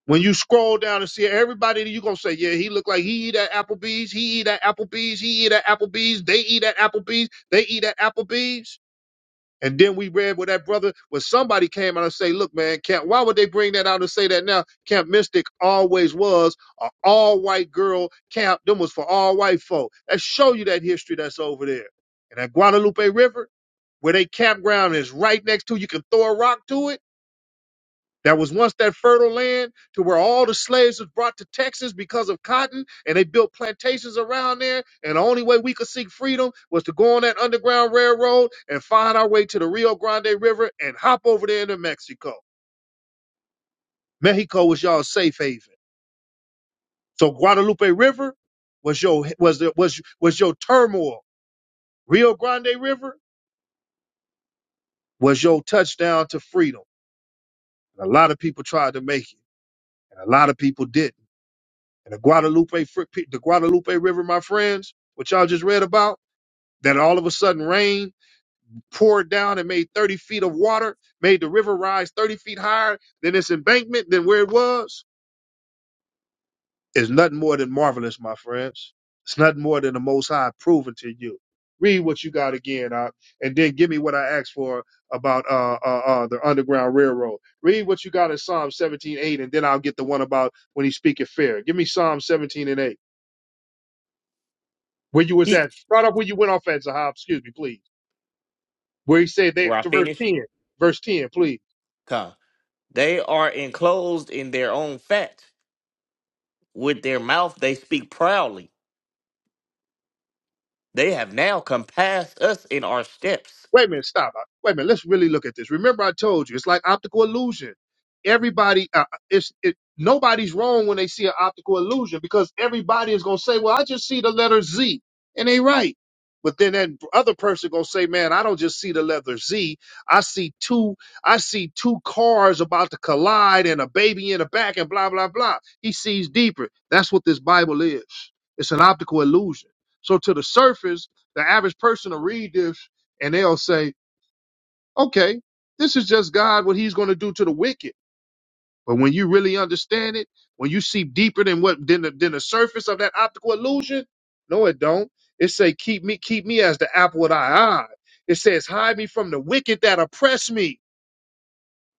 [SPEAKER 1] When you scroll down and see everybody, you're gonna say, Yeah, he looked like he eat at Applebee's, he eat at Applebee's, he eat at Applebee's, they eat at Applebee's, they eat at Applebee's. And then we read with that brother when somebody came out and say, look, man, Camp, why would they bring that out and say that now? Camp Mystic always was a all white girl camp. Them was for all white folk. That show you that history that's over there. And that Guadalupe River, where they campground is right next to, you can throw a rock to it that was once that fertile land to where all the slaves was brought to Texas because of cotton, and they built plantations around there. And the only way we could seek freedom was to go on that underground railroad and find our way to the Rio Grande River and hop over there into Mexico. Mexico was y'all's safe haven. So Guadalupe River was your was the, was was your turmoil. Rio Grande River was your touchdown to freedom. And a lot of people tried to make it, and a lot of people didn't. And the Guadalupe, fr- the Guadalupe River, my friends, what y'all just read about, that all of a sudden rain poured down and made 30 feet of water, made the river rise 30 feet higher than its embankment, than where it was, is nothing more than marvelous, my friends. It's nothing more than the Most High proven to you. Read what you got again, uh, and then give me what I asked for about uh, uh, uh, the Underground Railroad. Read what you got in Psalm 17:8, and then I'll get the one about when he's speaking fair. Give me Psalm 17 and 8. Where you was
[SPEAKER 2] Eat.
[SPEAKER 1] at. Start off where you went off at, Zahab. Excuse me, please. Where he said they
[SPEAKER 2] Where I
[SPEAKER 1] to verse
[SPEAKER 2] finished.
[SPEAKER 1] 10. Verse 10, please.
[SPEAKER 2] come. They are enclosed in their own fat. With their mouth they speak proudly. They have now compassed us in our steps.
[SPEAKER 1] Wait a minute, stop. Wait a minute, let's really look at this. Remember, I told you it's like optical illusion. Everybody, uh, uh, it's it, nobody's wrong when they see an optical illusion because everybody is gonna say, "Well, I just see the letter Z," and they right. But then that other person gonna say, "Man, I don't just see the letter Z. I see two. I see two cars about to collide and a baby in the back and blah blah blah." He sees deeper. That's what this Bible is. It's an optical illusion. So to the surface, the average person will read this and they'll say, okay, this is just God, what he's going to do to the wicked. But when you really understand it, when you see deeper than what than the, than the surface of that optical illusion, no, it don't. It say, keep me, keep me as the apple of thy eye. It says, hide me from the wicked that oppress me.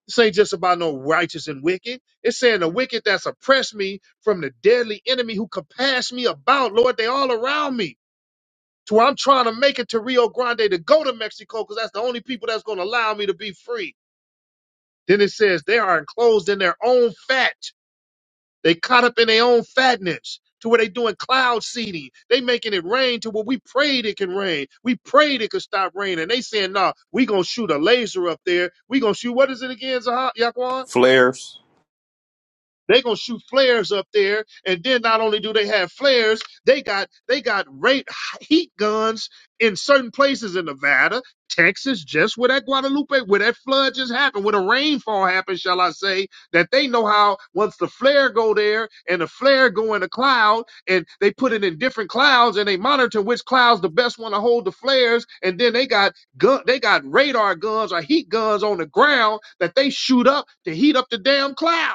[SPEAKER 1] This ain't just about no righteous and wicked. It's saying the wicked that's oppressed me from the deadly enemy who compass me about. Lord, they all around me to where I'm trying to make it to Rio Grande to go to Mexico because that's the only people that's going to allow me to be free. Then it says they are enclosed in their own fat. They caught up in their own fatness to where they doing cloud seeding. They making it rain to where we prayed it can rain. We prayed it could stop raining. They saying, no, nah, we gonna shoot a laser up there. We gonna shoot what is it again, Zah- Yaquan?
[SPEAKER 3] Flares.
[SPEAKER 1] They gonna shoot flares up there, and then not only do they have flares, they got they got rate heat guns in certain places in Nevada, Texas, just where that Guadalupe, where that flood just happened, where the rainfall happened, shall I say? That they know how once the flare go there and the flare go in a cloud, and they put it in different clouds, and they monitor which clouds the best one to hold the flares, and then they got gun, they got radar guns or heat guns on the ground that they shoot up to heat up the damn cloud.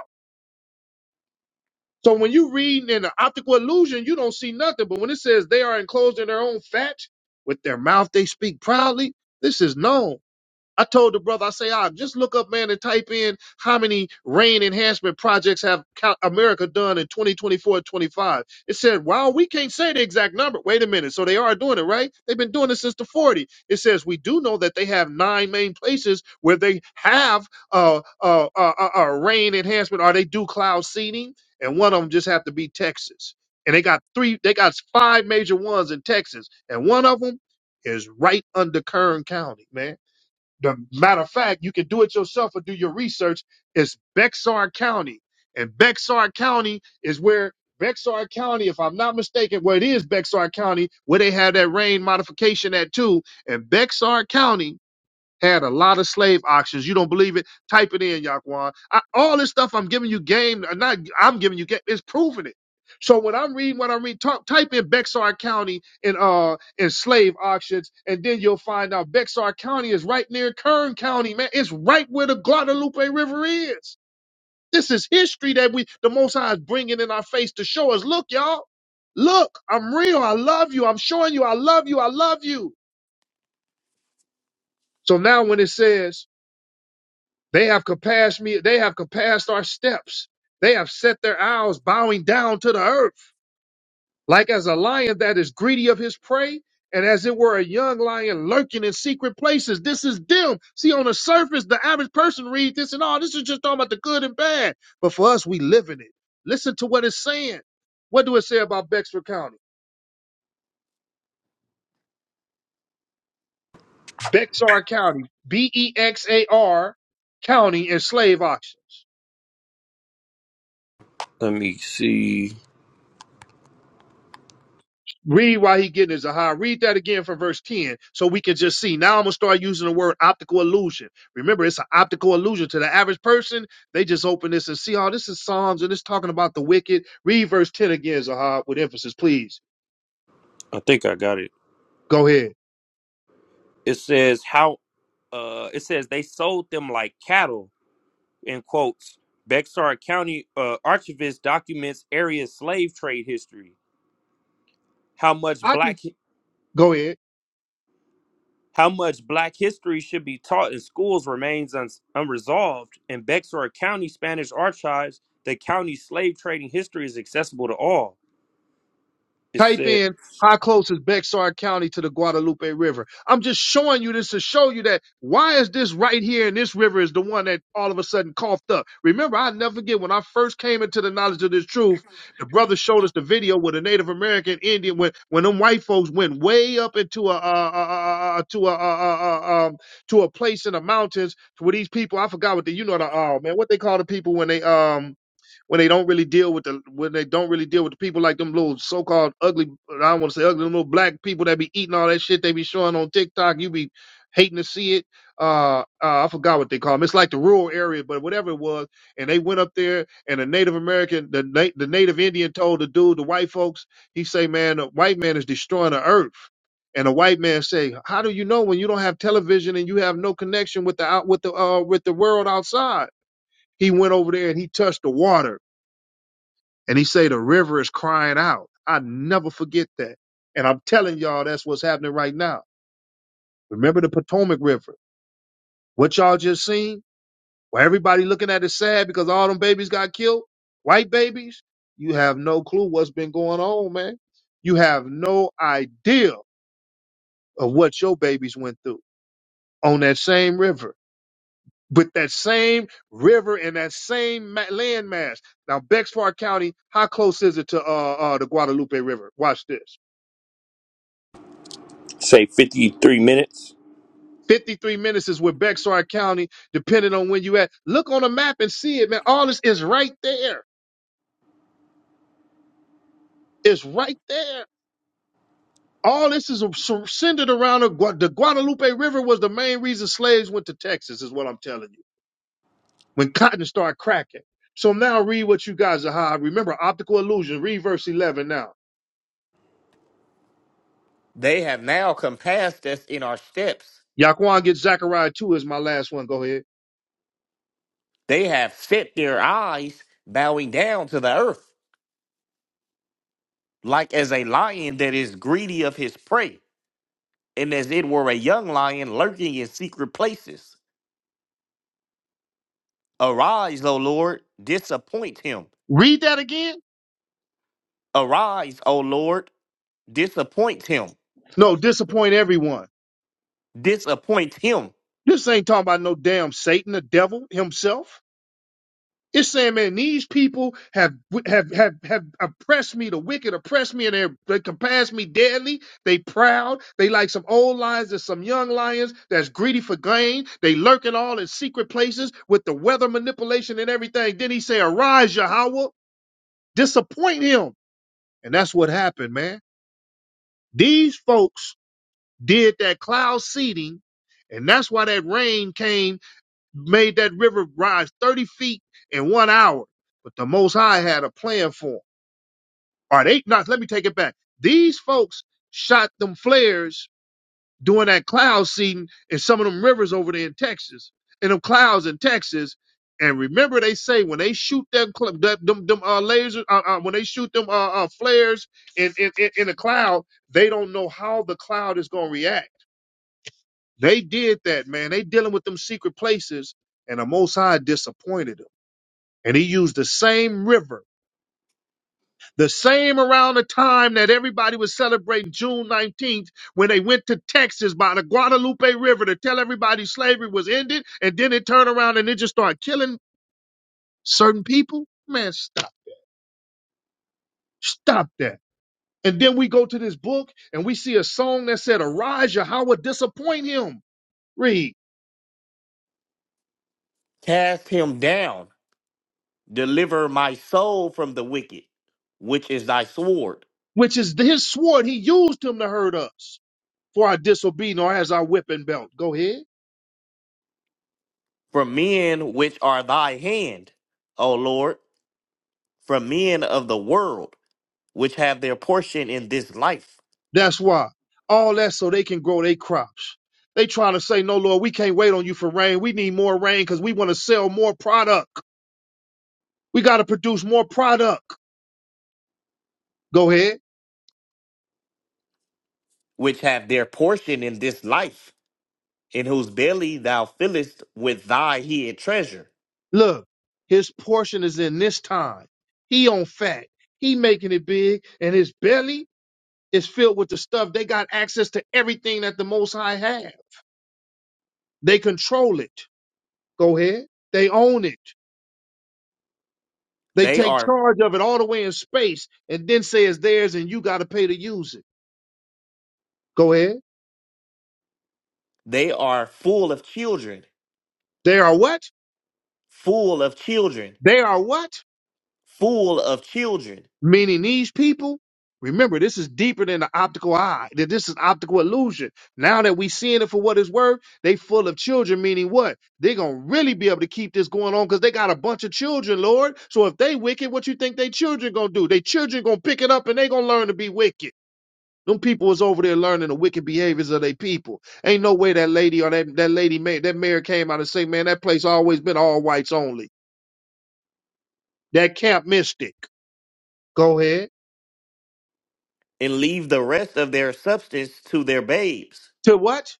[SPEAKER 1] So when you read in an optical illusion, you don't see nothing. But when it says they are enclosed in their own fat, with their mouth they speak proudly, this is known. I told the brother, I say, ah, just look up, man, and type in how many rain enhancement projects have co- America done in 2024 25. It said, wow, we can't say the exact number. Wait a minute. So they are doing it, right? They've been doing it since the '40s. It says, we do know that they have nine main places where they have uh, uh, uh, uh, uh, rain enhancement or they do cloud seeding. And one of them just have to be Texas. And they got three, they got five major ones in Texas. And one of them is right under Kern County, man the matter of fact, you can do it yourself or do your research. It's Bexar County. And Bexar County is where Bexar County, if I'm not mistaken, where it is Bexar County, where they had that rain modification at too. And Bexar County had a lot of slave auctions. You don't believe it? Type it in, Yaquan. I, all this stuff I'm giving you game, uh, not I'm giving you game. It's proving it. So when I'm reading what I'm reading, talk, type in Bexar County in uh in slave auctions, and then you'll find out Bexar County is right near Kern County, man. It's right where the Guadalupe River is. This is history that we the Most High is bringing in our face to show us. Look, y'all, look, I'm real. I love you. I'm showing you. I love you. I love you. So now when it says They have compassed me. They have compassed our steps. They have set their eyes bowing down to the earth, like as a lion that is greedy of his prey, and as it were a young lion lurking in secret places. This is them. See, on the surface, the average person reads this and all. This is just talking about the good and bad. But for us, we live in it. Listen to what it's saying. What do it say about Bexar County? Bexar County, B E X A R County, and slave auctions.
[SPEAKER 3] Let me see.
[SPEAKER 1] Read why he getting his aha. Read that again from verse 10 so we can just see. Now I'm going to start using the word optical illusion. Remember, it's an optical illusion. To the average person, they just open this and see, oh, this is Psalms and it's talking about the wicked. Read verse 10 again, Zahar, with emphasis, please.
[SPEAKER 3] I think I got it.
[SPEAKER 1] Go ahead.
[SPEAKER 3] It says how uh it says they sold them like cattle in quotes, Bexar County uh, archivist documents area slave trade history. How much
[SPEAKER 1] I can
[SPEAKER 3] black
[SPEAKER 1] go ahead.
[SPEAKER 3] how much black history should be taught in schools remains un- unresolved. In Bexar County Spanish archives, the county slave trading history is accessible to all. It
[SPEAKER 1] Type
[SPEAKER 3] said,
[SPEAKER 1] in how close is Bexar County to the Guadalupe River. I'm just showing you this to show you that why is this right here and this river is the one that all of a sudden coughed up. Remember, I never forget when I first came into the knowledge of this truth, the brother showed us the video with a Native American Indian when when them white folks went way up into a uh, uh, uh, uh, to a uh, uh, uh, um, to a place in the mountains where these people I forgot what the you know the uh, man what they call the people when they um when they don't really deal with the when they don't really deal with the people like them little so called ugly I don't want to say ugly them little black people that be eating all that shit they be showing on TikTok. You be hating to see it. Uh, uh I forgot what they call them. It's like the rural area, but whatever it was. And they went up there, and a Native American, the na- the Native Indian, told the dude, the white folks, he say, man, the white man is destroying the earth. And the white man say, how do you know when you don't have television and you have no connection with the out with the uh with the world outside? He went over there and he touched the water and he say the river is crying out. I never forget that. And I'm telling y'all, that's what's happening right now. Remember the Potomac River. What y'all just seen? Where everybody looking at it sad because all them babies got killed. White babies. You have no clue what's been going on, man. You have no idea of what your babies went through on that same river. With that same river and that same ma- landmass. Now, Bexar County, how close is it to uh, uh, the Guadalupe River? Watch this.
[SPEAKER 3] say 53 minutes.
[SPEAKER 1] 53 minutes is with Bexar County, depending on when you at. Look on a map and see it, man. All this is right there. It's right there. All this is centered around the, Gua- the Guadalupe River was the main reason slaves went to Texas, is what I'm telling you. When cotton started cracking. So now read what you guys are high. Remember, optical illusion. Read verse 11 now.
[SPEAKER 2] They have now compassed us in our steps.
[SPEAKER 1] Yaquan gets Zechariah 2 is my last one. Go ahead.
[SPEAKER 2] They have set their eyes, bowing down to the earth, like as a lion that is greedy of his prey, and as it were a young lion lurking in secret places. Arise, O Lord, disappoint him.
[SPEAKER 1] Read that again.
[SPEAKER 2] Arise, O Lord, disappoint him.
[SPEAKER 1] No, disappoint everyone.
[SPEAKER 2] Disappoint him
[SPEAKER 1] This ain't talking about no damn Satan, the devil himself. It's saying, man, these people have have have have oppressed me. The wicked oppressed me, and they they compass me deadly. They proud. They like some old lions and some young lions that's greedy for gain. They lurking all in secret places with the weather manipulation and everything. Then he say, "Arise, Yahweh, disappoint him." And that's what happened, man. These folks did that cloud seeding, and that's why that rain came made that river rise 30 feet in one hour. But the Most High had a plan for for 'em. Or they not, let me take it back. These folks shot them flares during that cloud seeding in some of them rivers over there in Texas, in them clouds in Texas. And remember, they say when they shoot them, cl- that- them, them uh, lasers, uh, uh, when they shoot them uh, uh, flares in, in, in in the cloud, they don't know how the cloud is going to react. They did that, man. They dealing with them secret places, and the Most High disappointed them. And he used the same river, the same around the time that everybody was celebrating June 19th when they went to Texas by the Guadalupe River to tell everybody slavery was ended. And then it turned around and it just started killing certain people. Man, stop. Stop that. And then we go to this book and we see a song that said, Arise, Yahweh, disappoint him. Read,
[SPEAKER 2] Cast him down. Deliver my soul from the wicked, which is thy sword,
[SPEAKER 1] which is his sword. He used him to hurt us for our disobedience or as our whipping belt. Go ahead.
[SPEAKER 2] from men which are thy hand, O Lord, from men of the world, which have their portion in this life,
[SPEAKER 1] That's why. All that so they can grow their crops. They trying to say, no, Lord, we can't wait on you for rain. We need more rain because we want to sell more product. We got to produce more product. Go ahead.
[SPEAKER 2] which have their portion in this life, in whose belly thou fillest with thy hid treasure.
[SPEAKER 1] Look, his portion is in this time. He on fat. He making it big and his belly is filled with the stuff. They got access to everything that the Most High have. They control it. Go ahead. They own it. They
[SPEAKER 2] They
[SPEAKER 1] take
[SPEAKER 2] are
[SPEAKER 1] charge of it all the way in space and then say it's theirs and you got to pay to use it. Go ahead.
[SPEAKER 2] they are full of children,
[SPEAKER 1] They are what?
[SPEAKER 2] full of children,
[SPEAKER 1] They are what?
[SPEAKER 2] full of children,
[SPEAKER 1] Meaning these people. Remember, this is deeper than the optical eye. That This is optical illusion. Now that we seeing it for what it's worth, they full of children, meaning what? They're gonna really be able to keep this going on because they got a bunch of children, Lord. So if they wicked, what you think they children gonna do? They children gonna pick it up and they gonna learn to be wicked. Them people was over there learning the wicked behaviors of their people. Ain't no way that lady or that, that lady ma- that mayor came out and say, man, that place always been all whites only. That camp mystic. Go ahead.
[SPEAKER 2] and leave the rest of their substance to their babes.
[SPEAKER 1] to what?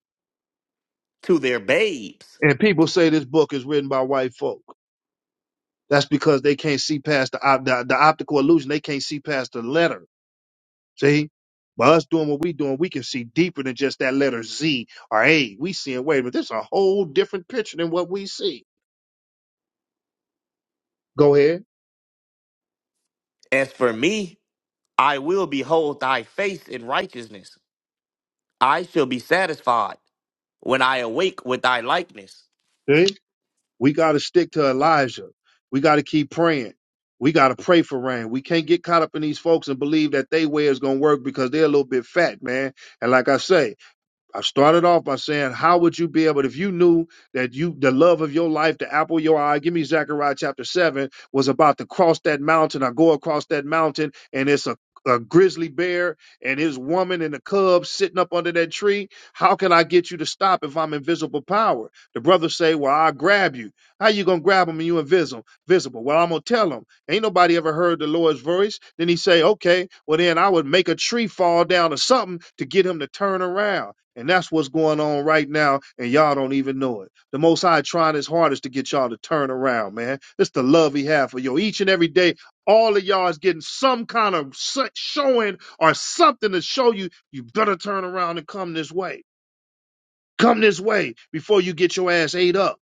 [SPEAKER 2] to their babes.
[SPEAKER 1] And people say this book is written by white folk. That's because they can't see past the op- the, the optical illusion. They can't see past the letter. See, by us doing what we doing, we can see deeper than just that letter Z or A. We seeing wait, but this is a whole different picture than what we see. Go ahead.
[SPEAKER 2] As for me, I will behold thy face in righteousness. I shall be satisfied when I awake with thy likeness.
[SPEAKER 1] See? We got to stick to Elijah. We got to keep praying. We got to pray for rain. We can't get caught up in these folks and believe that they way is gonna work because they're a little bit fat, man. And like I say. I started off by saying, how would you be able if you knew that you the love of your life, the apple of your eye, give me Zechariah chapter seven, was about to cross that mountain or go across that mountain, and it's a a grizzly bear and his woman and the cubs sitting up under that tree. How can I get you to stop if I'm invisible power? The brothers say, Well, I'll grab you. How you gonna grab him and you invisible visible? Well, I'm gonna tell him. Ain't nobody ever heard the Lord's voice. Then he say, Okay, well then I would make a tree fall down or something to get him to turn around. And that's what's going on right now, and y'all don't even know it. The Most High trying his hardest to get y'all to turn around, man. It's the love he have for you. Each and every day, all of y'all is getting some kind of showing or something to show you you better turn around and come this way. Come this way before you get your ass ate up.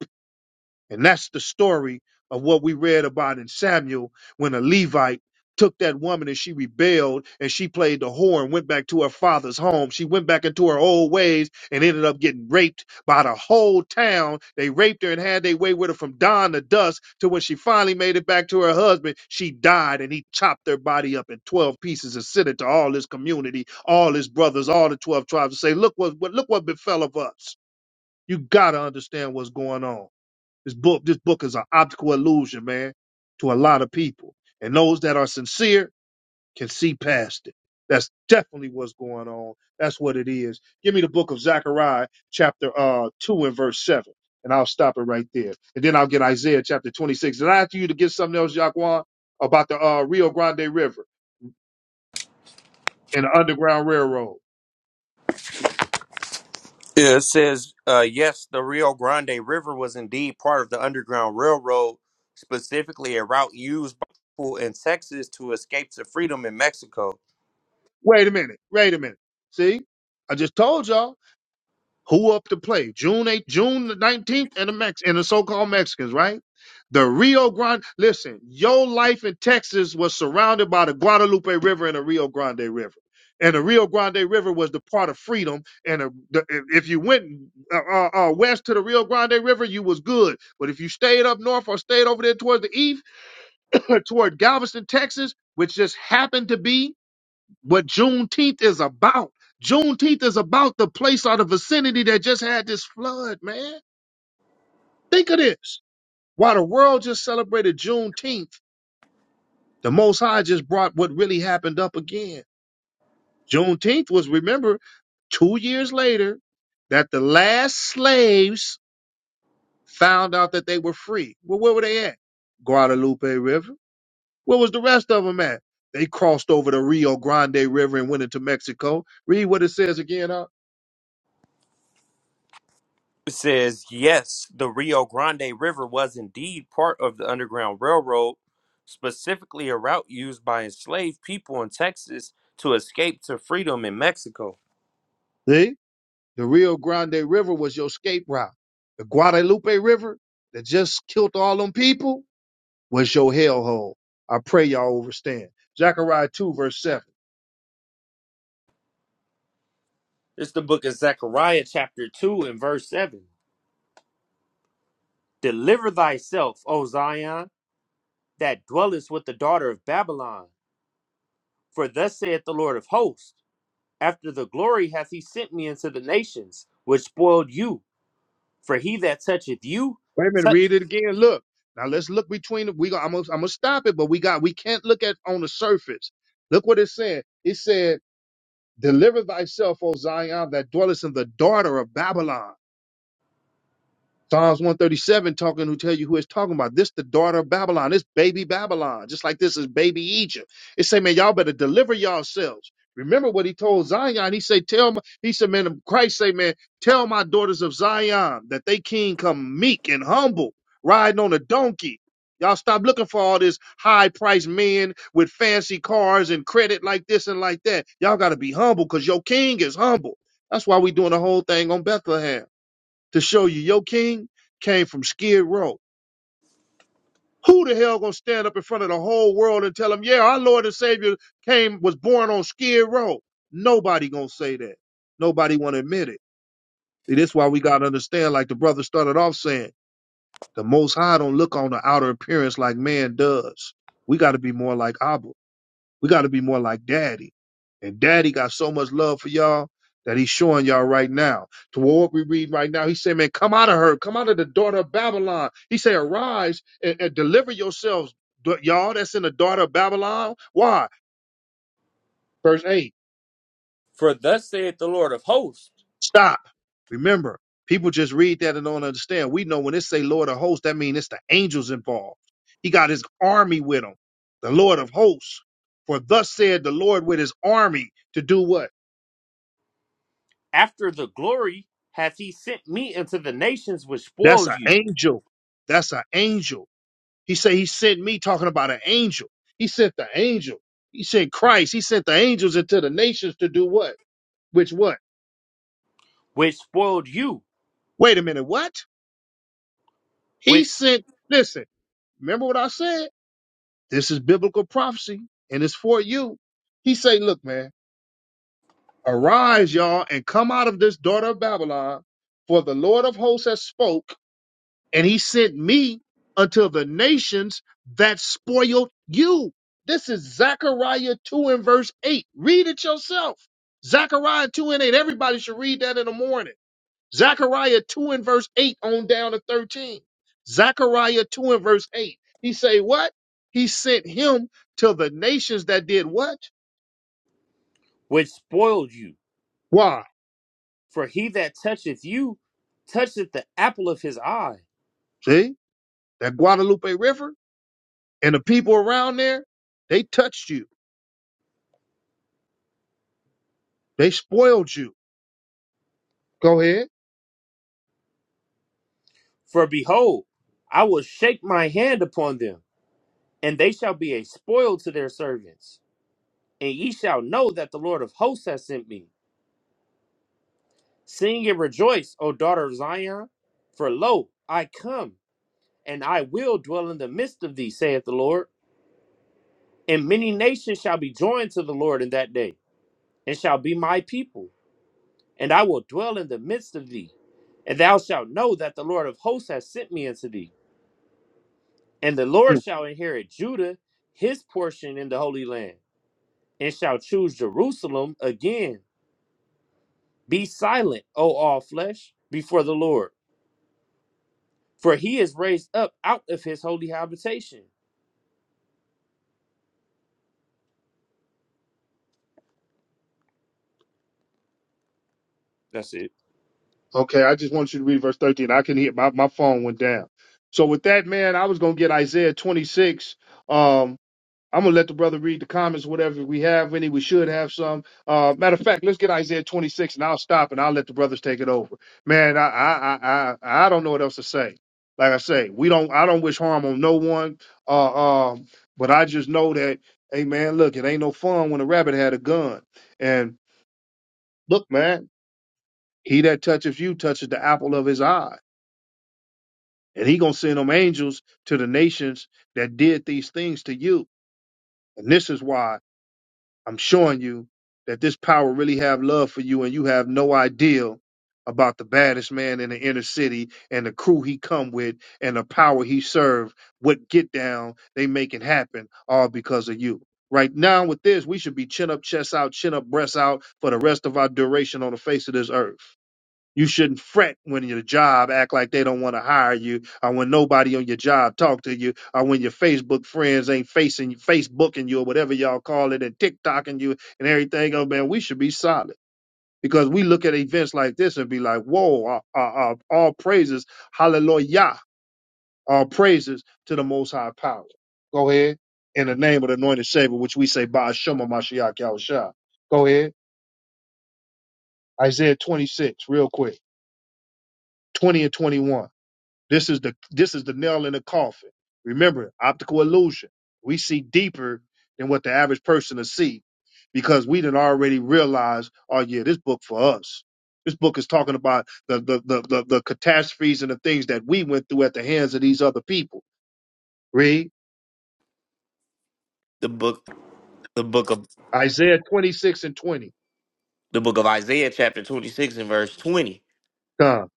[SPEAKER 1] And that's the story of what we read about in Samuel when a Levite took that woman and she rebelled and she played the whore and went back to her father's home. She went back into her old ways and ended up getting raped by the whole town. They raped her and had their way with her from dawn to dusk to when she finally made it back to her husband. She died and he chopped her body up in 12 pieces and sent it to all his community, all his brothers, all the 12 tribes and say, look what, what look what befell of us. You got to understand what's going on. This book, this book is an optical illusion, man, to a lot of people. And those that are sincere can see past it. That's definitely what's going on. That's what it is. Give me the book of Zechariah, chapter uh two and verse seven. And I'll stop it right there. And then I'll get Isaiah chapter 26. And I ask you to get something else, Jaquan, about the uh, Rio Grande River and the Underground Railroad.
[SPEAKER 3] Yeah, It says, uh, yes, the Rio Grande River was indeed part of the Underground Railroad, specifically a route used by people in Texas to escape to freedom in Mexico.
[SPEAKER 1] Wait a minute. Wait a minute. See? I just told y'all. Who up to play? June 8th, June the 19th, and the Mex and the so-called Mexicans, right? The Rio Grande. Listen, your life in Texas was surrounded by the Guadalupe River and the Rio Grande River. And the Rio Grande River was the part of freedom. And the, the, if if you went uh, uh, uh, west to the Rio Grande River, you was good. But if you stayed up north or stayed over there towards the east, toward Galveston, Texas, which just happened to be what Juneteenth is about. Juneteenth is about the place or the vicinity that just had this flood, man. Think of this. While the world just celebrated Juneteenth, the Most High just brought what really happened up again. Juneteenth was, remember, two years later that the last slaves found out that they were free. Well, where were they at? Guadalupe River. Where was the rest of them at? They crossed over the Rio Grande River and went into Mexico. Read what it says again, huh?
[SPEAKER 3] says, yes, the Rio Grande River was indeed part of the Underground Railroad, specifically a route used by enslaved people in Texas to escape to freedom in Mexico.
[SPEAKER 1] See? The Rio Grande River was your escape route. The Guadalupe River that just killed all them people was your hellhole. I pray y'all understand. Zechariah 2, verse 7.
[SPEAKER 3] It's the book of Zechariah, chapter 2, and verse 7. Deliver thyself, O Zion, that dwellest with the daughter of Babylon. For thus saith the Lord of hosts After the glory hath he sent me into the nations, which spoiled you. For he that toucheth you,
[SPEAKER 1] Wait a minute,
[SPEAKER 3] touch.
[SPEAKER 1] read it again. Look. Now let's look between the, we got, I'm gonna I'm gonna stop it, but we got we can't look at on the surface. Look what it said. It said, Deliver thyself, O Zion, that dwellest in the daughter of Babylon. Psalms 137 talking who tell you who it's talking about. This the daughter of Babylon. This baby Babylon. Just like this is baby Egypt. It say, man, y'all better deliver yourselves. Remember what he told Zion. He say, tell my, he said, man, Christ say, man, tell my daughters of Zion that they king come meek and humble, riding on a donkey. Y'all stop looking for all this high priced men with fancy cars and credit like this and like that. Y'all gotta be humble because your king is humble. That's why we doing the whole thing on Bethlehem to show you your king came from Skid Row. Who the hell gonna stand up in front of the whole world and tell them, yeah, our Lord and Savior came was born on Skid Row? Nobody gonna say that. Nobody wanna admit it. See, this is why we gotta understand, like the brother started off saying, the Most High don't look on the outer appearance like man does. We gotta be more like Abba. We got to be more like daddy. And daddy got so much love for y'all that he's showing y'all right now. To what we read right now, he said, Man, come out of her. Come out of the daughter of Babylon. He said, Arise and, and deliver yourselves, d- y'all that's in the daughter of Babylon. Why? Verse 8.
[SPEAKER 3] For thus saith the Lord of hosts.
[SPEAKER 1] Stop. Remember, people just read that and don't understand. We know when it say Lord of hosts, that means it's the angels involved. He got his army with him, the Lord of hosts. For thus said the Lord with his army to do what?
[SPEAKER 3] After the glory hath he sent me into the nations which
[SPEAKER 1] That's
[SPEAKER 3] spoiled
[SPEAKER 1] an
[SPEAKER 3] you,
[SPEAKER 1] angel. That's an angel. He said he sent me talking about an angel. He sent the angel. He sent Christ. He sent the angels into the nations to do what? Which what?
[SPEAKER 3] which spoiled you,
[SPEAKER 1] Wait a minute. What? He
[SPEAKER 3] which
[SPEAKER 1] sent. Listen. Remember what I said? This is biblical prophecy, and it's for you. He say, look, man, arise, y'all, and come out of this daughter of Babylon, for the Lord of hosts has spoke. and he sent me unto the nations that spoiled you. This is Zechariah 2 and verse 8. Read it yourself. Zechariah 2 and 8. Everybody should read that in the morning. Zechariah 2 and verse 8 on down to 13. Zechariah 2 and verse 8. He say what? He sent him to the nations that did what?
[SPEAKER 3] which spoiled you.
[SPEAKER 1] Why?
[SPEAKER 3] For he that toucheth you toucheth the apple of his eye.
[SPEAKER 1] See? That Guadalupe River and the people around there, they touched you. They spoiled you. Go ahead.
[SPEAKER 3] For behold, I will shake my hand upon them, and they shall be a spoil to their servants. And ye shall know that the Lord of hosts hath sent me. Sing and rejoice, O daughter of Zion, for lo, I come, and I will dwell in the midst of thee, saith the Lord. And many nations shall be joined to the Lord in that day, and shall be my people, and I will dwell in the midst of thee. And thou shalt know that the Lord of hosts has sent me unto thee. And the
[SPEAKER 1] Hmm.
[SPEAKER 3] Lord shall inherit Judah, his portion in the Holy Land, and shall choose Jerusalem again. Be silent, O all flesh, before the Lord, for he is raised up out of his holy habitation. That's it.
[SPEAKER 1] Okay, I just want you to read verse 13. I can hear my, my phone went down. So with that, man, I was gonna get Isaiah 26. Um, I'm gonna let the brother read the comments, whatever we have any. We should have some. Uh, matter of fact, let's get Isaiah 26, and I'll stop and I'll let the brothers take it over. Man, I I I I, I don't know what else to say. Like I say, we don't. I don't wish harm on no one. Uh, um, but I just know that, hey man, look, it ain't no fun when a rabbit had a gun. And look, man, he that touches you touches the apple of his eye. and he gonna send them angels to the nations that did these things to you and this is why i'm showing you that this power really have love for you and you have no idea about the baddest man in the inner city and the crew he come with and the power he serve what get down they make it happen all because of you right now with this we should be chin up chest out chin up breast out for the rest of our duration on the face of this earth you shouldn't fret when your job act like they don't want to hire you, or when nobody on your job talk to you, or when your Facebook friends ain't facing Facebooking you or whatever y'all call it and TikToking you and everything. Oh man, we should be solid because we look at events like this and be like, "Whoa! Uh, uh, uh, all praises, hallelujah! All praises to the Most High Power." Go ahead in the name of the Anointed Savior, which we say, "Ba Shema Mashiach Yahushua." Go ahead, Isaiah 26, real quick, 20 and 21. This is the this is the nail in the coffin. Remember, optical illusion. We see deeper than what the average person will see because we didn't already realize, oh yeah, this book for us. This book is talking about the the, the the the catastrophes and the things that we went through at the hands of these other people. Read
[SPEAKER 2] The book the book of
[SPEAKER 1] Isaiah 26 and 20.
[SPEAKER 2] the book of Isaiah chapter 26 and verse 20.
[SPEAKER 1] Come,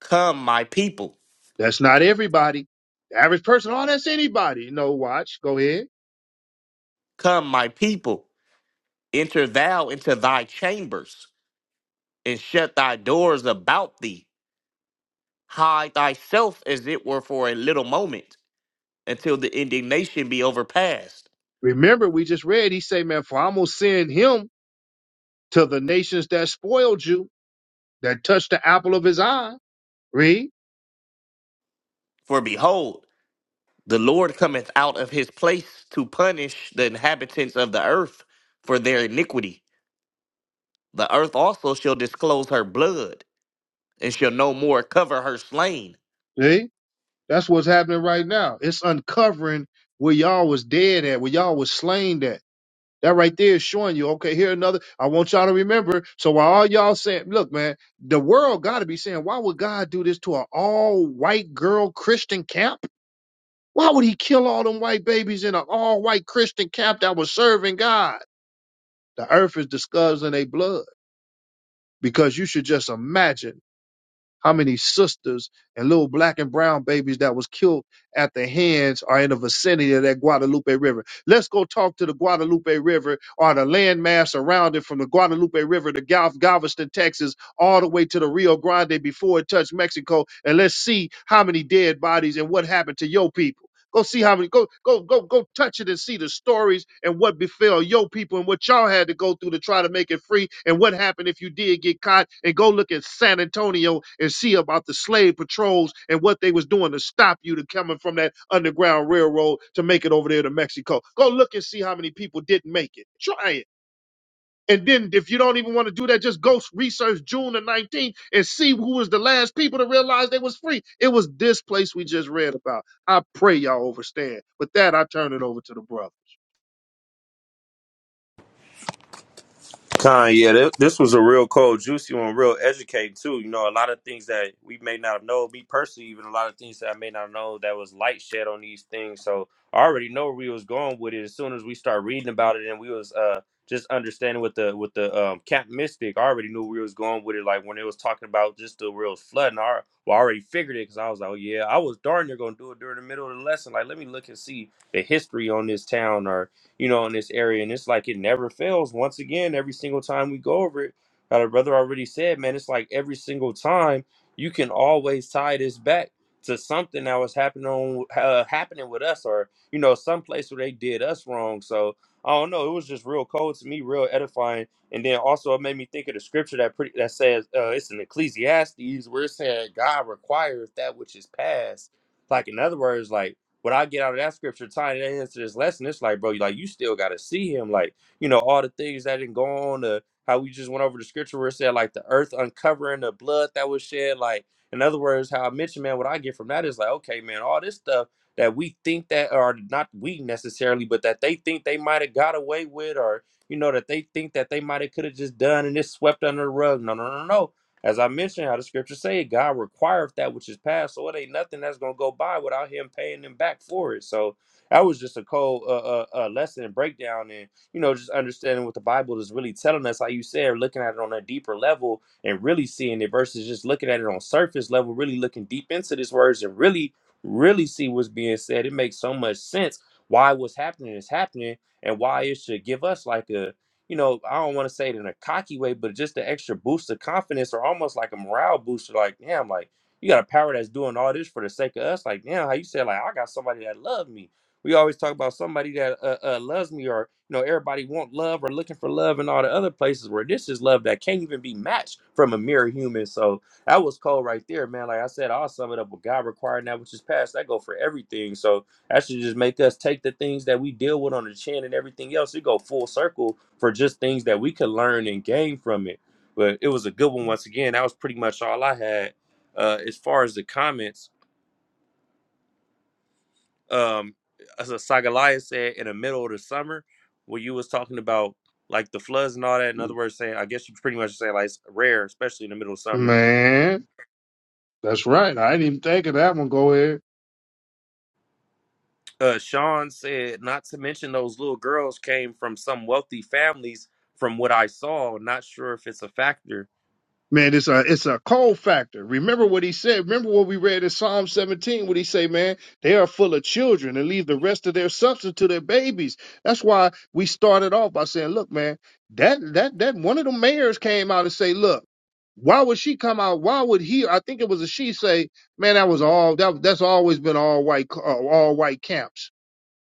[SPEAKER 2] Come my people,
[SPEAKER 1] that's not everybody. The average person, oh, that's anybody. No, watch. Go ahead.
[SPEAKER 2] come my people, enter thou into thy chambers and shut thy doors about thee. Hide thyself as it were for a little moment until the indignation be overpast.
[SPEAKER 1] Remember, we just read, he say, man, for I'm gonna send him to the nations that spoiled you that touched the apple of his eye. Read,
[SPEAKER 2] For behold, The Lord cometh out of his place to punish the inhabitants of the earth for their iniquity. The earth also shall disclose her blood, and shall no more cover her slain.
[SPEAKER 1] see? That's what's happening right now. It's uncovering where y'all was dead at, where y'all was slain at. That right there is showing you, okay, here another. I want y'all to remember. So while all y'all saying, look, man, the world got to be saying, why would God do this to an all white girl Christian camp? Why would he kill all them white babies in an all white Christian camp that was serving God? The earth is discussing in a blood because you should just imagine how many sisters and little black and brown babies that was killed at the hands or in the vicinity of that Guadalupe River. Let's go talk to the Guadalupe River or the landmass around it from the Guadalupe River to Gal- Galveston, Texas, all the way to the Rio Grande before it touched Mexico, and let's see how many dead bodies and what happened to your people. Go see how many. Go go go go touch it and see the stories and what befell your people and what y'all had to go through to try to make it free and what happened if you did get caught. And go look at San Antonio and see about the slave patrols and what they was doing to stop you to coming from that underground railroad to make it over there to Mexico. Go look and see how many people didn't make it. Try it. And then if you don't even want to do that, just go research June the 19th and see who was the last people to realize they was free. It was this place we just read about. I pray y'all overstand. With that, I turn it over to the brother.
[SPEAKER 3] Con, yeah, th- this was a real cold, juicy one, real educating too. You know, a lot of things that we may not know, me personally, even a lot of things that I may not know that was light shed on these things. So I already know where we was going with it as soon as we start reading about it and we was uh just understanding with the with the um cap mystic. I already knew where we was going with it. Like when it was talking about just the real flooding, I, al- well, I already figured it because I was like, oh yeah, I was darn near gonna do it during the middle of the lesson. Like let me look and see the history on this town you know, in this area. And it's like it never fails. Once again, every single time we go over it, uh, the brother already said, man, it's like every single time you can always tie this back to something that was happening on uh, happening with us, or you know, some place where they did us wrong. So I don't know. It was just real cold to me, real edifying. And then also it made me think of the scripture that pretty that says uh, it's in Ecclesiastes where it said God requires that which is past. Like in other words, like what I get out of that scripture tying it into this lesson, it's like, bro, like you still gotta see him. Like, you know, all the things that didn't go on, uh, how we just went over the scripture where it said like the earth uncovering the blood that was shed. Like, in other words, how I mentioned, man, what I get from that is like, okay, man, all this stuff that we think that are not we necessarily, but that they think they might have got away with, or you know, that they think that they might have could have just done and it's swept under the rug. No, no, no, no. As I mentioned, how the scriptures say, God requireth that which is past, so it ain't nothing that's gonna go by without Him paying them back for it. So that was just a cold uh, uh, uh, lesson and breakdown, and you know, just understanding what the Bible is really telling us. How you said, looking at it on a deeper level and really seeing it versus just looking at it on surface level. Really looking deep into these words and really, really see what's being said. It makes so much sense why what's happening is happening and why it should give us like a you know, I don't want to say it in a cocky way, but just the extra boost of confidence or almost like a morale booster. Like, damn, like you got a power that's doing all this for the sake of us. Like, damn, how you said, like, I got somebody that love me. We always talk about somebody that uh, uh, loves me or, you know, everybody want love or looking for love and all the other places where this is love that can't even be matched from a mere human. So that was cold right there, man. Like I said, I'll sum it up with God requiring that which is past. That go for everything. So that should just make us take the things that we deal with on the chin and everything else. It go full circle for just things that we could learn and gain from it. But it was a good one once again. That was pretty much all I had. Uh, as far as the comments, um, as Sagalaya said in the middle of the summer, when you was talking about like the floods and all that, in other words, saying I guess you pretty much saying like it's rare, especially in the middle of summer.
[SPEAKER 1] Man, that's right. I didn't even think of that one. Go ahead.
[SPEAKER 3] Uh, Sean said not to mention those little girls came from some wealthy families. From what I saw, not sure if it's a factor
[SPEAKER 1] Man, it's a it's a cold factor. Remember what he said. Remember what we read in Psalm 17. What he say, man, they are full of children and leave the rest of their substance to their babies. That's why we started off by saying, look, man, that that that one of the mayors came out and say, look, why would she come out? Why would he? I think it was a she say, man, that was all that that's always been all white uh, all white camps.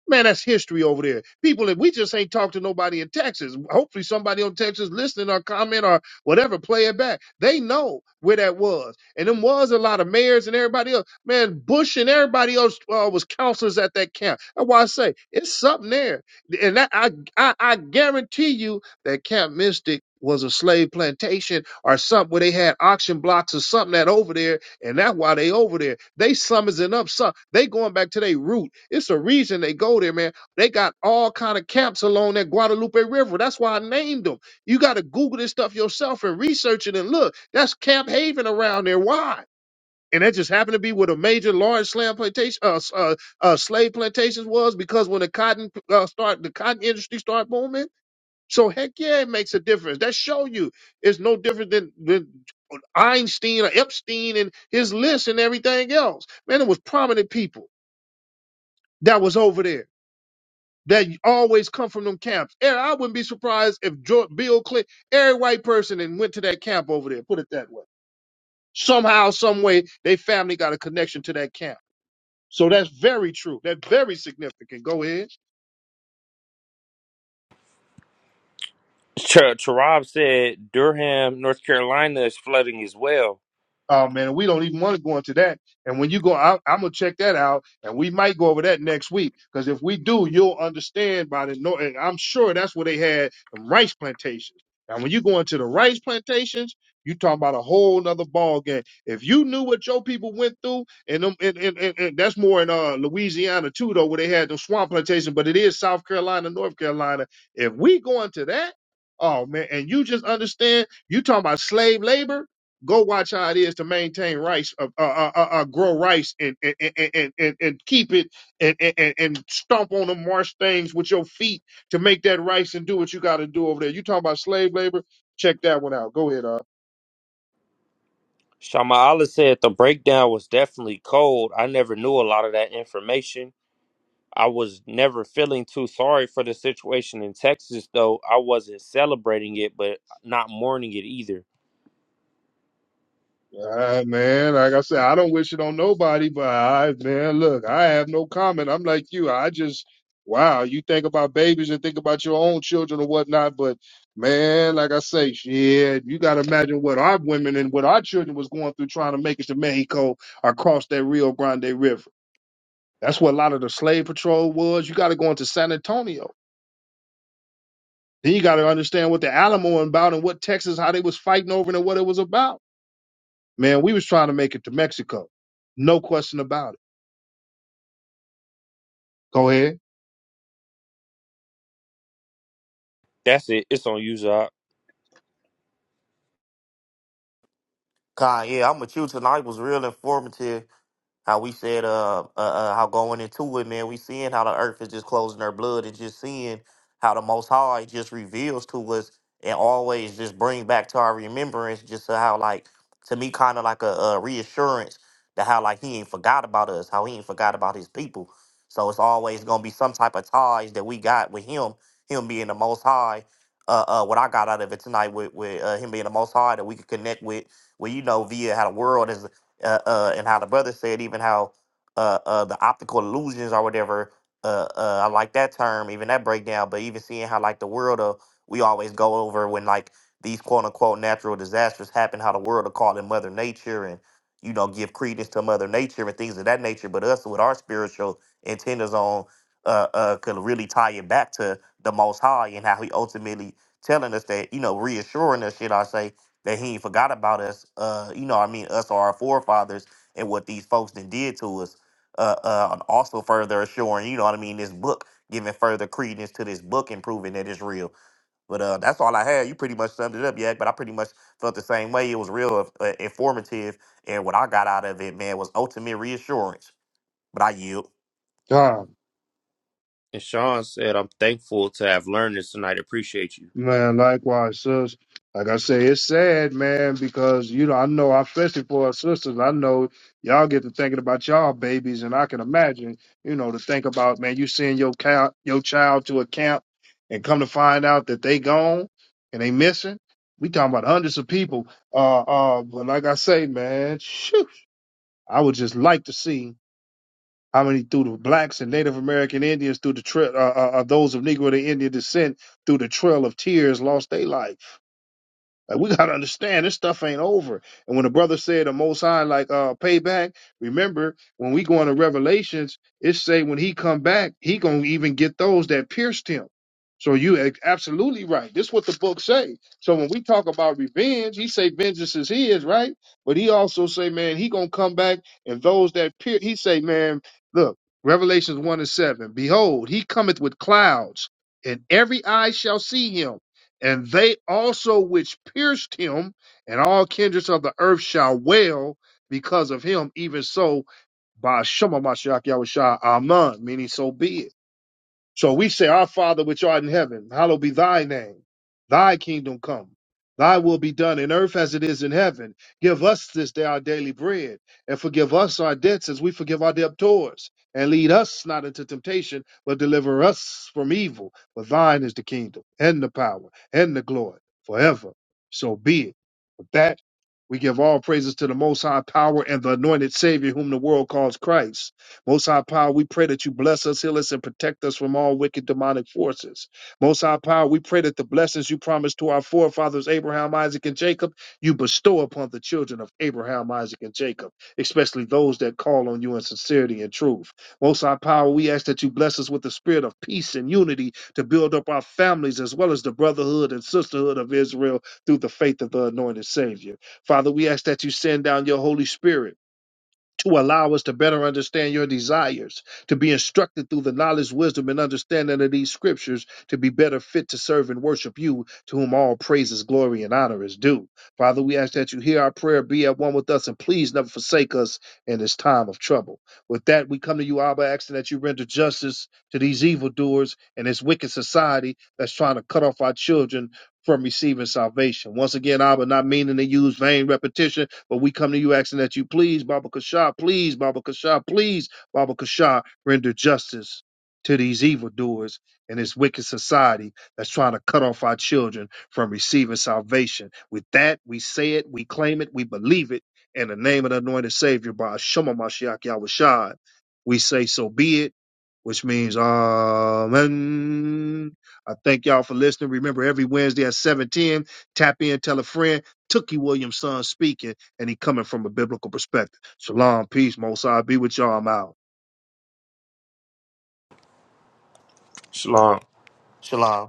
[SPEAKER 1] Man, that's history over there. People that we just ain't talked to nobody in Texas. Hopefully somebody on Texas listening or comment or whatever, play it back. They know where that was. And them was a lot of mayors and everybody else. Man, Bush and everybody else uh, was counselors at that camp. That's why I say it's something there. And that, I, I I guarantee you that Camp Mystic was a slave plantation or something where they had auction blocks or something that over there and that's why they over there. They summoning up some. They going back to their root. It's a reason they go there, man. They got all kind of camps along that Guadalupe River. That's why I named them. You got to Google this stuff yourself and research it and look. That's Camp Haven around there. Why? And that just happened to be where the major large slam plantation, uh, s- uh, uh, slave plantations was because when the cotton uh, start, the cotton industry start booming so heck yeah, it makes a difference. That show you it's no different than, than Einstein or Epstein and his list and everything else. Man, it was prominent people that was over there that always come from them camps. And I wouldn't be surprised if George, Bill Clinton, every white person and went to that camp over there. Put it that way. Somehow, some way, they family got a connection to that camp. So that's very true. That's very significant. Go ahead.
[SPEAKER 3] Ch- Charab said Durham, North Carolina is flooding as well.
[SPEAKER 1] Oh man, we don't even want to go into that. And when you go, I, I'm gonna check that out, and we might go over that next week. Because if we do, you'll understand by the no. And I'm sure that's where they had the rice plantations. And when you go into the rice plantations, you talk about a whole nother ball game. If you knew what your people went through, and them, and, and, and, and that's more in uh, Louisiana too, though, where they had the swamp plantation. But it is South Carolina, North Carolina. If we go into that, oh man, and you just understand, you talking about slave labor Go watch how it is to maintain rice, uh, uh, uh, uh, uh, grow rice, and and, and, and, and keep it, and, and and and stomp on the marsh things with your feet to make that rice and do what you got to do over there. You talking about slave labor? Check that one out. Go ahead, uh.
[SPEAKER 3] Shama Allah said the breakdown was definitely cold. I never knew a lot of that information. I was never feeling too sorry for the situation in Texas, though. I wasn't celebrating it, but not mourning it either.
[SPEAKER 1] Uh, man, like I said, I don't wish it on nobody, but I, man, look, I have no comment. I'm like you. I just, wow, you think about babies and think about your own children or whatnot, but man, like I say, shit, you got to imagine what our women and what our children was going through trying to make it to Mexico across that Rio Grande River. That's what a lot of the slave patrol was. You got to go into San Antonio. Then you got to understand what the Alamo about and what Texas, how they was fighting over it and what it was about. Man, we was trying to make it to Mexico. No question about it. Go ahead.
[SPEAKER 3] That's it. It's on you, Zach.
[SPEAKER 2] God, yeah, I'm with you tonight. was real informative. How we said, uh, uh, uh, how going into it, man, we seeing how the earth is just closing her blood and just seeing how the Most High just reveals to us and always just bring back to our remembrance just how, like, to me, kind of like a, a reassurance that how, like, He ain't forgot about us, how He ain't forgot about His people. So it's always gonna be some type of ties that we got with Him, Him being the Most High. Uh, uh, what I got out of it tonight with with uh, Him being the Most High that we could connect with well, you know, via how the world is uh, uh, and how the brother said, even how uh, uh, the optical illusions or whatever. Uh, uh, I like that term, even that breakdown. But even seeing how like the world of we always go over when like these quote unquote natural disasters happen, how the world will call it Mother Nature and you know give credence to Mother Nature and things of that nature. But us with our spiritual antennas on uh, uh, could really tie it back to the Most High and how He ultimately telling us that you know reassuring us, should I say, that he ain't forgot about us. Uh, you know, what I mean, us or our forefathers and what these folks then did to us. Uh, uh, and also further assuring, you know what I mean, this book, giving further credence to this book and proving that it's real. But uh, that's all I had. You pretty much summed it up, yeah. But I pretty much felt the same way. It was real uh, uh, informative, and what I got out of it, man, was ultimate reassurance. But I yield.
[SPEAKER 1] Ah,
[SPEAKER 3] And Sean said, I'm thankful to have learned this tonight. Appreciate you.
[SPEAKER 1] man, likewise, sis. Like I say, it's sad, man, because you know, I know I especially for our sisters, I know y'all get to thinking about y'all babies, and I can imagine, you know, to think about, man, you send your count your child to a camp and come to find out that they gone and they missing. We talking about hundreds of people. Uh uh, but like I say, man, shoot, I would just like to see How many through the blacks and Native American Indians through the trail, uh, uh, uh, those of Negro to Indian descent through the Trail of Tears lost their life? Like we gotta understand this stuff ain't over. And when the brother said the most high like uh payback, remember when we go into Revelations, it say when he come back, he gonna even get those that pierced him. So you a- absolutely right. This what the book say. So when we talk about revenge, he say vengeance is his, right? But he also say, man, he gonna come back and those that pier he say, man, look, Revelations one and seven, behold, he cometh with clouds, and every eye shall see him and they also which pierced him, and all kindreds of the earth shall wail because of him. Even so, by Shema Mashiach Yahushua, Amen. Meaning, so be it. So we say, Our Father which art in heaven, hallowed be thy name. Thy kingdom come. Thy will be done in earth as it is in heaven. Give us this day our daily bread, and forgive us our debts as we forgive our debtors. And lead us not into temptation, but deliver us from evil. For thine is the kingdom, and the power, and the glory, forever. So be it. With that, we give all praises to the Most High Power and the anointed Savior, whom the world calls Christ. Most High Power, we pray that you bless us, heal us, and protect us from all wicked demonic forces. Most High Power, we pray that the blessings you promised to our forefathers, Abraham, Isaac, and Jacob, you bestow upon the children of Abraham, Isaac, and Jacob, especially those that call on you in sincerity and truth. Most High Power, we ask that you bless us with the spirit of peace and unity to build up our families as well as the brotherhood and sisterhood of Israel through the faith of the anointed Savior. Father, we ask that you send down your Holy Spirit to allow us to better understand your desires, to be instructed through the knowledge, wisdom, and understanding of these scriptures, to be better fit to serve and worship you, to whom all praises, glory, and honor is due. Father, we ask that you hear our prayer, be at one with us, and please never forsake us in this time of trouble. With that, we come to you, Abba, asking that you render justice to these evildoers and this wicked society that's trying to cut off our children. From receiving salvation. Once again, Abba, not meaning to use vain repetition but we come to you asking that you please, Baba Kasha, please, Baba Kasha, please, Baba Kasha, render justice to these evildoers and this wicked society that's trying to cut off our children from receiving salvation. With that, we say it, we claim it, we believe it. In the name of the anointed Savior, by Shema Mashiach Yahushua, we say, so be it, which means, Amen. I thank y'all for listening. Remember, every Wednesday at 710, tap in, tell a friend. Tookie Williams, son, speaking and he coming from a biblical perspective. Shalom, peace, Mosai, be with y'all. I'm out.
[SPEAKER 3] Shalom.
[SPEAKER 2] Shalom.